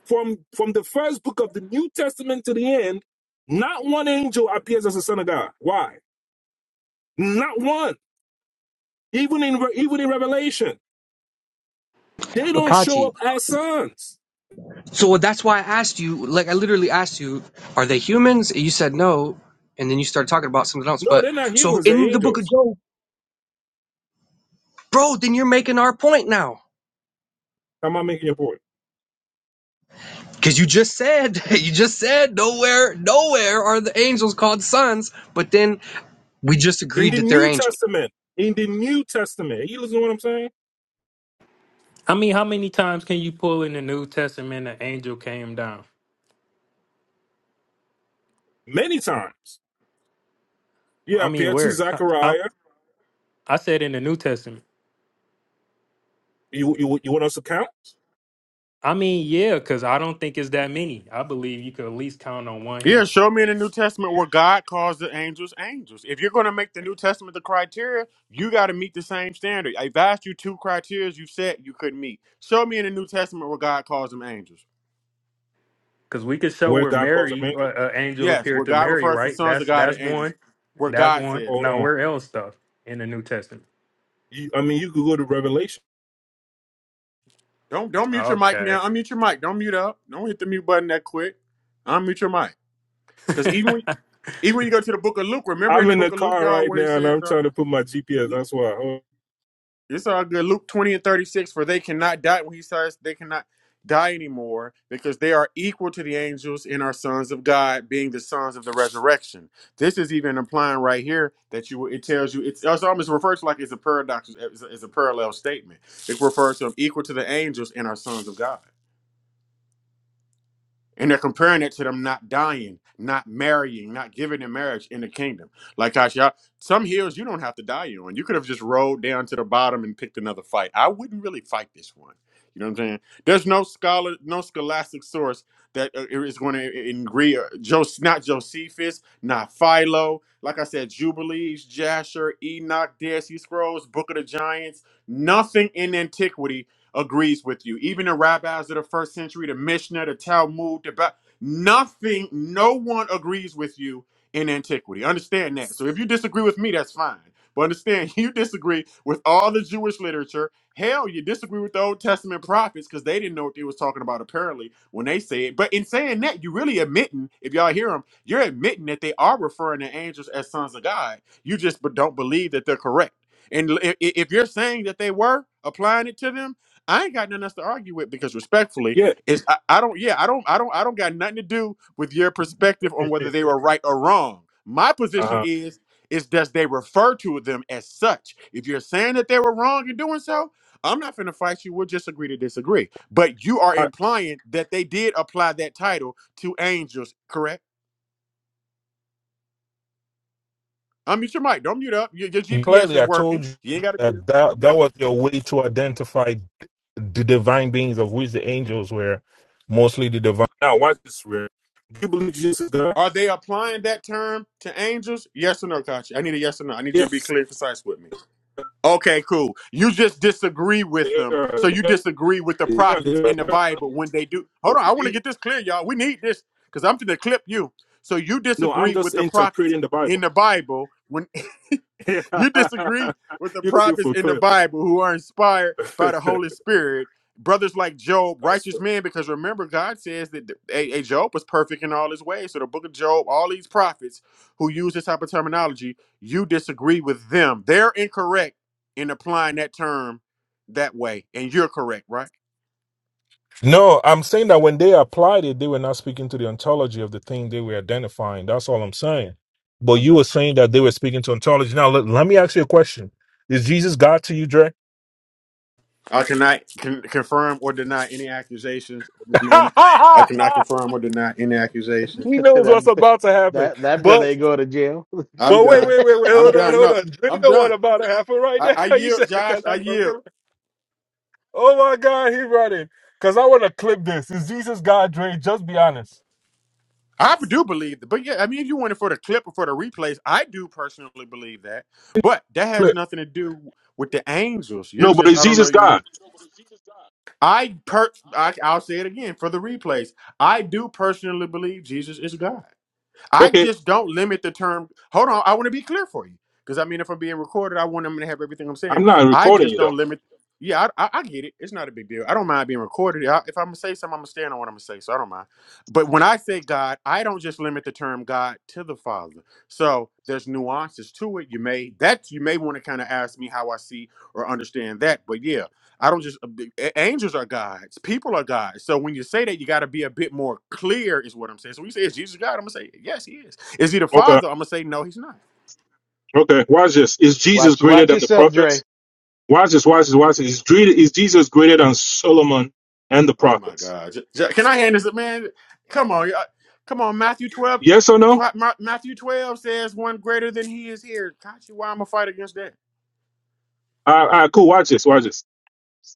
From from the first book of the New Testament to the end, not one angel appears as a son of God. Why? Not one. Even in even in Revelation. They don't show up as sons.
So that's why I asked you, like I literally asked you, are they humans? And you said no, and then you started talking about something else.
No,
But
they're not
so
humans,
in
they're
the book of
angels.
Job Bro, then you're making our point now.
Am I making your point?
Because you just said, you just said, nowhere, nowhere are the angels called sons, but then we just
In
agreed
the
that they're
New
angels.
Testament, in the New Testament, you listen to what I'm saying?
I mean, how many times can you pull in the New Testament an angel came down?
Many times. You
I mean,
appear to
where? How, how-
Zechariah.
I said in the New Testament.
You, you, you want us to count
I mean, yeah, because I don't think it's that many. I believe you could at least count on one
Yeah,
hand.
show me in the New Testament where God calls the angels angels. If you're going to make the New Testament the criteria, you got to meet the same standard. I've asked you two criteria you said you couldn't meet. Show me in the New Testament where God calls them angels.
because we could show
where
where
God calls him
Mary, uh,
angel?
uh, angel
Yes,
appeared
where
to
God
Mary,
refers to
right?
sons of
That's
God
that's
and angels,
one.
where
That's
God
one.
says
Hold
it.
Now
on.
where else stuff in the New Testament?
You, I mean, you could go to Revelation.
Don't don't mute your mic
Okay.
now. Unmute your mic. Don't mute up. Don't hit the mute button that quick. Unmute your mic. Because even when, even when you go to the Book of Luke, remember in
I'm
the
in the
Book of Luke,
car
y'all,
right
where he
now and
says,
I'm
um,
trying to put my GPS. That's why. Oh,
It's all good. Luke 20 and 36, for they cannot die when he says they cannot die anymore, because they are equal to the angels and are sons of God, being the sons of the resurrection. This is even implying right here that you it tells you it's, it's almost refers to like it's a paradox, it's a, it's a parallel statement. It refers to them equal to the angels and are sons of God. And they're comparing it to them not dying, not marrying, not giving in marriage in the kingdom. Like Asha, some hills you don't have to die on. You could have just rolled down to the bottom and picked another fight. I wouldn't really fight this one. You know what I'm saying? There's no scholar, no scholastic source that uh, is going to agree. uh, Jos- Not Josephus, not Philo. Like I said, Jubilees, Jasher, Enoch, Dead Sea Scrolls, Book of the Giants. Nothing in antiquity agrees with you. Even the rabbis of the first century, the Mishnah, the Talmud, the ba- nothing, no one agrees with you in antiquity. Understand that. So if you disagree with me, that's fine. But understand, you disagree with all the Jewish literature. Hell, you disagree with the Old Testament prophets because they didn't know what they was talking about apparently when they say it. But in saying that, you really admitting, if y'all hear them, you're admitting that they are referring to angels as sons of God. You just b- don't believe that they're correct. And l- i- i- if you're saying that they were applying it to them, I ain't got nothing else to argue with because respectfully,
Yeah.
it's I, I don't yeah, I don't I don't I don't got nothing to do with your perspective on whether they were right or wrong. My
Uh
position
huh.
is is does they refer to them as such. If you're saying that they were wrong in doing so, I'm not finna fight you. We'll just agree to disagree. But you are implying that they did apply that title to angels, correct? Unmute your mic. Don't mute up. Your, your GPS
Clearly,
is
I
working.
told you
You ain't gotta mute
that,
up.
that that was your way to identify the divine beings of which the angels were mostly the divine. Now, watch this, real. Do you believe Jesus is God?
Are they applying that term to angels? Yes or no, Kachi? I need a yes or no. I need you to be
Yes.
clear and concise with me. Okay, cool. You just disagree with
They
them. So
are,
you
they are,
disagree with the
they are,
prophets
they
in the
are.
Bible when they do. Hold
Do
on, I want to
you-
get this clear, y'all. We need this because I'm going to clip you. So you
no, I'm
disagree with
just
the prophets
interpreting the Bible.
in the Bible when. you disagree with the
You're looking
prophets
for
in the
a
Bible who are inspired by the
clip.
Holy Spirit, brothers like Job, righteous men, because remember, God says that a, a Job was perfect in all his ways. So the book of Job, all these prophets who use this type of terminology, you disagree with them. They're incorrect in applying that term that way. And you're correct, right?
No, I'm saying that when they applied it, they were not speaking to the ontology of the thing they were identifying. That's all I'm saying. But
I'm
you were
done.
saying that they were speaking to ontology. Now, let, let me ask you a question. Is Jesus God to you, Dre?
I cannot con- confirm or deny any accusations at this moment. I cannot confirm or deny any accusations.
he knows what's
that
about to happen.
that that brother
But
ain't going to jail.
I'm
but wait,
done.
wait, wait, wait.
I'm
Hold on,
done.
hold
No,
on. Dre
I'm
know
done.
what about to happen right
I,
now.
I
You
yield,
said, I
Josh.
got
I
that
yield.
confirmed. Oh my God, he brought it. Because I want to clip this. Is Jesus God, Dre? Just be honest.
I do believe that, but yeah, I mean, if you want it for the clip or for the replays, I do personally believe that. But that has
Clip.
nothing to do with the angels. You're
No, but
just,
is
I don't know.
Jesus
You,
God?
I per, I, I'll say it again for the replays. I do personally believe Jesus is God. I
Okay,
just don't limit the term. Hold on, I want to be clear for you because I mean, if I'm being recorded, I want them to have everything I'm saying.
I'm not
I
recording
just
you though.
don't limit. Yeah, I, I, I get it. It's not a big deal. I don't mind being recorded. I, if I'm gonna say something, I'm gonna stand on what I'm gonna say, so I don't mind. But when I say God, I don't just limit the term God to the Father. So there's nuances to it. You may that you may want to kind of ask me how I see or understand that. But yeah, I don't just a- angels are gods, people are gods. So when you say that, you got to be a bit more clear, is what I'm saying. So when you say is Jesus God, I'm gonna say yes, he is. Is he the
Okay,
Father? I'm gonna say no, he's not.
okay. Watch this. Is Jesus
Watch
greater
watch
than the
yourself, Dre.
prophets? Watch this, watch this, watch this. Is, dre- is Jesus greater than Solomon and the
Oh my
prophets?
God! J- J- Can I hand this up, man? Come on, y'all. come on. Matthew 12,
Yes or no?
tw- Ma- Matthew 12 says one greater than he is here. Kachi, why I'm gonna fight against that?
All right, all right, cool. Watch this, watch this.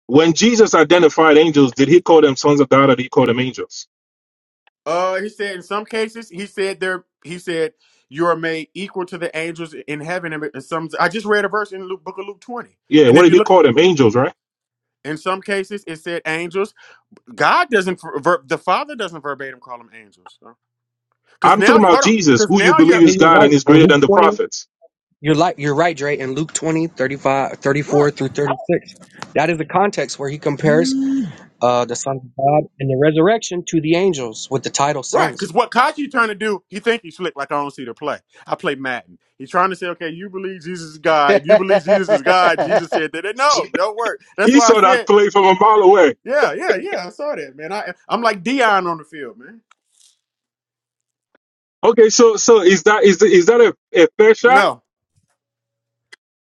When Jesus identified angels, did he call them sons of God or did he call them angels?
Uh, he said in some cases, he said there, he said you are made equal to the angels in heaven. And some, I just read a verse in Luke, book of Luke 20.
Yeah,
And
what
if
did
you
he
look.
call them? Angels, right?
In some cases, it said angels. God doesn't, ver- the Father doesn't verbatim call them angels. Because
I'm
now,
talking about
hold on.
Jesus,
Because
who you
now
believe
you're,
Yeah,
is
you're
God
right.
and is
In
greater
Luke
than the
20,
prophets.
you're, like you're right, Dre. In Luke 20, 35, thirty-four
right,
through 36, that is the context where he compares uh, the Son of God and the resurrection to the angels with the title
right.
sons.
Because what Kachi trying to do, he think he's slick like I don't see the play. I play Madden. He's trying to say, okay, you believe Jesus is God. If you believe Jesus is God, Jesus
that
said that. it- No, don't work. That's
He
why I
saw that
said,
play from a mile away.
yeah, yeah, yeah. I saw that, man. I, I'm like Dion on the field, man.
Okay, so so is that is the, is that a, a fair shot?
No,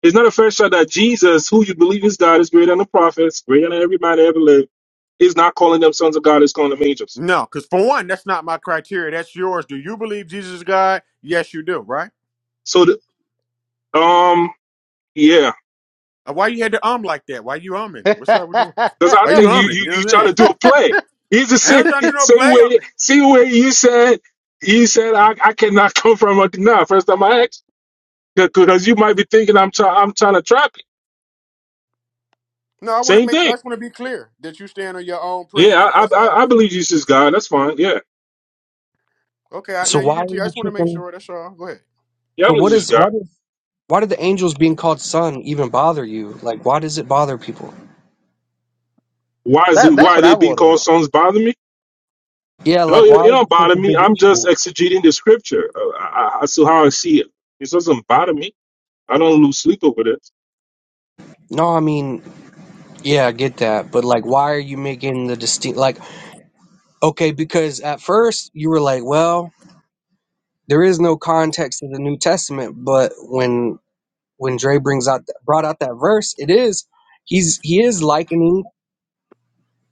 It's not a fair shot that Jesus, who you believe is God, is greater than the prophets, greater than everybody ever lived, is not calling them sons of God, is calling them angels.
no. Because for one, that's not my criteria. That's yours. Do you believe Jesus is God? Yes, you do, right?
So the, um yeah,
Uh, Why you had to um like that? Why you umming? What's up with that?
Because I
Why you
think you
umming?
you
You know
you
what I'm
trying
saying?
to do a play. He's the
I
same
ain't trying to do no
same
play.
way same way you said you said I, I cannot come from a nah, first time I asked because you might be thinking I'm trying I'm trying to trap you.
No, I want to
Same
make sure. I
thing.
just want to be clear that you stand on your own
Yeah,
principles.
I
That's all.
I, I believe Jesus is God. That's fine. Yeah,
Okay, I,
So
now you
why
can.
are
tell.
you
I just want to make
tripping?
sure. That's all. Go ahead.
yeah, I
So
believe
what
Jesus is
is, why
God.
does, why do the angels being called son even bother you? Like, why does it bother people?
Why is it
that's
why
what I
they being
want to
called
know.
sons bother me?
Yeah,
No,
like,
it,
why
it
is
don't
it such
bother
a
me.
big
I'm just
issue?
exegeting the scripture. Uh, I, I, so how I see it, it doesn't bother me. I don't lose sleep over this.
No, I mean, yeah, I get that. But like, why are you making the distinct? Like, okay, because at first you were like, well, there is no context to the New Testament. But when when Dre brings out brought out that verse, it is he's he is likening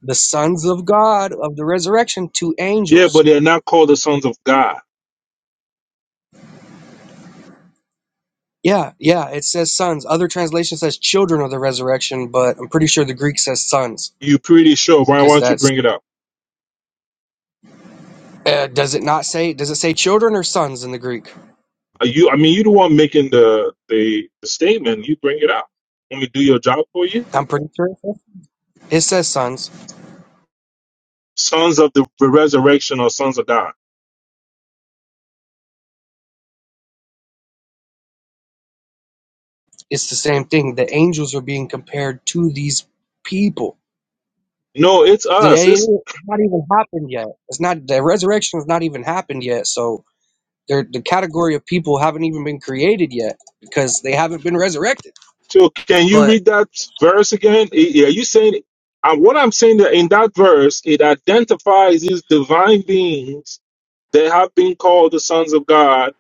the sons of God of the resurrection to
Yeah,
angels.
but they're not called the sons of God.
Yeah, yeah, it says sons. Other translation says children of the resurrection, but I'm pretty sure the Greek says sons
You pretty sure, Brian? Why
because
don't you
that's
bring it up?
uh, does it not say does it say children or sons in the Greek?
Are you, I mean, you the one making the, the the statement. You bring it up. Let me do your job for you.
I'm pretty sure. It says, sons,
Sons of the resurrection or sons of God.
it's the same thing. The angels are being compared to these people.
No, it's
That
us.
ain't
It's
it's not even happened yet. It's not the resurrection has not even happened yet. So they're, the category of people haven't even been created yet because they haven't been resurrected.
so. Can you
But
read that verse again? Eh, Yeah, you saying uh, what I'm saying that in that verse it identifies these divine beings that have been called the sons of God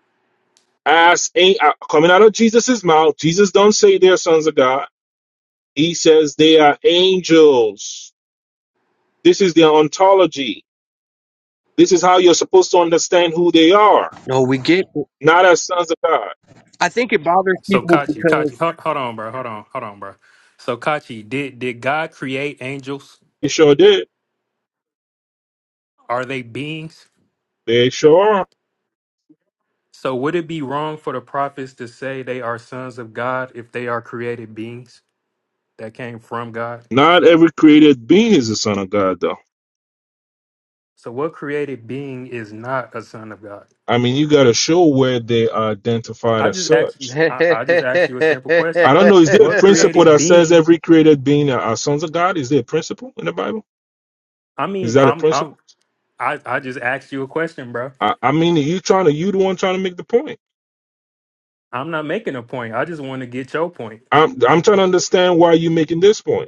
as an- uh, coming out of Jesus's mouth. Jesus don't say they're sons of God. He says they are angels This is their ontology. This is how you're supposed to understand who they are,
no, we get.
not as sons of God.
I think it bothers
so
people
Kachi, Kachi,
because
hold, hold on, bro. Hold on, hold on, bro. So Kachi, did did God create angels?
They sure did.
Are they beings?
They sure are.
So would it be wrong for the prophets to say they are sons of God if they are created beings that came from God?
Not every created being is a son of God, though.
So what created being is not a son of God?
I mean, you got to show where they are identified
I
as
just asked.
such.
I, I just asked you a simple question.
I don't know. Is there a
What
principle
created
that says
being?
every created being are are sons of God? Is there a principle in the Bible?
I
Is
mean,
that a
I'm. I'm.
principle?
I. I just asked you a question, bro.
I, I mean, are you trying to you the one trying to make the point.
I'm not making a point. I just want to get your point.
I'm I'm trying to understand why you are making this point.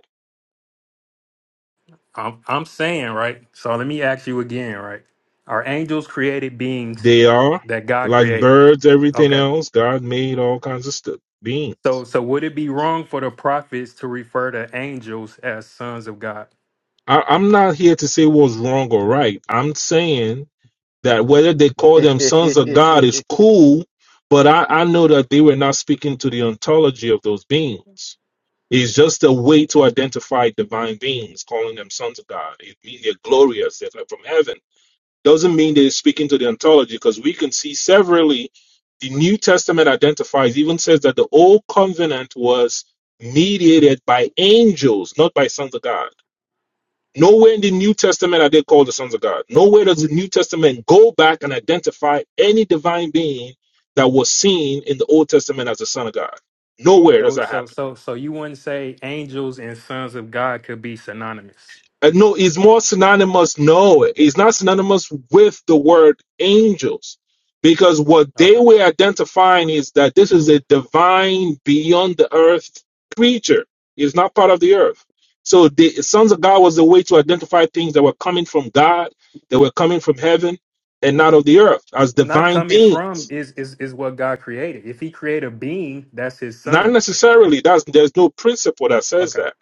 I'm. I'm saying right. So let me ask you again, right? Are angels created beings
They are
that God
like
created?
birds, everything
Okay.
else. God made all kinds of stuff, beings.
So so would it be wrong for the prophets to refer to angels as sons of God?
I, I'm not here to say what's wrong or right. I'm saying that whether they call them sons of God is cool, but I, I know that they were not speaking to the ontology of those beings. It's just a way to identify divine beings, calling them sons of God. It means they're glorious, they're from heaven doesn't mean they're speaking to the ontology because we can see severally the New Testament identifies, even says that the old covenant was mediated by angels, not by sons of God. Nowhere in the New Testament are they called the sons of God. Nowhere does the New Testament go back and identify any divine being that was seen in the Old Testament as the Son of God. Nowhere does
So
that
so
happen.
so so you wouldn't say angels and sons of God could be synonymous.
Uh, no, it's more synonymous. No, it's not synonymous with the word angels. Because what they
Okay.
were identifying is that this is a divine beyond the earth creature. It's not part of the earth. So the sons of God was a way to identify things that were coming from God, that were coming from heaven and not of the earth as
not
divine
coming from
beings.
is is is what God created. If He created a being, that's His
Not
Son.
necessarily. That's there's no principle that says
Okay,
that.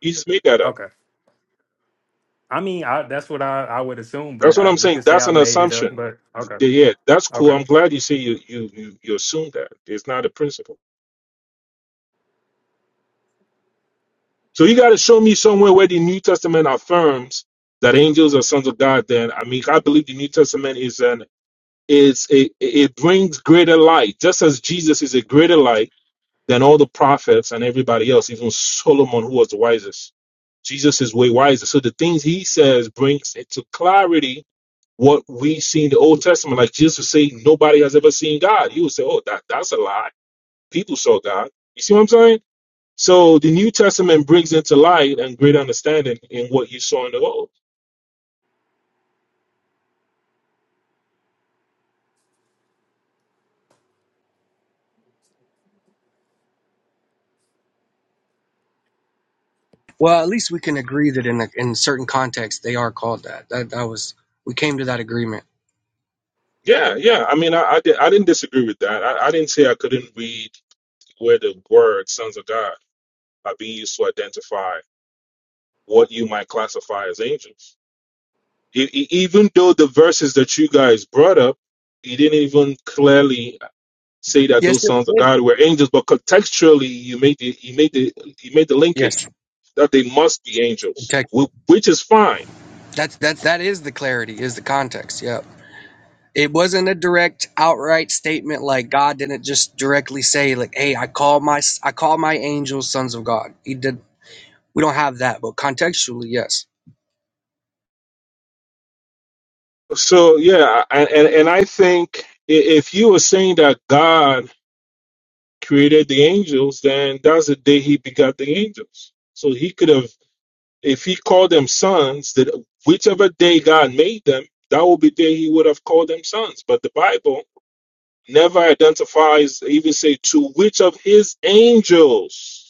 You just made that up.
okay. I mean, I, that's what I I would assume,
That's
but
what
I,
I'm
you
saying.
could say
That's
I
an
made it
assumption.
up. But okay,
Yeah, yeah, that's cool.
okay.
I'm glad you say you you you, you assume that it's not a principle. So you got to show me somewhere where the New Testament affirms that angels are sons of God. Then I mean, I believe the New Testament is an is a it brings greater light, just as Jesus is a greater light than all the prophets and everybody else, even Solomon, who was the wisest. Jesus is way wiser. So the things he says brings into clarity what we see in the Old Testament. Like Jesus would say, nobody has ever seen God. You would say, oh, that that's a lie people saw God. You see what I'm saying? So the New Testament brings into light and great understanding in what you saw in the old.
well, at least we can agree that in a, in certain contexts they are called that. That that was we came to that agreement.
Yeah, yeah. I mean, I, I, did, I didn't disagree with that. I, I didn't say I couldn't read where the word sons of God are being used to identify what you might classify as angels. E- e- even though the verses that you guys brought up, you didn't even clearly say that
Yes,
those
it
sons of
did.
God were angels, but contextually you made the you made the you made the
Yes,
linkage that they must be
in
angels,
Texas.
wh- which is fine.
That's that that is the clarity is the context. Yeah. it wasn't a direct outright statement like god didn't just directly say like hey i call my i call my angels sons of god he did we don't have that but contextually yes
So yeah, I- and and I think i- if you were saying that God created the angels, then that's the day He begot the angels. So He could have, if He called them sons, that whichever day God made them, that would be the day He would have called them sons. But the Bible never identifies, even say, to which of His angels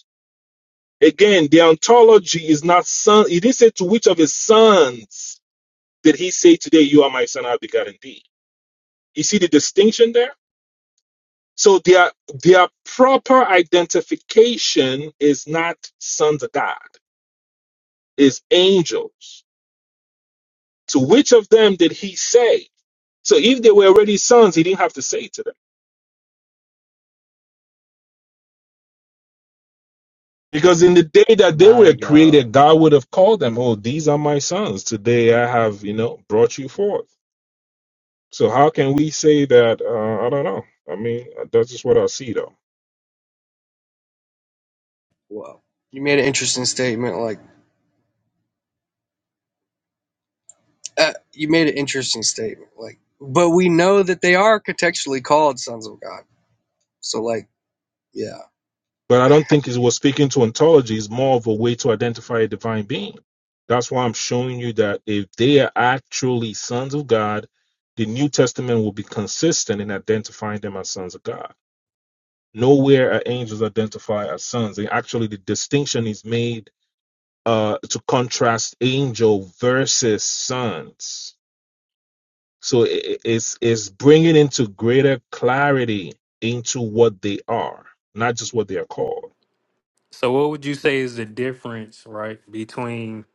Again, the ontology is not son. He didn't say to which of his sons did he say today, you are my son, I've begotten thee. You see the distinction there? So their, their proper identification is not sons of God, is angels. To which of them did he say? So if they were already sons, he didn't have to say to them. Because in the day that they were
My God,
created, God would have called them, oh, these are my sons. Today I have, you know, brought you forth. So how can we say that? Uh, I don't know. I mean, that's just what I see, though.
well you made an interesting statement like uh, you made an interesting statement like but we know that they are contextually called sons of god so like yeah
But I don't think it was speaking to ontology is more of a way to identify a divine being. That's why I'm showing you that if they are actually sons of God, the New Testament will be consistent in identifying them as sons of God. Nowhere are angels identified as sons. And actually, the distinction is made uh, to contrast angel versus sons So i- it's it's bringing into greater clarity into what they are, not just what they are called.
So, what would you say is the difference, right, between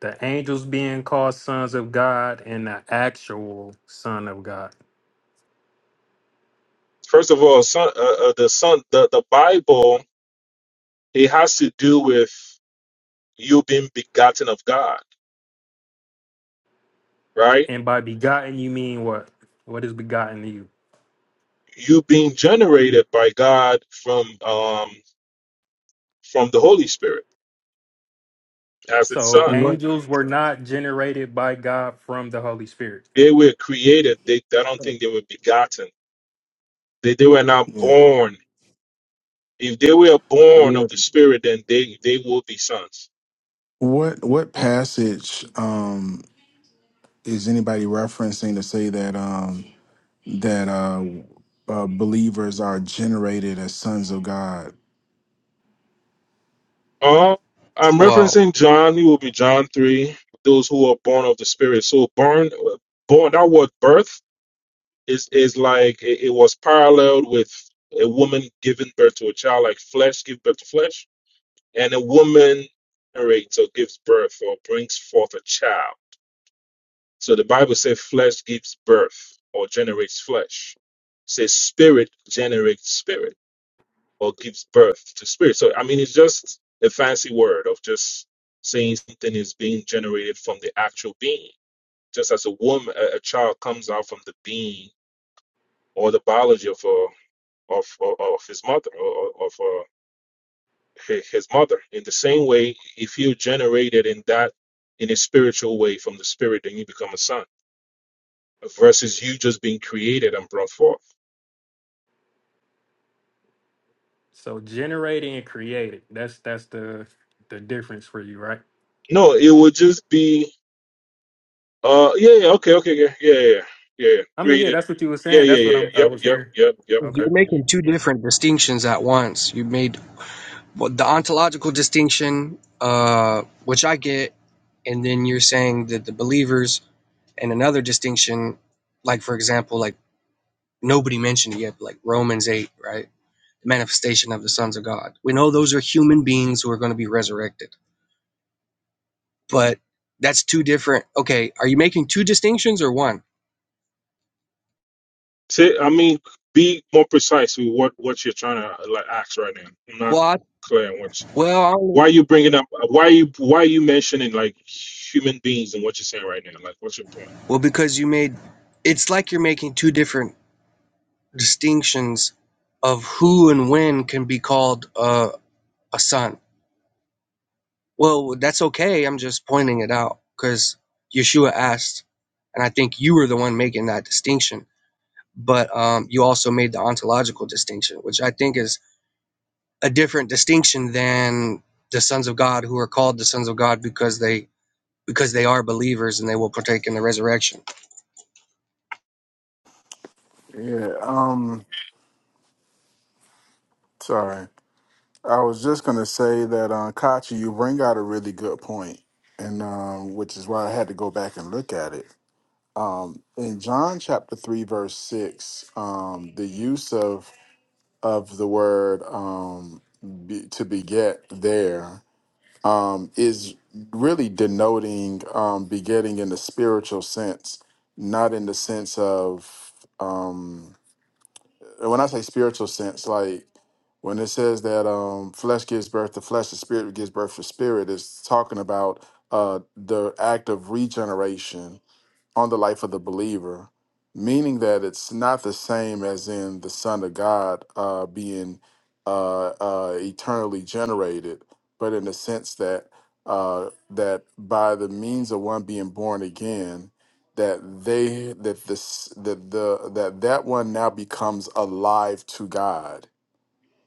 the angels being called sons of God and the actual Son of God?
First of all, son, uh, uh, the son, the the Bible, it has to do with you being begotten of God, right?
And by begotten, you mean what? What is begotten to you?
You being generated by God from um from the Holy Spirit as its
So,
son.
What?
angels were not generated by God from the Holy Spirit.
They were created. They I don't think they were begotten. They they were not
Yeah.
born. If they were born of
What?
the Spirit, then they they will be sons
What? What
Hmm.
passage um, is anybody referencing to say that um, that uh, uh, believers are generated as sons of God?
Uh, I'm
well
referencing John. It will be John three. Those who are born of the Spirit. So born, born. That word birth is is like it, it was paralleled with a woman giving birth to a child, like flesh give birth to flesh, and a woman narrates or gives birth or brings forth a child. So the Bible says flesh gives birth or generates flesh. It says spirit generates spirit or gives birth to spirit. So, I mean, it's just a fancy word of just saying something is being generated from the actual being. Just as a woman, a, a child comes out from the being or the biology of uh, of, of of his mother or of uh, hi- his mother. In the same way, if you're generated in that in a spiritual way from the spirit, then you become a son. Versus you just being created and brought forth.
So generating and creating. That's that's the the difference for you, right?
No, it would just be Uh, yeah, yeah, okay, okay, yeah, yeah, yeah, yeah, yeah.
I mean, yeah,
created.
that's what you were
Yeah,
saying.
yeah,
That's
yeah,
what
yeah,
I'm I
yep,
was
yep,
hearing.
yep, yep,
Okay.
you're
yep.
making two different distinctions at once you made well, the ontological distinction uh which i get and then you're saying that the believers And another distinction, like for example, like nobody mentioned it yet, but like Romans 8, right? The manifestation of the sons of God. We know those are human beings who are going to be resurrected, but that's two different. Okay, are you making two distinctions or one?
Say, I mean, be more precise with what what you're trying to uh, like ask right now. I'm not
Well, I,
clear on what.
well, I
Why are
don't-
you bringing up? uh, Why are you why are you mentioning like human beings and what you're saying right now? Like, what's your point?
well, because you made it's like you're making two different distinctions of who and when can be called uh, a son Well, that's okay. I'm just pointing it out because Yeshua asked, and I think you were the one making that distinction. But um, you also made the ontological distinction, which I think is a different distinction than the sons of God who are called the sons of God because they because they are believers and they will partake in the resurrection.
Yeah. Um. Sorry, I was just gonna say that, uh, Kachi, you bring out a really good point, and um, which is why I had to go back and look at it. Um, in John chapter three, verse six, um, the use of of the word um, be, to beget there um, is really denoting um, begetting in the spiritual sense, not in the sense of um, when I say spiritual sense, like when it says that um, flesh gives birth to flesh, the spirit gives birth to spirit, it's talking about uh, the act of regeneration on the life of the believer, meaning that it's not the same as in the Son of God uh, being uh, uh, eternally generated, but in the sense that uh, that by the means of one being born again, that they that this that the that that one now becomes alive to God.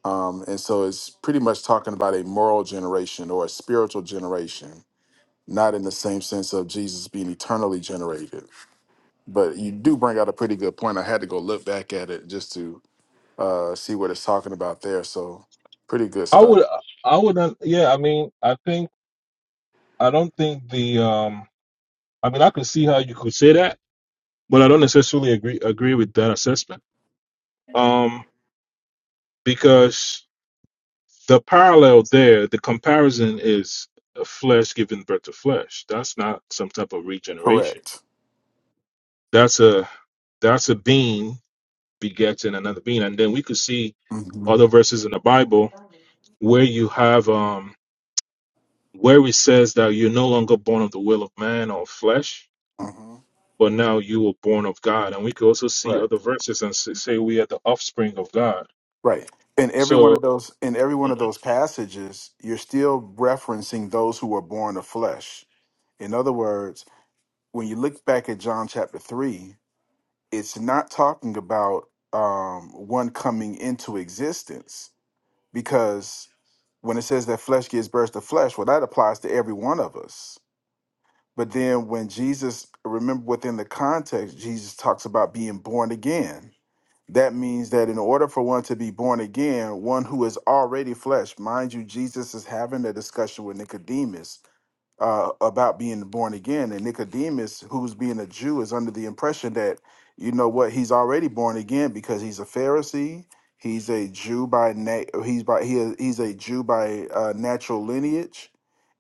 Um, and so it's pretty much talking about a moral generation or a spiritual generation, not in the same sense of Jesus being eternally generated. But you do bring out a pretty good point. I had to go look back at it just to uh, see what it's talking about there. So pretty good
I
stuff.
would, I wouldn't. Yeah, I mean, I think I don't think the. um I mean, I can see how you could say that, but I don't necessarily agree agree with that assessment. Um, because The parallel there, the comparison is a flesh giving birth to flesh. That's not some type of regeneration.
Correct.
That's a that's a being begetting another being. And then we could see
hmm
other verses in the Bible where you have um where it says that you're no longer born of the will of man or flesh,
hmm
but now you were born of God. And we could also see
Right.
other verses and s- say we are the offspring of God.
Right. In every one
So
of those, in every one of
Mhm.
those passages, you're still referencing those who were born of flesh. In other words, when you look back at John chapter 3, it's not talking about um, one coming into existence because. when it says that flesh gives birth to flesh, well, that applies to every one of us. But then when Jesus, remember within the context, Jesus talks about being born again. That means that in order for one to be born again, one who is already flesh, mind you, Jesus is having a discussion with Nicodemus uh, about being born again. And Nicodemus, who's being a Jew, is under the impression that, you know what, he's already born again because he's a Pharisee. He's a Jew by na- he's by he is- he's a Jew by uh, natural lineage,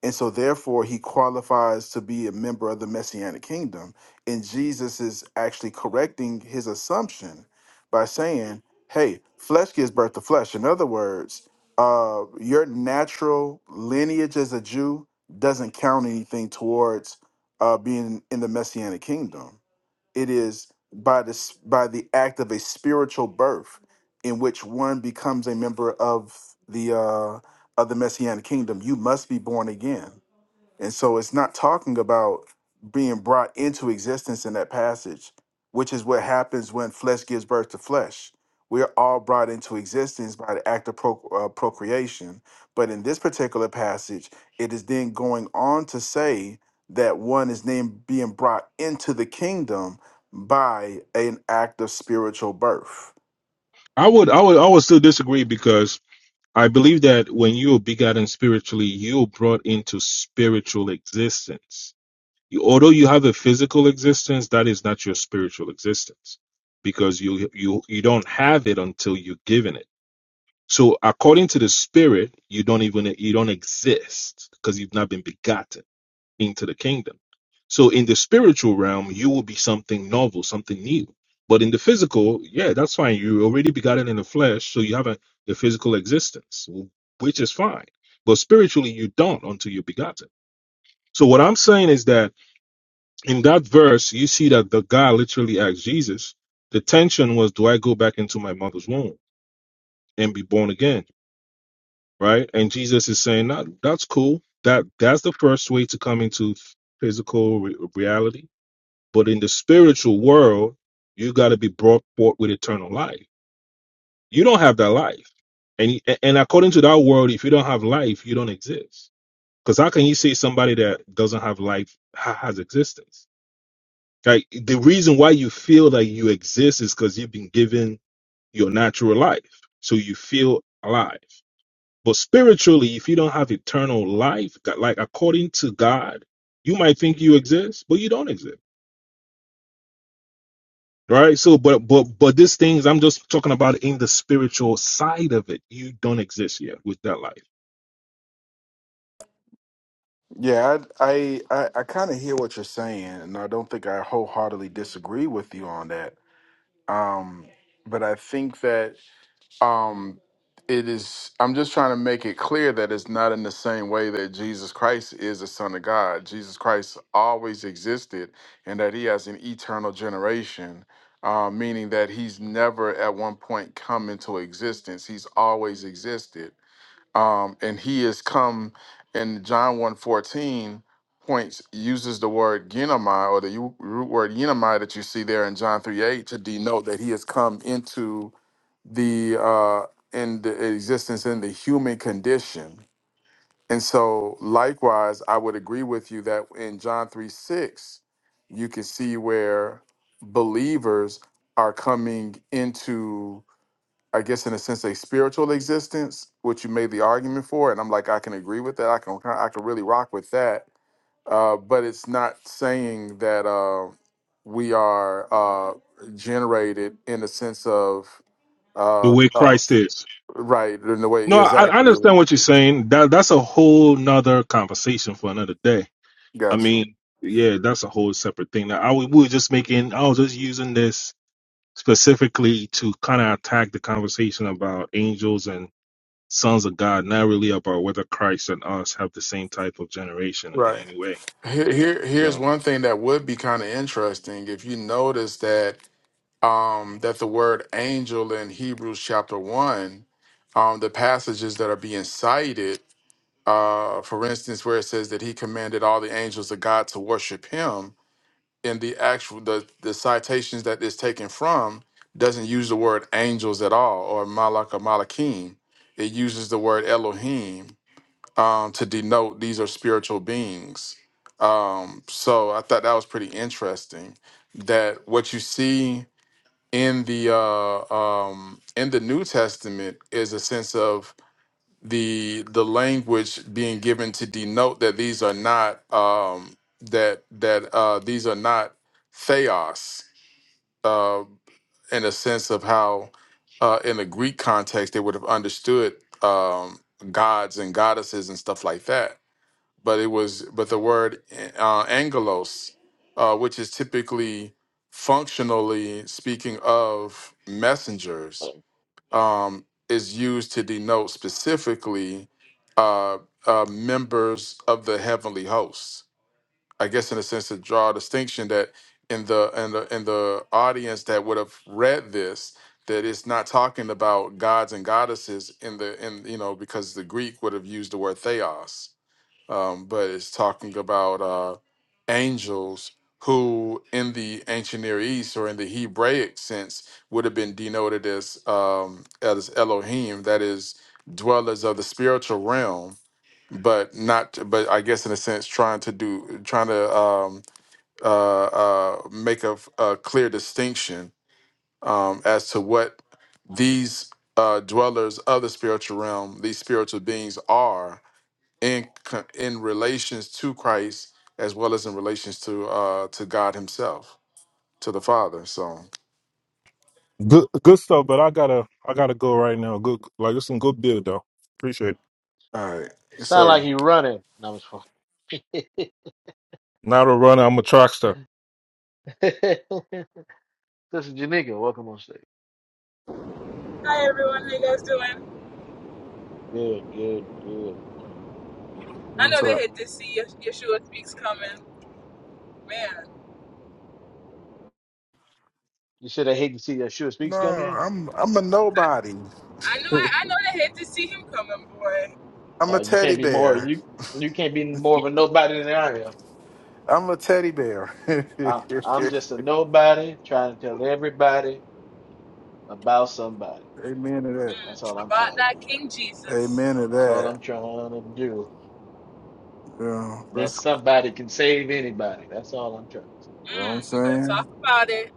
and so therefore he qualifies to be a member of the Messianic kingdom. And Jesus is actually correcting his assumption by saying, "Hey, flesh gives birth to flesh." In other words, uh, your natural lineage as a Jew doesn't count anything towards uh, being in the messianic kingdom. It is by this by the act of a spiritual birth in which one becomes a member of the uh, of the messianic kingdom. You must be born again. And so it's not talking about being brought into existence in that passage, which is what happens when flesh gives birth to flesh. We're all brought into existence by the act of pro- uh, procreation. But in this particular passage, it is then going on to say that one is named being brought into the kingdom by an act of spiritual birth.
I would I would I would still disagree because I believe that when you are begotten spiritually, you are brought into spiritual existence. You, although you have a physical existence, that is not your spiritual existence because you you you don't have it until you're given it. So according to the spirit, you don't even you don't exist because you've not been begotten into the kingdom. So in the spiritual realm, you will be something novel, something new. But in the physical, yeah, that's fine. You already begotten in the flesh, so you have a, a physical existence, which is fine. But spiritually, you don't until you're begotten. So what I'm saying is that in that verse, you see that the guy literally asked Jesus. The tension was, do I go back into my mother's womb and be born again? Right? And Jesus is saying, that, that's cool. That that's the first way to come into physical re- reality But in the spiritual world, you got to be brought forth with eternal life. You don't have that life. And, and according to that world, if you don't have life, you don't exist. Because how can you say somebody that doesn't have life ha- has existence? Like the reason why you feel that you exist is because you've been given your natural life. So you feel alive. But spiritually, if you don't have eternal life, that- like according to God, you might think you exist, but you don't exist Right. So, but but but these things I'm just talking about in the spiritual side of it. You don't exist yet with that life,
Yeah, I I I, I kind of hear what you're saying, and I don't think I wholeheartedly disagree with you on that um, but I think that um, it is. I'm just trying to make it clear that it's not in the same way that Jesus Christ is the Son of God. Jesus Christ always existed, and that He has an eternal generation. Uh, meaning that he's never at one point come into existence. He's always existed um, and he has come in John one fourteen, points uses the word genomai or the u- root word genomai that you see there in John three eight to denote that he has come into the uh, in the existence in the human condition. And so likewise, I would agree with you that in John three six, you can see where believers are coming into I guess in a sense a spiritual existence, which you made the argument for, and I'm like I can agree with that. I can I can really rock with that. Uh, but it's not saying that uh, we are uh, generated in the sense of
the
of
way
of
Christ is.
right in the way
No, I, I
exactly.
understand what you're saying. That that's a whole nother conversation for another day. I
Got you
mean, yeah, that's a whole separate thing. Now, I w- we were just making. I was just using this specifically to kind of attack the conversation about angels and sons of God, not really about whether Christ and us have the same type of generation in
right.
any way.
Here, here
So.
here's one thing that would be kind of interesting if you notice that. um, that the word angel in Hebrews chapter one, um, the passages that are being cited, uh, for instance, where it says that he commanded all the angels of God to worship him, in the actual the the citations that is taken from doesn't use the word angels at all or malak or malakim. It uses the word Elohim um, to denote these are spiritual beings. Um, so I thought that was pretty interesting. That what you see in the uh, um, in the New Testament is a sense of the the language being given to denote that these are not um, that that uh, these are not theos uh, in a sense of how uh, in the Greek context they would have understood um, gods and goddesses and stuff like that but it was but the word uh, angelos, uh, which is typically functionally speaking of messengers, um, is used to denote specifically uh, uh, members of the heavenly hosts. I guess in a sense to draw a distinction that in the in the in the audience that would have read this that it's not talking about gods and goddesses in the in you know because the Greek would have used the word theos um, but it's talking about uh, angels who, in the ancient Near East or in the Hebraic sense, would have been denoted as um, as Elohim, that is, dwellers of the spiritual realm, but not, but I guess in a sense, trying to do, trying to um, uh, uh, make a, a clear distinction um, as to what these uh, dwellers of the spiritual realm, these spiritual beings are in co- in relations to Christ as well as in relations to uh to God Himself, to the Father. So, all
Good, good stuff. But I gotta, I gotta go right now. Good, like it's some good build though. Appreciate it.
right, yes,
sound like
sir.
you running. No, I'm just fucking.
Not a runner. I'm a trackster.
Sister Janika, welcome on stage.
Hi everyone, how you guys doing?
Good, good, good.
I
What's
know they
up?
hate to see Yes- Yeshua speaks coming. Man,
You said I hate to see that Sure
No,
Speaks come in.
I'm I'm a nobody.
I know I, I know they hate to see him coming, boy.
I'm
Uh,
a
you
teddy
can't be more
bear.
you you can't be more of a nobody than I am.
I'm a teddy bear.
Uh, I'm just a nobody trying to tell everybody about somebody.
Amen to that.
That's all
Mm,
I'm
about
trying to
that
do.
King Jesus.
Amen to
That's all
that.
I'm trying to do.
Yeah,
And that
that's,
somebody can save anybody. That's all I'm trying.
you know what I'm
Mm, we better talk
saying?
about it.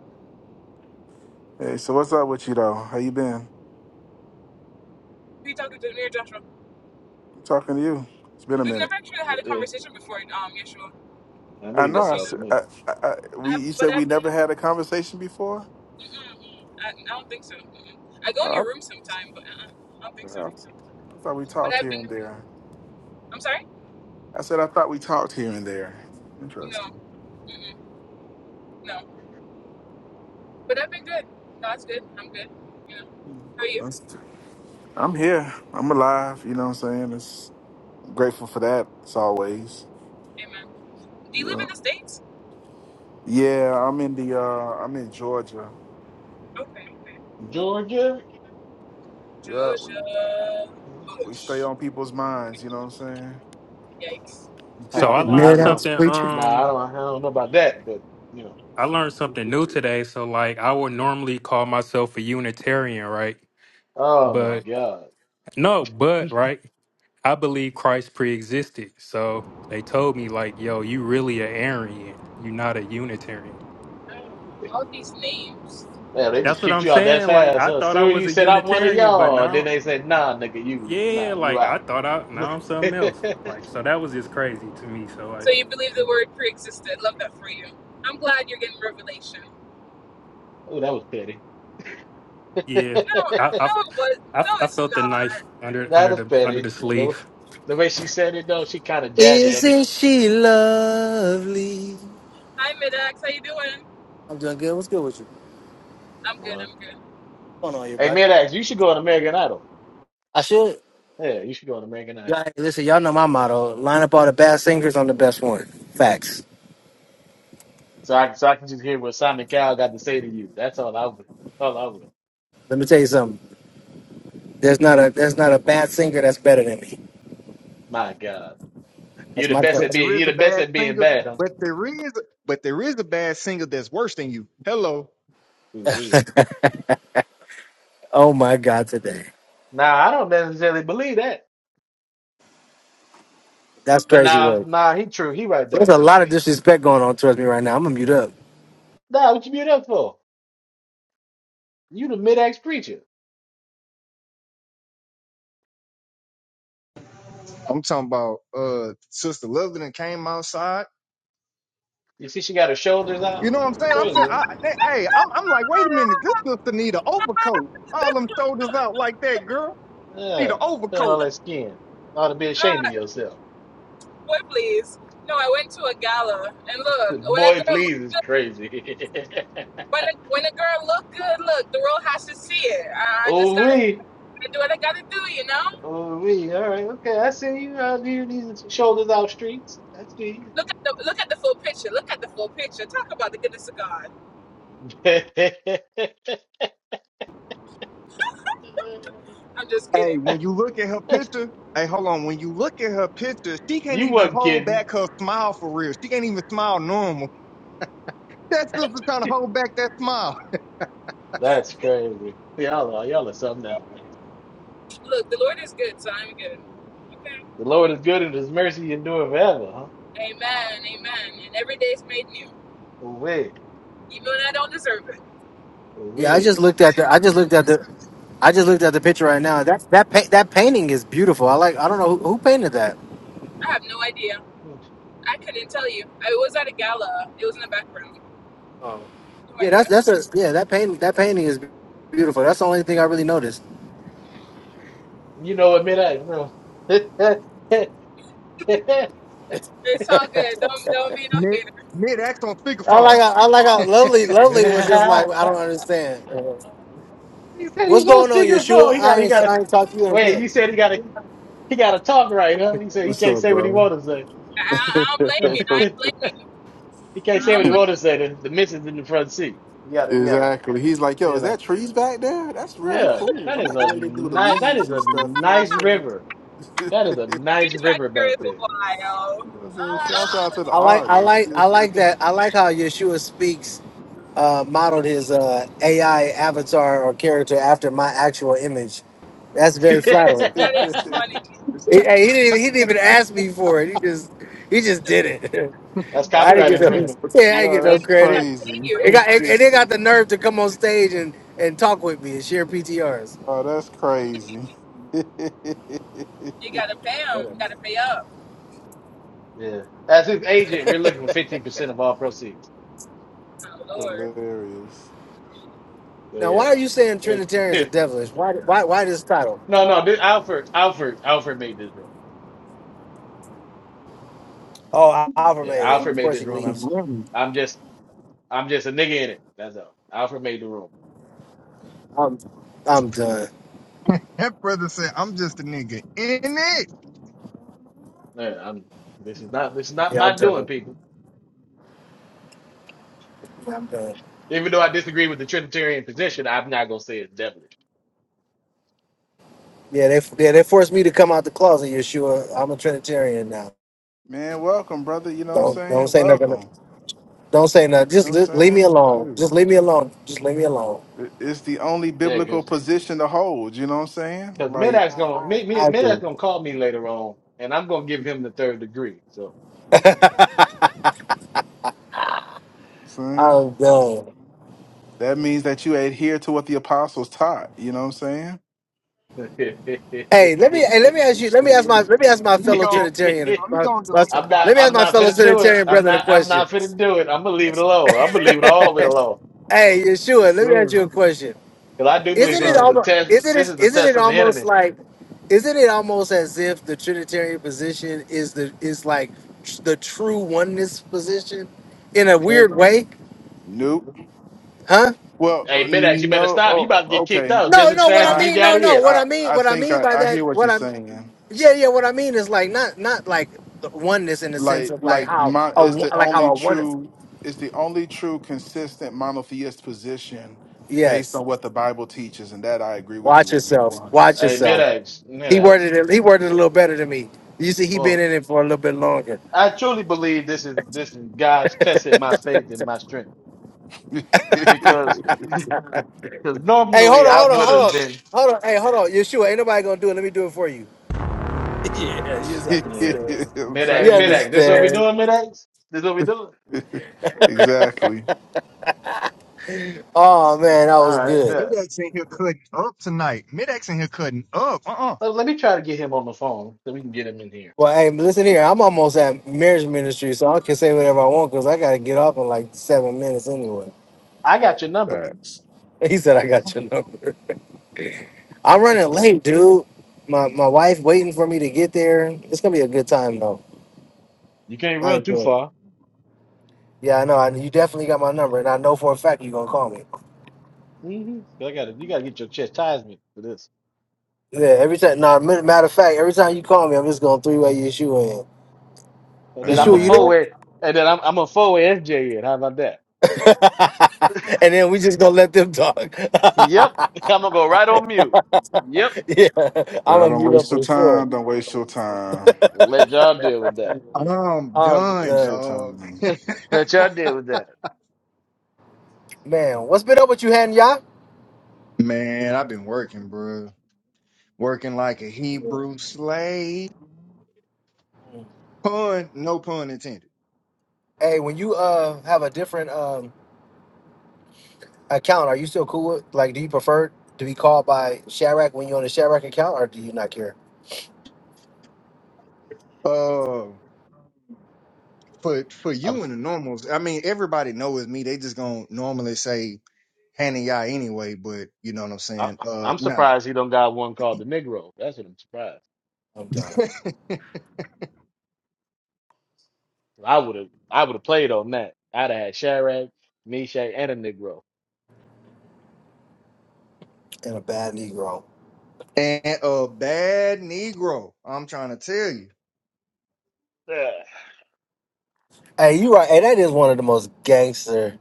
Hey, so what's up with you though? How you been?
We talking to near Joshua.
I'm talking to you. It's been a
Yeah.
We've
minute.
never actually had
Well,
a
yeah.
conversation before, um, Yeshua.
I knew
I
you
know.
were
Just
I,
so you
gonna
s-
talk
know.
to me.
I- I- I- we
I,
you said
but I,
we never had a conversation before.
mm-mm, I, I don't think so. Mm-mm. I go in your room sometime, but uh-uh, I don't think so.
Yeah. I thought we
But
talked
I've
here and
been,
there.
I'm sorry?
I said I thought we talked here and there. Interesting.
No, mm-mm, no. But I've been good. God's good. I'm good. You know.
Hmm.
How are you?
That's, I'm here. I'm alive. You know what I'm saying? It's I'm grateful for that as always.
Amen. Do you live
Yeah.
in the States?
Yeah, I'm in the uh I'm in Georgia.
Okay.
Yeah.
Georgia?
Yeah. We,
Georgia
we stay
Bush.
on people's minds, you know what I'm
Yikes.
So
No,
I
no, I
learned
don't know.
saying?
something
No, I
um
don't I don't know about that, but you know.
I learned something new today. So like I would normally call myself a Unitarian, right?
Oh my
But
God.
no, but right, I believe Christ pre-existed. So they told me like, yo, you really a Arian. You're not a Unitarian.
All these names.
Man, they
That's
just
what
kicked
I'm
you out that
saying. Like
fast,
I
huh?
thought I
Soon
was
you
a
said I'm one of
Unitarian, but
y'all.
now
Then they said, nah, nigga, you
yeah,
nah, you
like I
out.
thought I
oh,
now I'm something else.
that
Like so that was just crazy to me. So like,
So you believe the word pre-existed. Love that for you. I'm glad you're getting revelation.
was petty.
yeah,
No,
I
that
I,
no, it was.
I,
No,
I
it's
felt the
not.
knife under under
was
the under
petty.
the
The,
sleeve.
the way she said it though, she kinda jabbed
Is
it other
she lovely?
Hi, Midax. How you doing?
I'm doing good. What's good with you?
I'm good.
one.
I'm good.
What's going on,
Hey
everybody?
Medax, you should go on American Idol.
I should.
Yeah, you should go on American Idol.
Y'all, hey, listen, y'all know my motto: line up all the bad singers on the best one. Facts.
So I so I can just hear what Simon Cowell got to say to you. That's all I would all I would.
Let me tell you something. There's not a there's not a bad singer that's better than me.
My God.
That's
You're the
my
best
friend.
But
at
there
being
is a
you're the best
bad
at being
singer.
bad, huh?
But there is, but there is a bad singer that's worse than you. Hello,
Ooh-wee.
Oh my God, today.
Nah, I don't necessarily believe
That's
But
crazy
nah,
work.
nah, he true. He right
There's
though,
a
cause
lot of disrespect going on towards me right now. I'm gonna mute up.
nah, what you mute up for? You the mid axe preacher.
I'm talking about uh Sister Loveland came outside.
You see, she got her shoulders
You
out.
know what I'm saying? I'm
Crazy,
saying,
man.
I, they, hey, I'm, I'm like, wait a minute, this sister need an overcoat. All them shoulders out like that, girl. Need
Uh,
an
showing all
overcoat.
that skin. Ought to be
Ah,
ashamed of yourself.
boy, please. No, I went to a gala, and look, when a
Boy,
girl,
please, it's crazy.
when a, when a girl look good, look, the world has to see it. I I just
oh
gotta
we,
do what I gotta do, you know.
oh we. All right, okay. I see you out here in these shoulders out streets. I see
Look at the look at the full picture. Look at the full picture. Talk about the goodness of God.
you.
I'm just
Hey,
kidding.
when you look at her picture, hey, hold on. When you look at her picture, she can't
you
even
wasn't
hold
kidding.
back her smile for real. She can't even smile normal. That sister trying to hold back that smile.
That's crazy. Y'all are y'all are something else, man.
Look, the Lord is good, so I'm good. Okay.
The Lord is good and his mercy endure forever, huh?
Amen. Amen. And every day is made new.
Away,
Even when I don't deserve it.
Yeah, I
away.
just looked at the. I just looked at the. I just looked at the picture right now. That that pa- that painting is beautiful. I like. I don't know who, who painted that.
I have no idea. I couldn't tell you. I was at a gala. It was in the background. No
Yeah,
idea.
that's that's a yeah. That paint that painting is beautiful. That's the only thing I really noticed.
You know what, mid act, no. he
It's all good. Don't don't be no
Mid,
hater.
mid, act on
I like
speakerphone.
how, I like how lovely lovely was just like I don't understand.
said
What's
he's on
going on, Yeshua?
speakerphone. He got
I
he
ain't
gotta
I ain't talked to you in a
wait, He
minute.
said he gotta he gotta talk right, huh? He said he
What's
can't
up,
say what he
bro?
wanna say.
I, I don't blame you. I don't blame you.
he can't
I
say
don't
what he
blame you.
wanna say. The, the missus in the front seat. You gotta you gotta
exactly. He's like, yo,
you
is
know.
that trees back there? That's really
Yeah,
cool.
that
I
is
like the
a
way they do the
nice that
leaves
is
and
a
stuff, you know what I'm
nice
saying?
river.
you
That is a nice
He's back
river
here
back
for a
there.
while.
know what I'm saying?
Ah,
Shouts
that's
out to
funny.
the
I like I
artists.
like I like that. I like how Yeshua speaks uh, modeled his uh, AI avatar or character after my actual image. That's very
That is
flattering.
that is funny.
He, hey, he didn't even, he didn't even ask me for it. He just he just did it.
That's
I didn't
copyright
yeah,
get no
infringement.
He
yeah, I
got
didn't get
he,
no
that's
he got
credit.
to pay
crazy.
you.
It got and and they got the nerve to come on stage and and talk with me and share PTRs.
oh, that's crazy.
You gotta pay him. You gotta pay up.
Yeah. As his agent, we're looking for fifteen percent of all proceeds.
My lord.
Hilarious.
But
Now, why
yeah.
are you saying
It,
Trinitarians are
it-
devilish? Why? Why? Why this title?
no, no, this, Alfred, Alfred, Alfred made this room.
Oh, Alvin
Yeah,
made it.
Alfred
Of
made
course, he
this room. I'm,
leaves.
That
I'm just, I'm just a nigga in it. That's all. Alfred made the room.
I'm, I'm done.
brother said, I'm just a nigga in it.
Yeah, I'm. This is not, this is not
Yeah, I'm
my doing,
done.
people.
Yeah, I'm done.
Even though I disagree with the Trinitarian position, I'm not gonna say it's devilish.
Yeah, they, yeah, they forced me to come out the closet, Yeshua. I'm a Trinitarian now.
Man, welcome, brother. You know what I'm
Don't, don't
saying?
say nothing.
Welcome.
Don't say nothing.
You know what
Just,
I'm
just leave me
saying?
alone.
Shoot.
Just leave me alone. Just leave me alone.
It- It's the only
Yeah,
biblical
because
position to hold. You know what I'm saying?
because
Like,
Medak's
I,
you
gonna
I,
Mid, Mid,
I
Medak's
do.
gonna call me later on, and I'm gonna give him the third degree. So.
know what I'm saying?
I'm done.
That means that you adhere to what the apostles taught. You know what I'm saying?
Hey, let me, hey, let me ask you. Let me ask
Sure.
my, let me ask
He
my
gon' you
fellow
know,
Trinitarian.
he
My,
gonna
my,
delete the
I'm not.
app.
let me ask
I'm
my
not
fellow
finna do it.
Trinitarian
I'm
brethren a
not. I'm
question.
not finna do it. I'm gonna leave it alone. I'm gonna leave it all the way alone
Hey, Yeshua, let me ask
Sure.
you a question.
because I do believe
What's
Isn't it
this
up?
is a
almost
test.
isn't
This
it
is a
isn't
test
it
from the
almost
enemy.
like isn't it almost as if the Trinitarian position is the is like tr- the true oneness position in a weird way?
Technically. Nope.
Huh?
Well,
Hey, Midax, you better
no.
stop. You about
Oh,
to get kicked
okay.
out
No,
just as
no, what
fast
I
as
I
you
mean, no,
got
no,
here.
what
I
I mean,
I
what I
think
mean by
I, I
that,
hear what
what
you're
I'm
saying.
yeah, yeah, what I mean is like not not like the oneness in the sense
Like
of like
like
how
my
a
is the
one- like how
only
a oneness.
true is the only true consistent monotheist position based
Yes.
on what the Bible teaches, and that I agree with
Watch
you on
yourself.
one hundred
Watch
percent.
Hey,
yourself.
Midax,
He
Midax.
worded it he worded it a little better than me. You see, he been
Well,
in it for a little bit longer.
I truly believe this is this is God's testing my faith and my strength because because
Hey, hold
normally
on,
I
hold on,
would have
hold on.
been
Hold on, hey, hold on. Yeshua, ain't nobody gonna do it. Let me do it for you. yeah, you
You
yeah.
know
understand.
what I'm
You
Midax,
saying
Midax. This what we
understand?
doing, Midax? This what we doing?
exactly.
Oh man, that
All
was
right,
good.
bet.
Midax in here cutting up tonight. Midax in here cutting up. Uh-uh.
Let, let me try to get him on the phone so we can get him in here.
Well, hey, listen here. I'm almost at marriage ministry, so I can say whatever I want because I gotta get off in like seven minutes anyway.
I got your number.
Facts.
He said I got your number. I'm running
Facts.
late, dude. My my wife waiting for me to get there. It's gonna be a good time though.
You can't
I
run too
enjoy it.
far.
Yeah, I know. I, you definitely got my number, and I know for a fact you're gonna call me.
hmm I got to You got to get your chastisement for this.
Yeah, every time. Nah, ma- matter of fact, every time you call me, I'm just gonna three way your shoe in.
And
The
then I'm
shoe,
a
you
Amen.
there?
forward. And then I'm I'm a forward SJ in. How about that?
and then we just gonna let them talk.
Yep. I'm gonna go right on mute. Yep.
yeah, I'm
Yeah,
gonna
don't
mute up
waste your
for sure.
time. Don't waste your time.
Let y'all deal with that.
I'm
I'm
Don't
done,
waste your
done,
dog.
time.
Let y'all deal with that.
man. What's been up with you, Han? Y'all?
Man, I've been working, bro. Working like a Hebrew slave. Pun, no pun intended.
Hey, when you uh have a different um account, are you still cool with? Like, do you prefer to be called by Shadrack when you're on the Shadrack account, or do you not care?
Uh, for for
I'm
you and the normals, I mean, everybody knows me. They just gonna normally say Hannah Yah anyway, but you know what I'm
I,
saying. Uh,
I'm
no.
surprised he don't got one called the Negro. That's what I'm surprised.
I'm done.
I would have I would have played on that. I'd have had Shadrach, Meshach, and a Negro.
And a bad Negro.
and a bad Negro. I'm trying to tell you,
Ugh.
Hey, you right. Hey, that is one of the most gangster.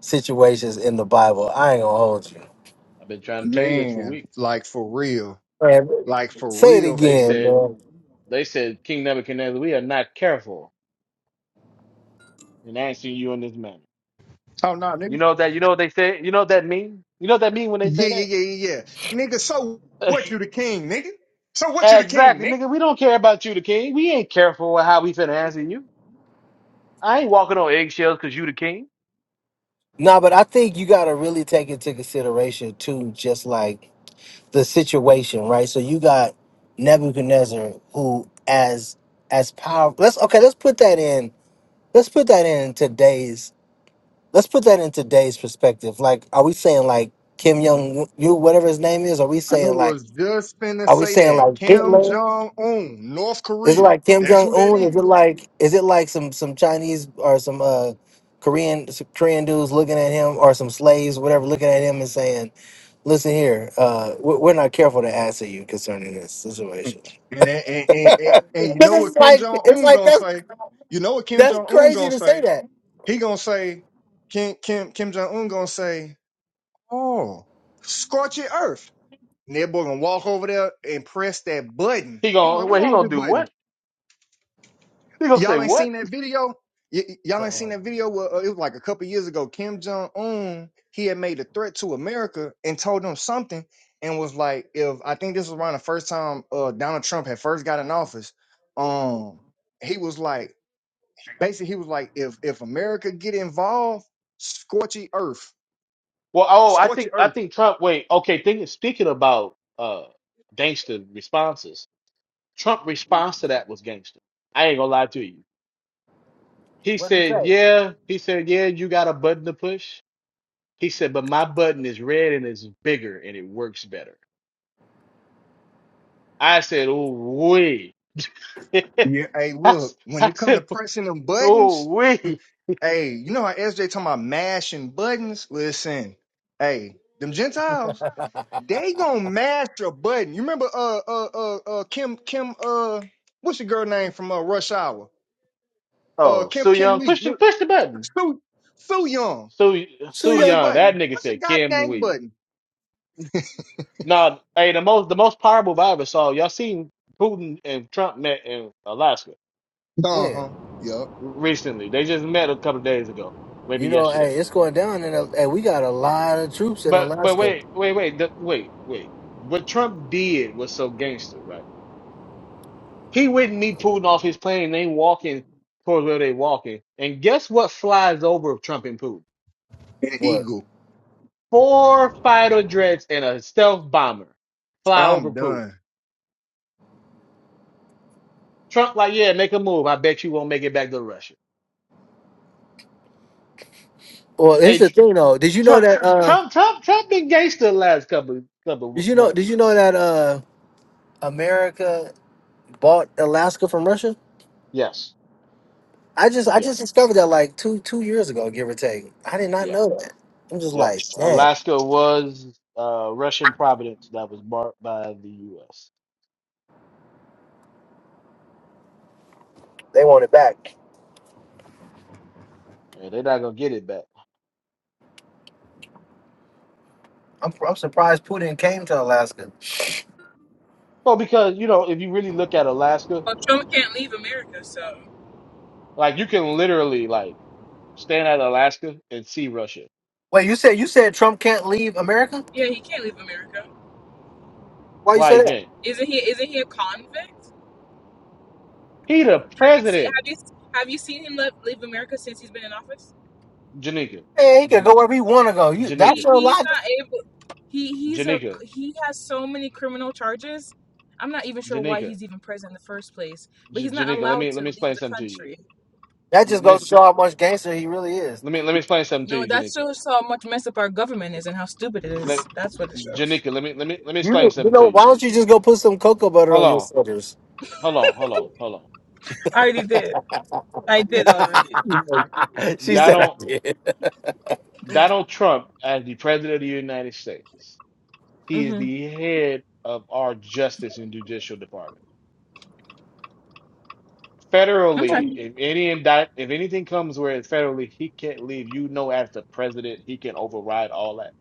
situations in the Bible. I ain't gonna hold you.
I've been trying to tell you this for
man.
weeks.
Like for real.
Man,
Like for
say it
real. For
They
again,
said,
real.
man.
they said, King Nebuchadnezzar, we are not careful in answering you in this manner.
Oh no, nigga.
You know that, you know what they say, you know what that mean? You know what that mean when they
Yeah, yeah,
say
yeah, yeah, yeah. Nigga, so
that?
what? You the king, nigga. So what? You the king,
exactly,
nigga.
nigga, we don't care about you, the king. We ain't careful with how we finna answer you. I ain't walking on eggshells because you the king.
Nah, but I think you gotta really take into consideration too, just like the situation, right? So you got Nebuchadnezzar, who as as powerful. Let's okay. Let's put that in. Let's put that in today's. Let's put that in today's perspective. Like, are we saying like Kim Young, you whatever his name is? Are we
I
saying like?
was just finna
Are we
say
saying like
that Kim
Hitler?
Jong Un, North
Is it
Korea.
like Kim
That's
Jong
who that
Un? Is it
is.
like is it like some some Chinese or some uh Korean some Korean dudes looking at him or some slaves whatever looking at him and saying, "Listen here, uh, we- we're not careful to answer you concerning this
And
situation."
and, and, and, and and you
Because
know
it's
what Kim
like
Jong
it's
Un
like
gonna
that's
say? You know what Kim
that's
Jong Un gonna
crazy to say
say?
that.
He gonna say Kim Kim Kim Jong Un gonna say Oh, scorching earth. And that boy gonna walk over there and press that button.
He
He was like,
gon'
"What's
well, he
wrong with
gonna
this
do
button?
what? He gonna say
Y'all ain't
what?
seen that video? Y- y- y'all ain't seen
Uh-uh.
that video? Well, uh, it was like a couple years ago. Kim Jong Un he had made a threat to America and told them something, and was like, if I think this was around the first time uh, Donald Trump had first got in office, um, he was like, basically, he was like, if if America get involved, scorchy earth,
Well, oh, I
scorchy
think,
earth.
I think Trump, wait, okay, Thinking speaking about, uh, gangster responses, Trump response to that was gangster. I ain't gonna lie to you. He
What did he
said,
say?
Yeah. He said, Yeah, you got a button to push. He said, But my button is red and it's bigger and it works better. I said, Oh, wee. I,
Yeah, hey, look,
s-
when
I
it come to
said,
pressing them
Oh,
buttons,
wee.
hey, you know how SJ talking about mashing buttons? Listen, hey, them Gentiles, they gonna mash a button. You remember uh uh uh uh Kim Kim uh what's your girl name from uh Rush Hour? Uh
Oh,
Kim
Soo
Kim
Young,
Lee.
push the,
Look,
push the button.
Sue Sue Young.
Soo,
so
Soo
Push
yeah,
a
Young, that
button.
nigga
Push a
said, Kim
goddamn
Wee.
button.
Now, hey, the most the most powerful I ever saw, y'all seen Putin and Trump met in Alaska
when
Uh-huh. Yup.
recently. They just met a couple of days ago, maybe
you know,
yesterday
hey, it's going down, and hey, we got a lot of troops in
But but
Alaska.
wait, wait, wait, the, wait, wait. What Trump did was so gangster, right? He wouldn't meet Putin off his plane. and They walking towards where they walking, and guess what flies over Trump and Putin?
An
What?
eagle.
Four fighter jets and a stealth bomber fly
I'm
over Putin.
done.
Trump like, yeah, make a move. I bet you won't make it back to Russia.
Well,
Hey,
here's the
Tr-
thing, though. Did you know
Trump, Tr-
that? uh
Trump, Trump, Trump been gangster the last couple
Did
couple
you know? Did
months.
you know that? uh, America bought Alaska from Russia.
Yes,
I just I just
yes,
discovered that like two two years ago, give or take. I did not
Yeah.
know that. I'm just
Yep.
like, man,
Alaska was uh, Russian providence that was marked by the U.S.
they want it back.
And they're not gonna get it back.
I'm I'm surprised Putin came to Alaska.
Well, because you know, if you really look at Alaska,
Well, Trump can't leave America, so
like you can literally like stand at Alaska and see Russia.
Wait, you said you said Trump can't leave America?
yeah, he can't leave America.
Why you
Why you
say that?
can't?
Isn't he? Isn't he a convict?
He the
Have you seen?
president,
Have you have you seen him leave, leave America since he's been in office?
Janika,
Man, he can
Jan-
go wherever he want to go. You that's
Janika,
He
your
he's
logic.
not able. He he's a
Janika,
he has so many criminal charges. I'm not even sure why
Janika,
he's even president in the first place, but
J-
he's not
Janika. Let
allowed
me
to
let me
leave
explain
the
something to you.
country.
That just
Let me
goes to show how much gangster he really is.
let me let me explain something to
No,
you,
that
Janika.
shows how much messed up our government is and how stupid it is.
Let,
That's what it shows.
Janika, let me let me let me explain
You you
something to
know why
you.
don't you just go put some cocoa butter
Hold
on your
on,
sweaters?
hold on, hold on, hold
I already did. I did already.
on.
she
That
said I
don't.
did.
Donald Trump as the president of the United States. He is
hmm
the head of our justice and judicial department.
I'm trying
Federally, if any indict, if anything comes where it's federally, he can't leave. You know, as the president, he can override all that.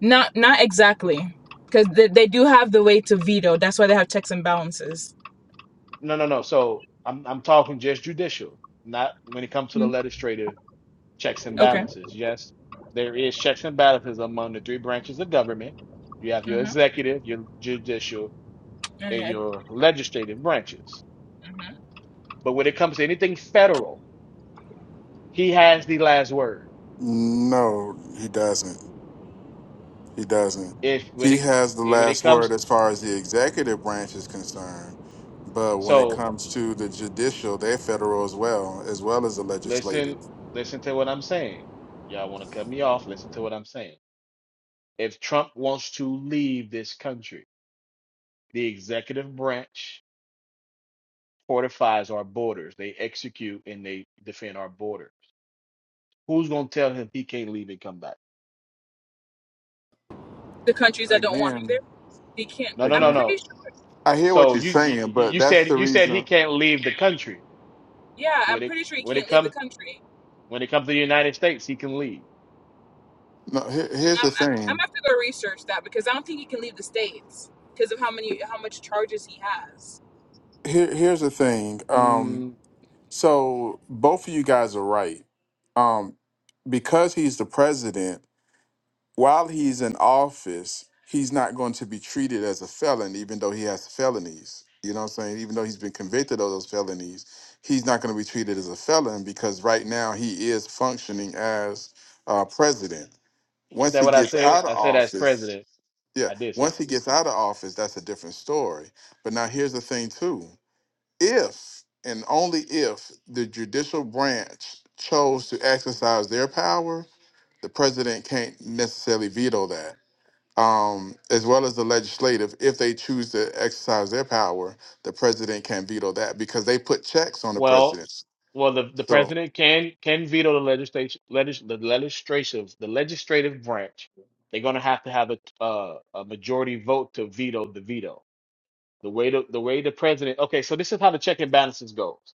Not not exactly, because they, they do have the way to veto. That's why they have checks and balances.
No, no, no. So I'm I'm talking just judicial, not when it comes to the
Hmm.
legislative checks and
Okay.
balances. Yes, there is checks and balances among the three branches of government. You have your
hmm
executive, your judicial, and
Okay.
your legislative branches
hmm
But when it comes to anything federal, he has the last word.
No, he doesn't. He doesn't.
If when
He
it
has the
eh, when it
last word
comes,
as far as the executive branch is concerned. But when it
so
comes to the judicial, they're federal as well, as well as the
listen,
legislative.
listen to what I'm saying. Y'all want to cut me off? Listen to what I'm saying. If Trump wants to leave this country, the executive branch fortifies our borders. They execute and they defend our borders. Who's gonna tell him he can't leave and come back?
The countries that don't want him there,
Again,
he can't.
No, no,
I'm
no,
again.
pretty
no.
sure.
I hear what
So
you're
you you
saying,
you
but
you
that's
said
the
you said he
reason.
can't leave the country.
Yeah, I'm
When it
pretty sure he
when it
can't leave the
comes
country.
when it comes to the United States, he can leave.
No, here,
Mm,
here's
I'm
the
I- I'm gonna
thing.
have to go research that because I don't think he can leave the states because of how many how much charges he has.
Here, here's the thing. Um,
Mm,
so both of you guys are right. Um, because he's the president, while he's in office, he's not going to be treated as a felon, even though he has felonies. You know what I'm saying? Even though he's been convicted of those felonies, he's not going to be treated as a felon because right now he is functioning as uh, president.
ain't
Once
that
he
what I
gets
said?
out of
I said as
office,
president.
yeah,
I did say
once he
that.
gets out of office, that's a different story. But now here's the thing, too. If and only if the judicial branch chose to exercise their power, the president can't necessarily veto that um, as well as the legislative, if they choose to exercise their power, the president can veto that because they put checks on the
Well,
president.
well, the, the
So
president can can veto the legislation, legis, the legislative, the legislative branch. They're gonna have to have a uh, a majority vote to veto the veto. The way the, the way the president. Okay, so this is how the check and balances goes.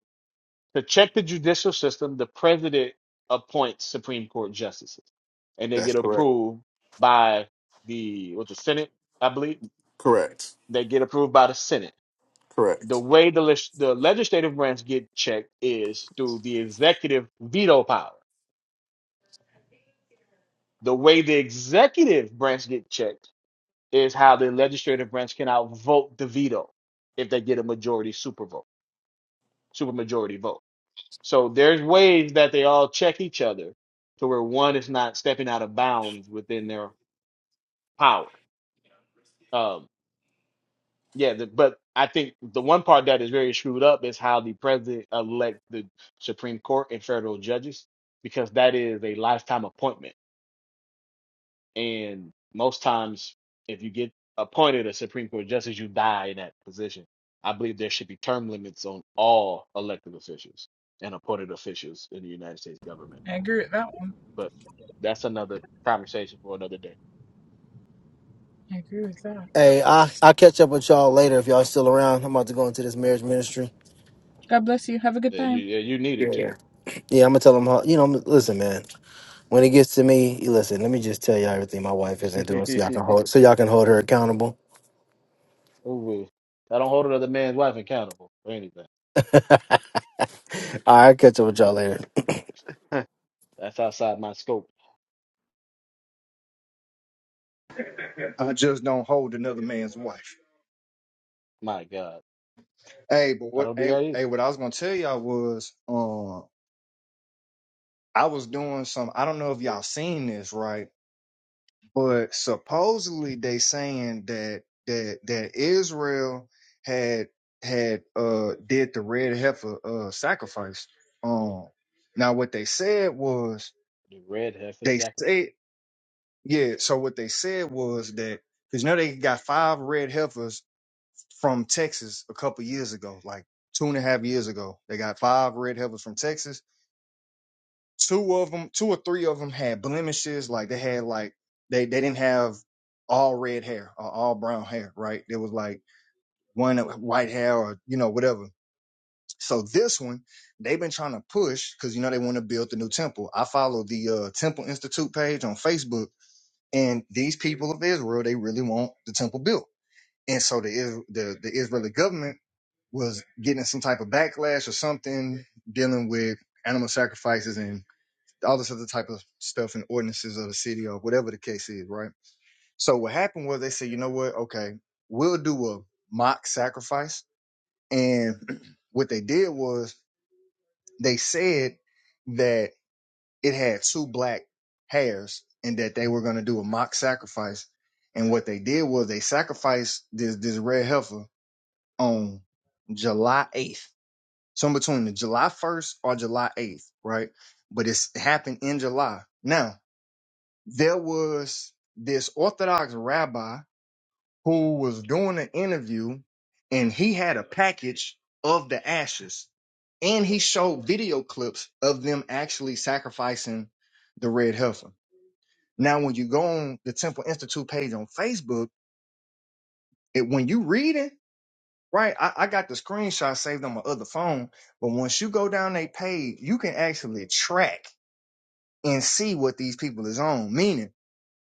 To check the judicial system, the president appoints Supreme Court justices, and they
that's
get
correct.
approved by the what the Senate, I believe.
Correct.
They get approved by the Senate the
Correct.
way the leg- the legislative branch get checked is through the executive veto power. The way the executive branch get checked is how the legislative branch can outvote the veto if they get a majority super vote, super majority vote. So there's ways that they all check each other to where one is not stepping out of bounds within their power. Um, Yeah, the, but I think the one part that is very screwed up is how the president elect the Supreme Court and federal judges, because that is a lifetime appointment. And most times, if you get appointed a Supreme Court justice, you die in that position. I believe there should be term limits on all elected officials and appointed officials in the United States government.
I agree with that one.
But that's another conversation for another day.
I agree with that.
Hey, I I catch up with y'all later if y'all still around. I'm about to go into this marriage ministry.
God bless you. Have a good
Yeah, you,
time.
yeah, you need it too.
Yeah, I'm gonna tell them how. You know, I'm- listen, man. When it gets to me, you listen. Let me just tell y'all everything my wife isn't doing, so y'all can hold so y'all can hold her accountable.
Ooh, I don't hold another man's wife accountable for anything.
All right, catch up with y'all later.
That's outside my scope.
I just don't hold another man's wife.
My God,
Hey, but
I
what
don't do
hey,
that
hey
either.
what I was gonna tell y'all was uh I was doing some I don't know if y'all seen this right, but supposedly they saying that that that Israel had had uh did the red heifer uh sacrifice. Um now what they said was
The red heifer
they
sacrifice.
said yeah, so what they said was that because you know they got five red heifers from Texas a couple years ago, like two and a half years ago. They got five red heifers from Texas two of them, two or three of them had blemishes. Like they had like they they didn't have all red hair or all brown hair, right? There was like one that was white hair or you know whatever. So this one, they've been trying to push because you know they want to build the new temple. I follow the uh, Temple Institute page on Facebook, and these people of Israel, they really want the temple built. And so the Is- the the Israeli government was getting some type of backlash or something dealing with animal sacrifices and all this other type of stuff and ordinances of the city or whatever the case is, right? So what happened was they said, you know what? Okay, we'll do a mock sacrifice. And what they did was they said that it had two black hairs and that they were going to do a mock sacrifice. And what they did was they sacrificed this, this red heifer on July 8th. So in between the July 1st or July 8th, right? But it's happened in July. Now, there was this Orthodox rabbi who was doing an interview and he had a package of the ashes and he showed video clips of them actually sacrificing the red heifer. Now, when you go on the Temple Institute page on Facebook, it, when you read it, right, I, I got the screenshot saved on my other phone, but once you go down their page, you can actually track and see what these people is on. Meaning,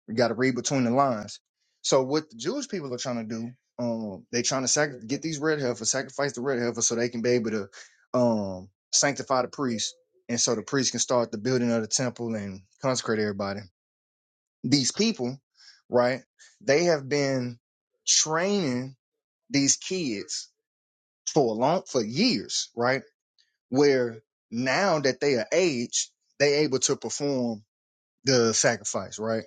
You got to read between the lines. So what the Jewish people are trying to do, um, they trying to sac- get these red heifers, sacrifice the red heifer, so they can be able to um, sanctify the priest, and so the priest can start the building of the temple and consecrate everybody. These people, right? They have been training these kids for a long for years, right? Where now that they are age, they able to perform the sacrifice, right?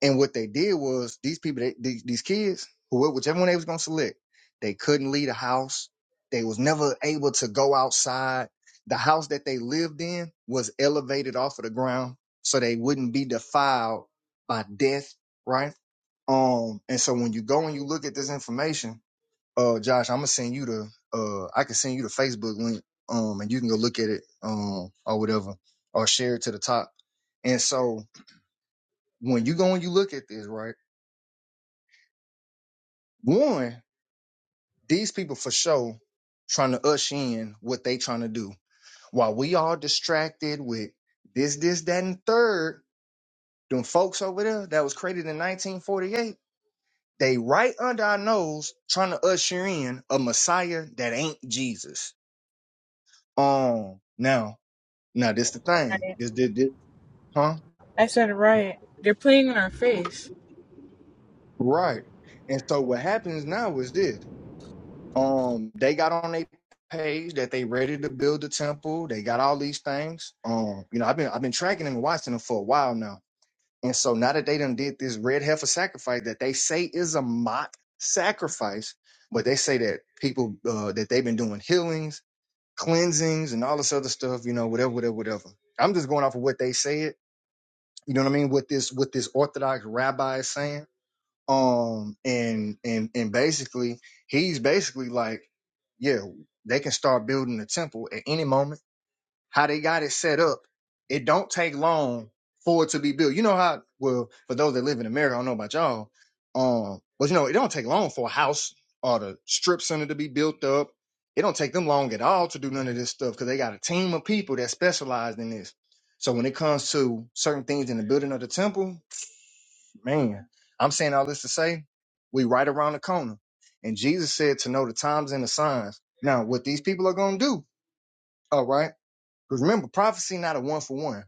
And what they did was these people, they, these, these kids, whoever, whichever one they was gonna select, they couldn't leave the house. They was never able to go outside. The house that they lived in was elevated off of the ground, so they wouldn't be defiled by death, right? Um, and so when you go and you look at this information, uh, Josh, I'm gonna send you the, uh, I can send you the Facebook link, um, and you can go look at it, um, or whatever, or share it to the top. And so when you go and you look at this, right? One, these people for sure trying to ush in what they trying to do. While we all distracted with this, this, that, and third, them folks over there that was created in 1948, they right under our nose trying to usher in a Messiah that ain't Jesus. Um, now, now this the thing.
Right.
This, this, this, huh?
I said it right. They're playing in our face.
Right. And so what happens now is this. Um, they got on their page that they ready to build the temple. They got all these things. Um, you know, I've been I've been tracking them and watching them for a while now. And so now that they done did this red heifer sacrifice that they say is a mock sacrifice, but they say that people uh, that they've been doing healings, cleansings, and all this other stuff. You know, whatever, whatever, whatever. I'm just going off of what they said. You know what I mean? What this what this Orthodox rabbi is saying um and and and basically he's basically like yeah they can start building the temple at any moment how they got it set up it don't take long for it to be built you know how well for those that live in america i don't know about y'all um but you know it don't take long for a house or the strip center to be built up it don't take them long at all to do none of this stuff because they got a team of people that specialize in this so when it comes to certain things in the building of the temple Man, I'm saying all this to say we right around the corner. And Jesus said to know the times and the signs. Now, what these people are going to do, all right? Because remember, prophecy not a one for one.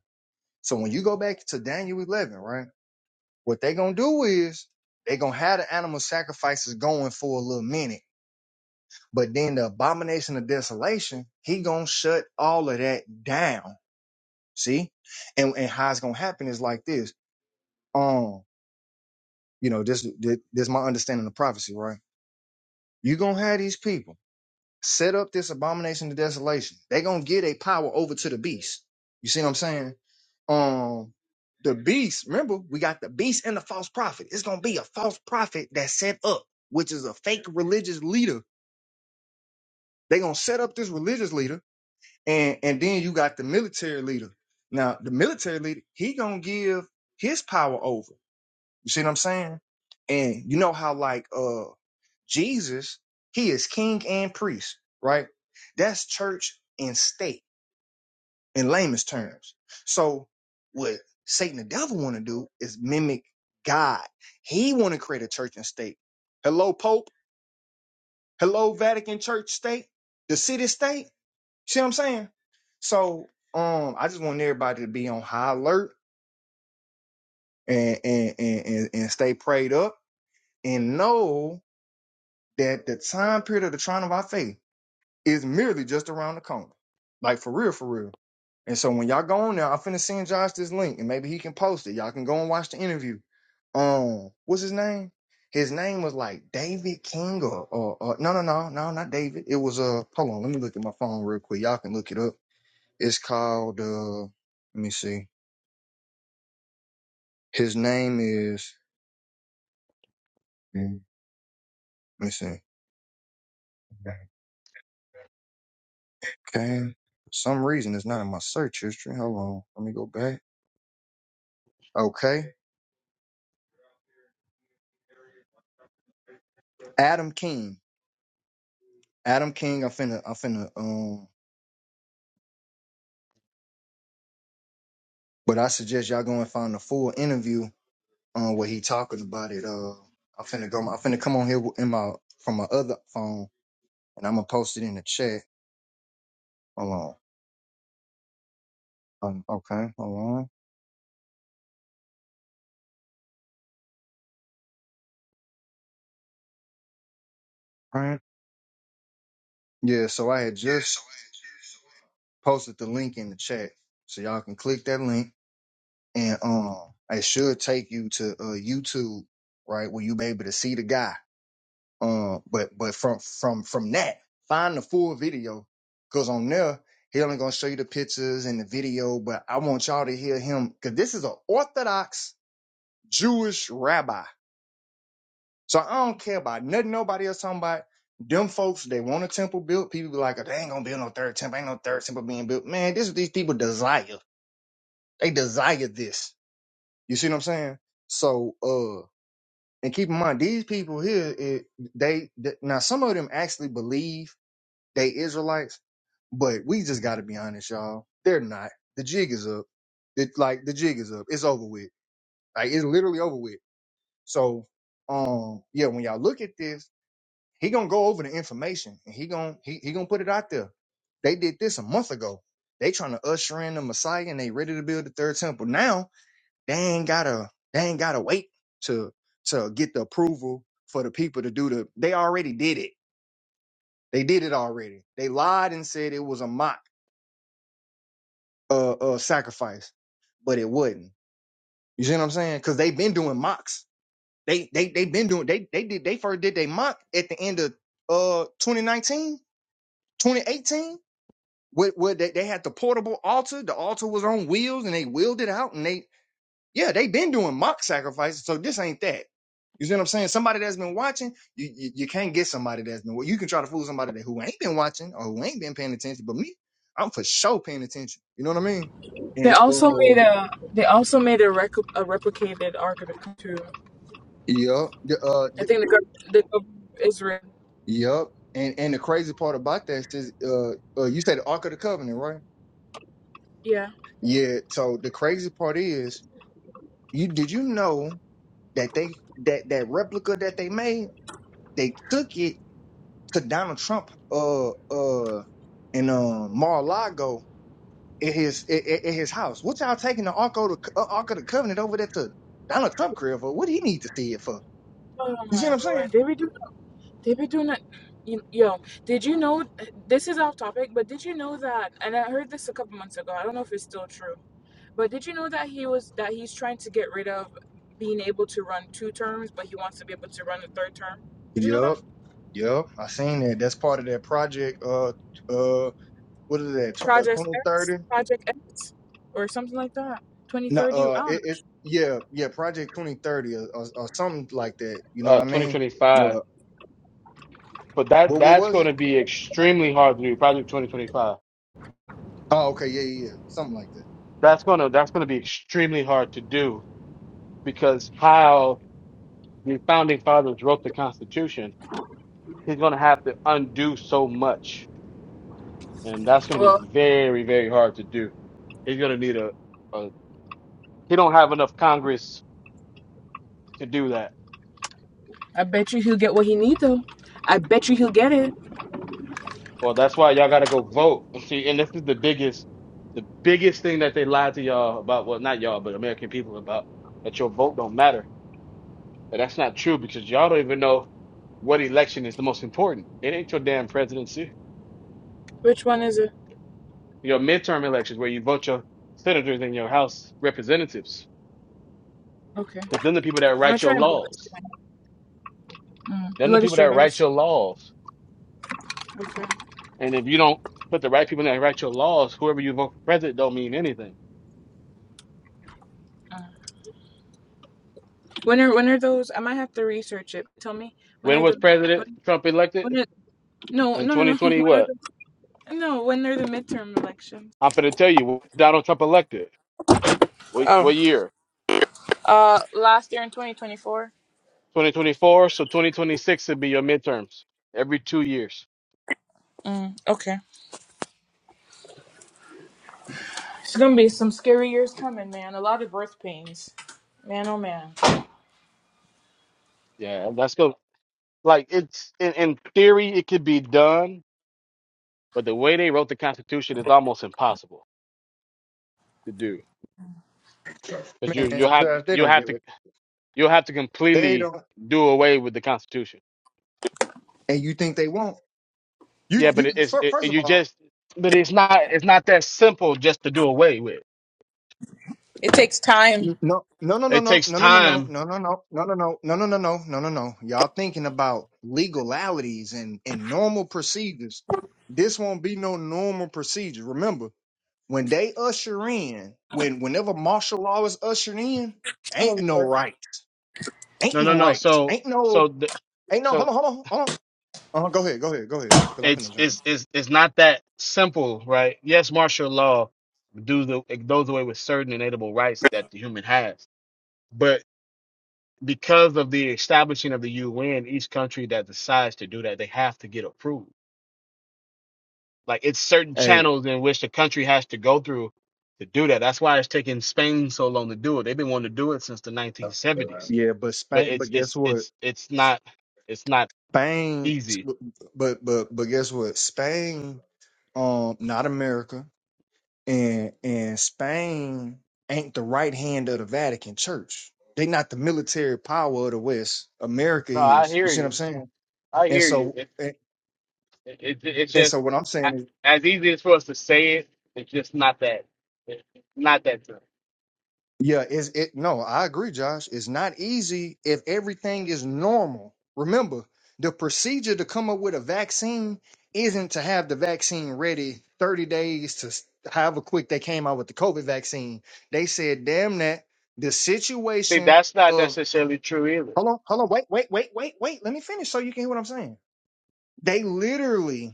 So when you go back to Daniel 11, right? What they going to do is they going to have the animal sacrifices going for a little minute. But then the abomination of desolation, he going to shut all of that down. See? And, and how it's going to happen is like this. Um, you know, this, this, this is my understanding of prophecy, right? You're gonna have these people set up this abomination of desolation. They're gonna give their power over to the beast. You see what I'm saying? Um the beast, remember, we got the beast and the false prophet. It's gonna be a false prophet that's set up, which is a fake religious leader. They're gonna set up this religious leader, and and then you got the military leader. Now, the military leader, he gonna give his power over. You see what I'm saying? And you know how like uh Jesus, he is king and priest, right? That's church and state in layman's terms. So what Satan the devil want to do is mimic God. He want to create a church and state. Hello Pope, hello Vatican Church state, the city state. See what I'm saying? So um I just want everybody to be on high alert and and and, and and stay prayed up and know that the time period of the trial of our faith is merely just around the corner. Like for real, for real. And so when y'all go on there, I'm finna send Josh this link and maybe he can post it. Y'all can go and watch the interview. Um, what's his name? His name was like David King or, or, or no, no, no, no, not David. It was, uh, hold on. Let me look at my phone real quick. Y'all can look it up. It's called, uh, let me see. His name is, mm, let me see. Okay. For some reason, it's not in my search history. Hold on. Let me go back. Okay. Adam King. Adam King, I'm finna I'm finna um but I suggest y'all go and find the full interview on where he talking about it. Uh I'm finna go I'm finna come on here in my from my other phone and I'm gonna post it in the chat. Hold on. Um, okay, hold on. All right. Yeah, so I had just posted the link in the chat. So y'all can click that link and um it should take you to uh YouTube, right, where you be able to see the guy Um, but but from from from that, find the full video because on there he only gonna show you the pictures and the video. But I want y'all to hear him because this is an Orthodox Jewish rabbi. So I don't care about nothing nobody else talking about. Them folks, they want a temple built. People be like, "Oh, they ain't gonna build no third temple. Ain't no third temple being built. Man, this is what these people desire. They desire this. You see what I'm saying? So, uh, and keep in mind, these people here, it, they, th- now some of them actually believe they Israelites, but we just got to be honest, y'all. They're not. The jig is up. It, like the jig is up. It's over with. Like it's literally over with. So, um, yeah, when y'all look at this, he gonna go over the information and he gonna he, he gonna put it out there. They did this a month ago. They trying to usher in the Messiah and they ready to build the third temple. Now they ain't gotta they ain't gotta wait to to get the approval for the people to do the. They already did it. They did it already. They lied and said it was a mock uh, uh sacrifice, but it wouldn't. You see what I'm saying? Because they've been doing mocks. They they they've been doing they they did they first did they mock at the end of uh 2019, 2018, where, where they, they had the portable altar. The altar was on wheels and they wheeled it out and they yeah, they've been doing mock sacrifices, so this ain't that. You see what I'm saying? Somebody that's been watching, you, you you can't get somebody that's been. You can try to fool somebody that who ain't been watching or who ain't been paying attention. But me, I'm for sure paying attention. You know what I mean?
They
And
also
uh,
made a they also made a, rec- a replicated Ark of the Covenant too.
Yep. The, uh,
I
the,
think the gov- the gov- Israel.
yep. And and the crazy part about that is, uh, uh, you said the Ark of the Covenant, right?
Yeah.
Yeah. So the crazy part is, you did you know that they that that replica that they made, they took it to Donald Trump, uh, uh, in uh, Mar-a-Lago at his at, at- at his house. What y'all taking the Ark of the Co- uh, Ark of the Covenant over there to Donald Trump crib for? What do he need to see it for?
Oh
You see
my
what I'm
lord,
saying?
they be doing they be doing that. you- Yo, did you know? This is off topic, but did you know that? And I heard this a couple months ago. I don't know if it's still true, but did you know that he was that he's trying to get rid of being able to run two terms, but he wants to be able to run a third term. Did you know
Yep.
that?
Yep. I seen that. That's part of that project. Uh. uh, what is that? tw- Uh,
Project
twenty
X,
thirty?
Project X, or something like that. Twenty
No,
thirty.
uh,
I
it, it
don't
yeah yeah Project twenty thirty or, or or something like that. You know what
Uh,
I mean?
2025.
What
But that
what what
that's
was
going
it?
to be extremely hard to do. Project 2025.
Oh okay yeah yeah yeah something like that.
That's gonna that's gonna be extremely hard to do because how the founding fathers wrote the Constitution, he's gonna have to undo so much, and that's gonna be
know.
very very hard to do. He's gonna need a, a he don't have enough Congress to do that
I bet you he'll get what he needs though. I bet you he'll get it.
Well, that's why y'all gotta go vote. See, and this is the biggest, the biggest thing that they lied to y'all about. Well, not y'all, but American people about that your vote don't matter. But that's not true because y'all don't even know what election is the most important. It ain't your damn presidency.
Which one is it?
Your midterm elections where you vote your senators and your House representatives.
Okay.
Because then the people that
I'm gonna
write
try
your
and put this
laws,
thing. Mm. The
then the people that write
legislators.
your laws.
Okay.
And if you don't put the right people that write your laws, whoever you vote for president don't mean anything.
Uh, When are when are those? I might have to research it. Tell me when
When
are
was
the
President
when,
Trump
when
elected?
are, no
In
no no no
2020,
when are
what?
the no when are the midterm elections?
I'm finna tell you, when Donald Trump elected. What
Oh.
what year?
Uh, last year in 2024.
2024. So 2026 would be your midterms every two years.
Mm, okay. It's gonna be some scary years coming, man. A lot of birth pains, man. Oh man.
Yeah, that's good. Like it's in, in theory, it could be done, but the way they wrote the Constitution is almost impossible to do. Cause you you
Man,
have
Josh, they
you
don't
have
give
to
it.
you have to
They
completely
don't.
do away with the Constitution.
And you think they won't? You
I
Yeah, but
you
it,
think
it's
fir-
it,
first of
you
all.
just but it's not it's not that simple just to do away with.
It takes time.
No, no, no, no,
It
no,
takes
no, no, no, no,
time.
no, no, no, no, no, no, no, no, no, no, no, no, no. Y'all thinking about legalities and and normal procedures. This won't be no normal procedure. Remember, When they usher in, when whenever martial law is ushered in,
oh
ain't
Lord.
no right. Ain't
No, no,
no
no.
rights.
So
Ain't
so
no
the,
ain't no
so
hold on, hold on, hold on. Uh, go ahead, go ahead, go ahead. Because I'm finna
it's
jump in.
it's it's it's not that simple, right? Yes, martial law do the it goes away with certain inedible rights that the human has, but because of the establishing of the UN, each country that decides to do that, they have to get approved. Like it's certain
Hey,
channels in which the country has to go through to do that. That's why it's taking Spain so long to do it. They've been wanting to do it since the 1970s,
yeah, but
but
Spain
it's
but guess
it's
what?
it's it's not it's not
Spain
easy.
but but but guess what? Spain, um, not America, and and Spain ain't the right hand of the Vatican Church. They not the military power of the West. America
No, I
is.
hear
You see what I'm
you.
saying?
I
And
hear
so,
you. It, it, it's
And
just
so what I'm
a-
saying is,
as easy as for us to say it. It's just not that. It's not that true.
yeah, is it no, I agree, Josh. It's not easy if everything is normal. Remember, the procedure to come up with a vaccine isn't to have the vaccine ready 30 days to s- however quick they came out with the COVID vaccine. They said, damn that the
See,
situation
that's not
of
necessarily true either.
hold on, hold on, wait, wait, wait, wait, wait. Let me finish so you can hear what I'm saying. They literally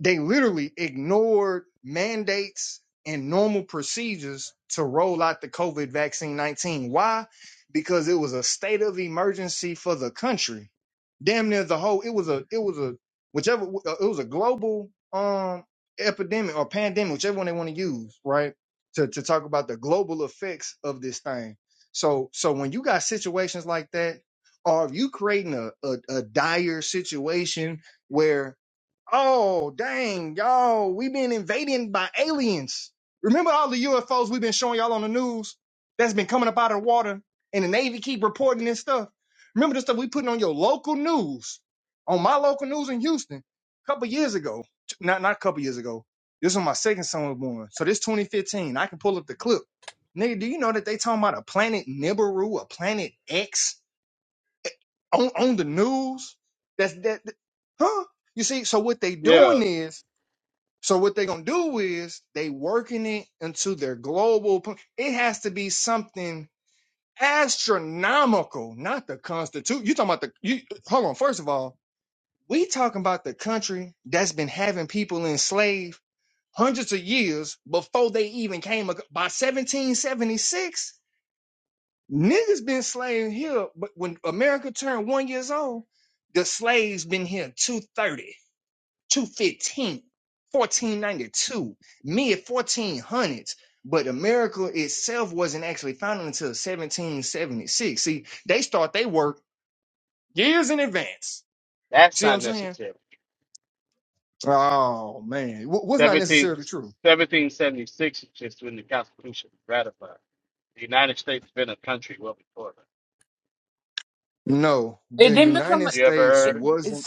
They literally ignored mandates and normal procedures to roll out the COVID vaccine 19. Why? Because it was a state of emergency for the country. Damn near the whole, it was a, it was a, whichever, uh, it was a global um epidemic or pandemic, whichever one they want to use, right? To, to talk about the global effects of this thing. So, so when you got situations like that, or if you creating a, a, a dire situation, where Oh, dang, y'all. we been invaded by aliens. Remember all the UFOs we've been showing y'all on the news that's been coming up out of the water and the Navy keep reporting this stuff? Remember the stuff we putting on your local news, on my local news in Houston a couple years ago. Not, not a couple years ago. This was my second son was born. So this 2015, I can pull up the clip. Nigga, do you know that they talking about a planet Nibiru, a planet X on, on the news? That's that, that- huh? You see, so what they doing
Yeah,
is so what they're gonna do is they working it into their global. po- It has to be something astronomical, not the constitution. You talking about the? You hold on. First of all, we talking about the country that's been having people enslaved hundreds of years before they even came. ac- By 1776, niggas been slaving here. But when America turned one years old, the slaves been here 230. Two fifteen, fourteen ninety two, mid 1400s. But America itself wasn't actually founded until 1776. See, they start their work years in advance.
that's
See what
not
I'm saying?
necessary.
Oh, man. W- was not
17
necessarily true.
1776 is just when the Constitution was ratified. The United States been a country well before that.
No,
It
the
didn't become.
United
A,
You ever
States
it,
heard? Of
it-
wasn't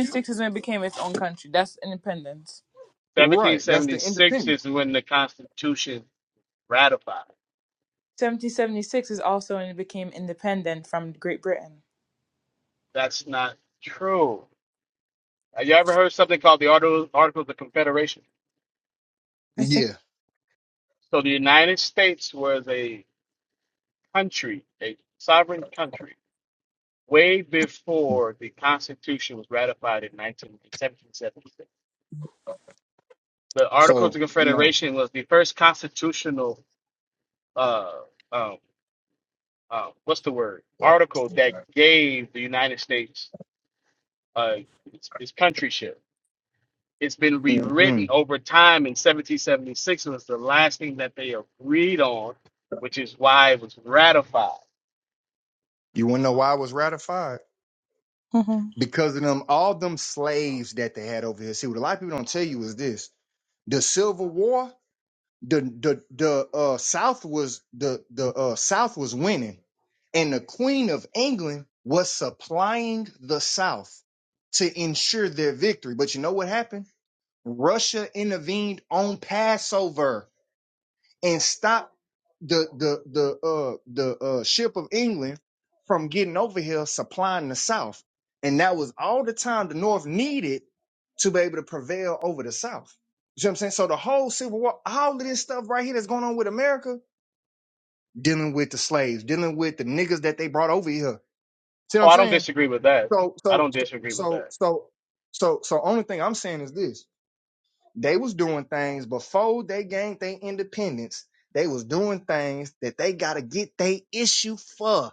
you-
is when it became its own country. That's independence.
right. That's the
1776
independence.
is when the Constitution ratified.
1776 is also when it became independent from Great Britain.
That's not true. Have you ever heard something called the Articles Articles of Confederation?
I think.
Yeah.
So the United States was a country, a sovereign country, way before the Constitution was ratified in 19, 1776. The Articles of
So, no.
Confederation was the first constitutional, uh, um, uh, what's the word, article that gave the United States uh, its, its countryship. It's been
hmm
rewritten over time in 1776 was the last thing that they agreed on, which is why it was ratified.
You want to know why it was ratified?
hmm
Because of them, all them slaves that they had over here. See, what a lot of people don't tell you is this The Civil War, the the the uh, South was the the uh, South was winning, and the Queen of England was supplying the South to ensure their victory. But you know what happened? Russia intervened on Passover and stopped the the the uh the uh ship of England from getting over here supplying the South, and that was all the time the North needed to be able to prevail over the South. You know what I'm saying? So the whole Civil War, all of this stuff right here that's going on with America, dealing with the slaves, dealing with the niggas that they brought over here. See what
Oh,
I'm
I don't
saying?
disagree with that.
So
I
so
don't
so
disagree with that.
so so so, so only thing I'm saying is this. They was doing things before they gained their independence. They was doing things that they gotta get their issue for.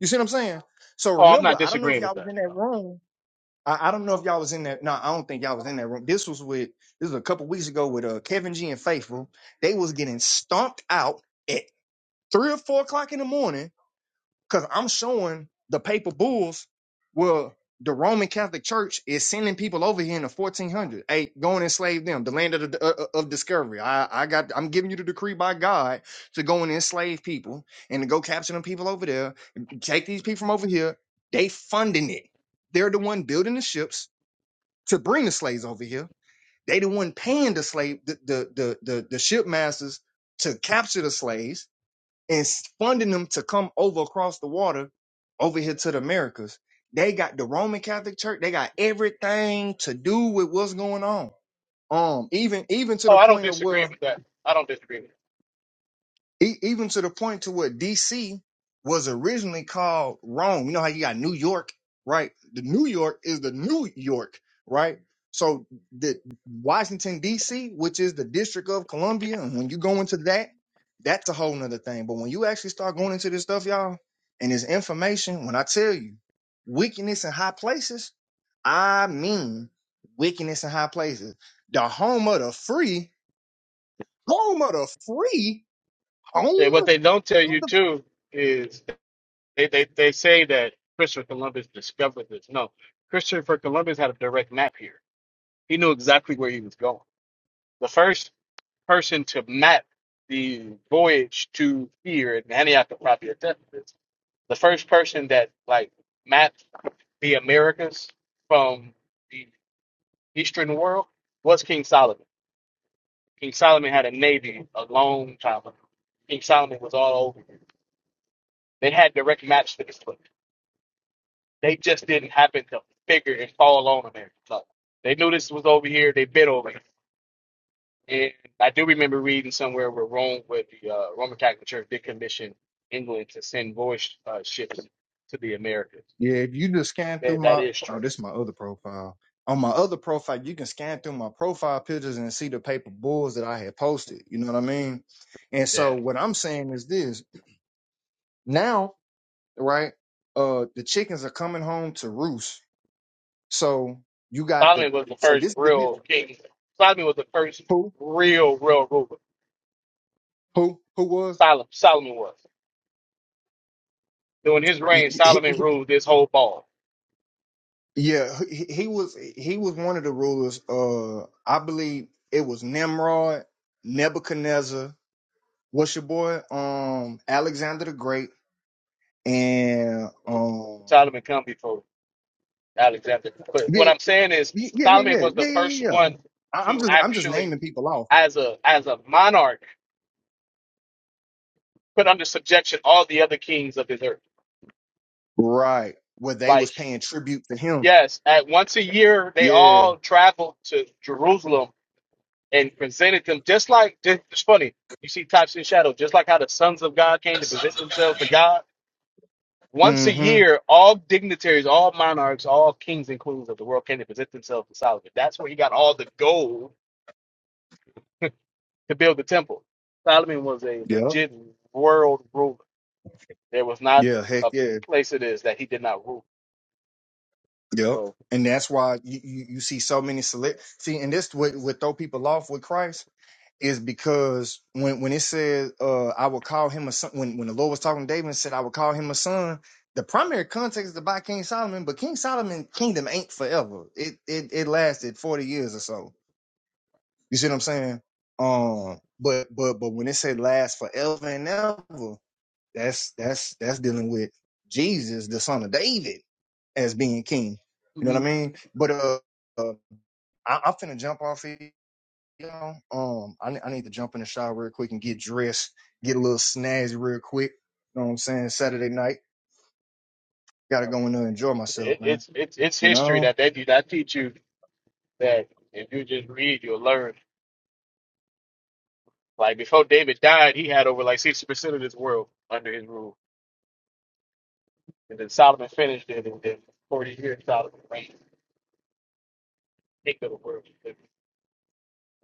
You see what I'm saying? So
Oh, I'm not
remember, I don't know if
disagreeing
y'all
with
was
that.
in that
So.
room. I, I don't know if y'all was in that. No, I don't think y'all was in that room. This was with this was a couple weeks ago with uh Kevin G and Faithful. They was getting stomped out at three or four o'clock in the morning because I'm showing the paper bulls where the Roman Catholic Church is sending people over here in the 1400s. Hey, go and enslave them, the land of, the, uh, uh, of discovery. I, I got, I'm giving you the decree by God to go and enslave people and to go capture them people over there. Take these people from over here. They funding it. They're the one building the ships to bring the slaves over here. They the one paying the slave, the the the the, the ship masters to capture the slaves and funding them to come over across the water over here to the Americas. They got the Roman Catholic Church. They got everything to do with what's going on. Um, even even to
Oh,
the
I don't
point of
disagree
where
with that. I don't disagree with
E- even to the point to where DC was originally called Rome. You know how you got New York, right? The New York is the New York, right? So the Washington DC, which is the District of Columbia, and when you go into that, that's a whole nother thing. But when you actually start going into this stuff, y'all, and this information, when I tell you wickedness in high places, I mean wickedness in high places. The home of the free, home of the free,
that. Yeah,
home
what they don't tell
of
you
the
too is they, they, they say that Christopher Columbus discovered this. No, Christopher Columbus had a direct map here. He knew exactly where he was going. The first person to map the voyage to here in Antioch probably Ephesus, the first person that like mapped the Americas from the Eastern world was King Solomon. King Solomon had a navy a long time ago. King Solomon was all over. They had direct maps to this book. They just didn't happen to figure and fall on America. No. They knew this was over here. They bit over it. And I do remember reading somewhere where Rome, where the uh, Roman Catholic Church did commission England to send voyage uh, ships to the Americas.
Yeah, if you just scan
That,
through
that
my
is
oh,
true.
this is my other profile. On my other profile, you can scan through my profile pictures and see the paper bulls that I had posted. You know what I mean? And so
Yeah.
what I'm saying is this now, right? Uh the chickens are coming home to roost. So you got the
Solomon was the
so
first
this is the hit
real king. Solomon was the first
who
real, real ruler.
who who was
Solomon, Solomon was. During his
he-
reign,
he-
Solomon
he-
ruled this whole ball.
yeah, he, he was he was one of the rulers. Uh, I believe it was Nimrod, Nebuchadnezzar. What's your boy? Um, Alexander the Great and um,
Solomon come before Alexander. But what
yeah,
I'm saying is
yeah, yeah, yeah,
Solomon
yeah,
was the
yeah,
first
yeah. yeah.
one
I, I'm
to
just, I'm just
actually,
naming people off.
as a as a monarch, put under subjection all the other kings of his earth.
Right, where they was
Like,
paying tribute to him.
yes, at once a year they
Yeah.
all traveled to Jerusalem and presented them just like just, it's funny. You see types and shadows, just like how the sons of God came to present themselves to God Once a
Mm-hmm.
year, all dignitaries, all monarchs, all kings and queens of the world came to present themselves to Solomon. That's where he got all the gold to build the temple. Solomon was a
Yep.
legit world ruler. There was not
Yeah. Heck
a
yeah.
place it is that he did not rule.
Yep.
So
And that's why you, you, you see so many select see, and this would would throw people off with Christ is because when when it says uh I will call him a son when when the Lord was talking to David and said I will call him a son, the primary context is about King Solomon, but King Solomon's kingdom ain't forever. It it it lasted 40 years or so. You see what I'm saying? Um but but but when it said last forever and ever, that's that's that's dealing with Jesus, the son of David, as being king. You know what I
mhm.
mean? But uh, uh I, I'm finna jump off here y'all. Um, I, I need to jump in the shower real quick and get dressed, get a little snazzy real quick. You know what I'm saying? Saturday night, gotta
hell
go in there
yeah.
and enjoy myself,
it,
man.
it's it's it's
You
history
know?
that they do not teach you that if you just read, you'll learn. Like before David died, he had over like sixty percent of this world under his rule, and then Solomon finished it, and then forty years Solomon reigned king of the world.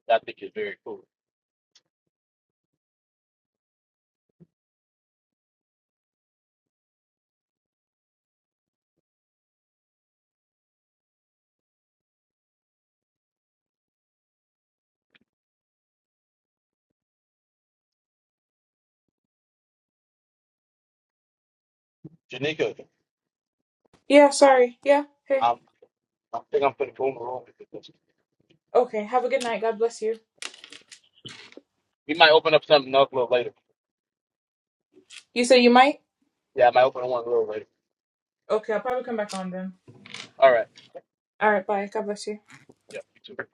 that I think is very cool. Janika,
Yeah. Sorry. Yeah. Hey.
I'm, I think I'm putting Boomer on because
Okay. Have a good night. God bless you.
we might open up something up a little later.
You say you might.
Yeah, I might open one a little later.
Okay. I'll probably come back on then.
All right.
All right. Bye. God bless you.
Yeah, you too.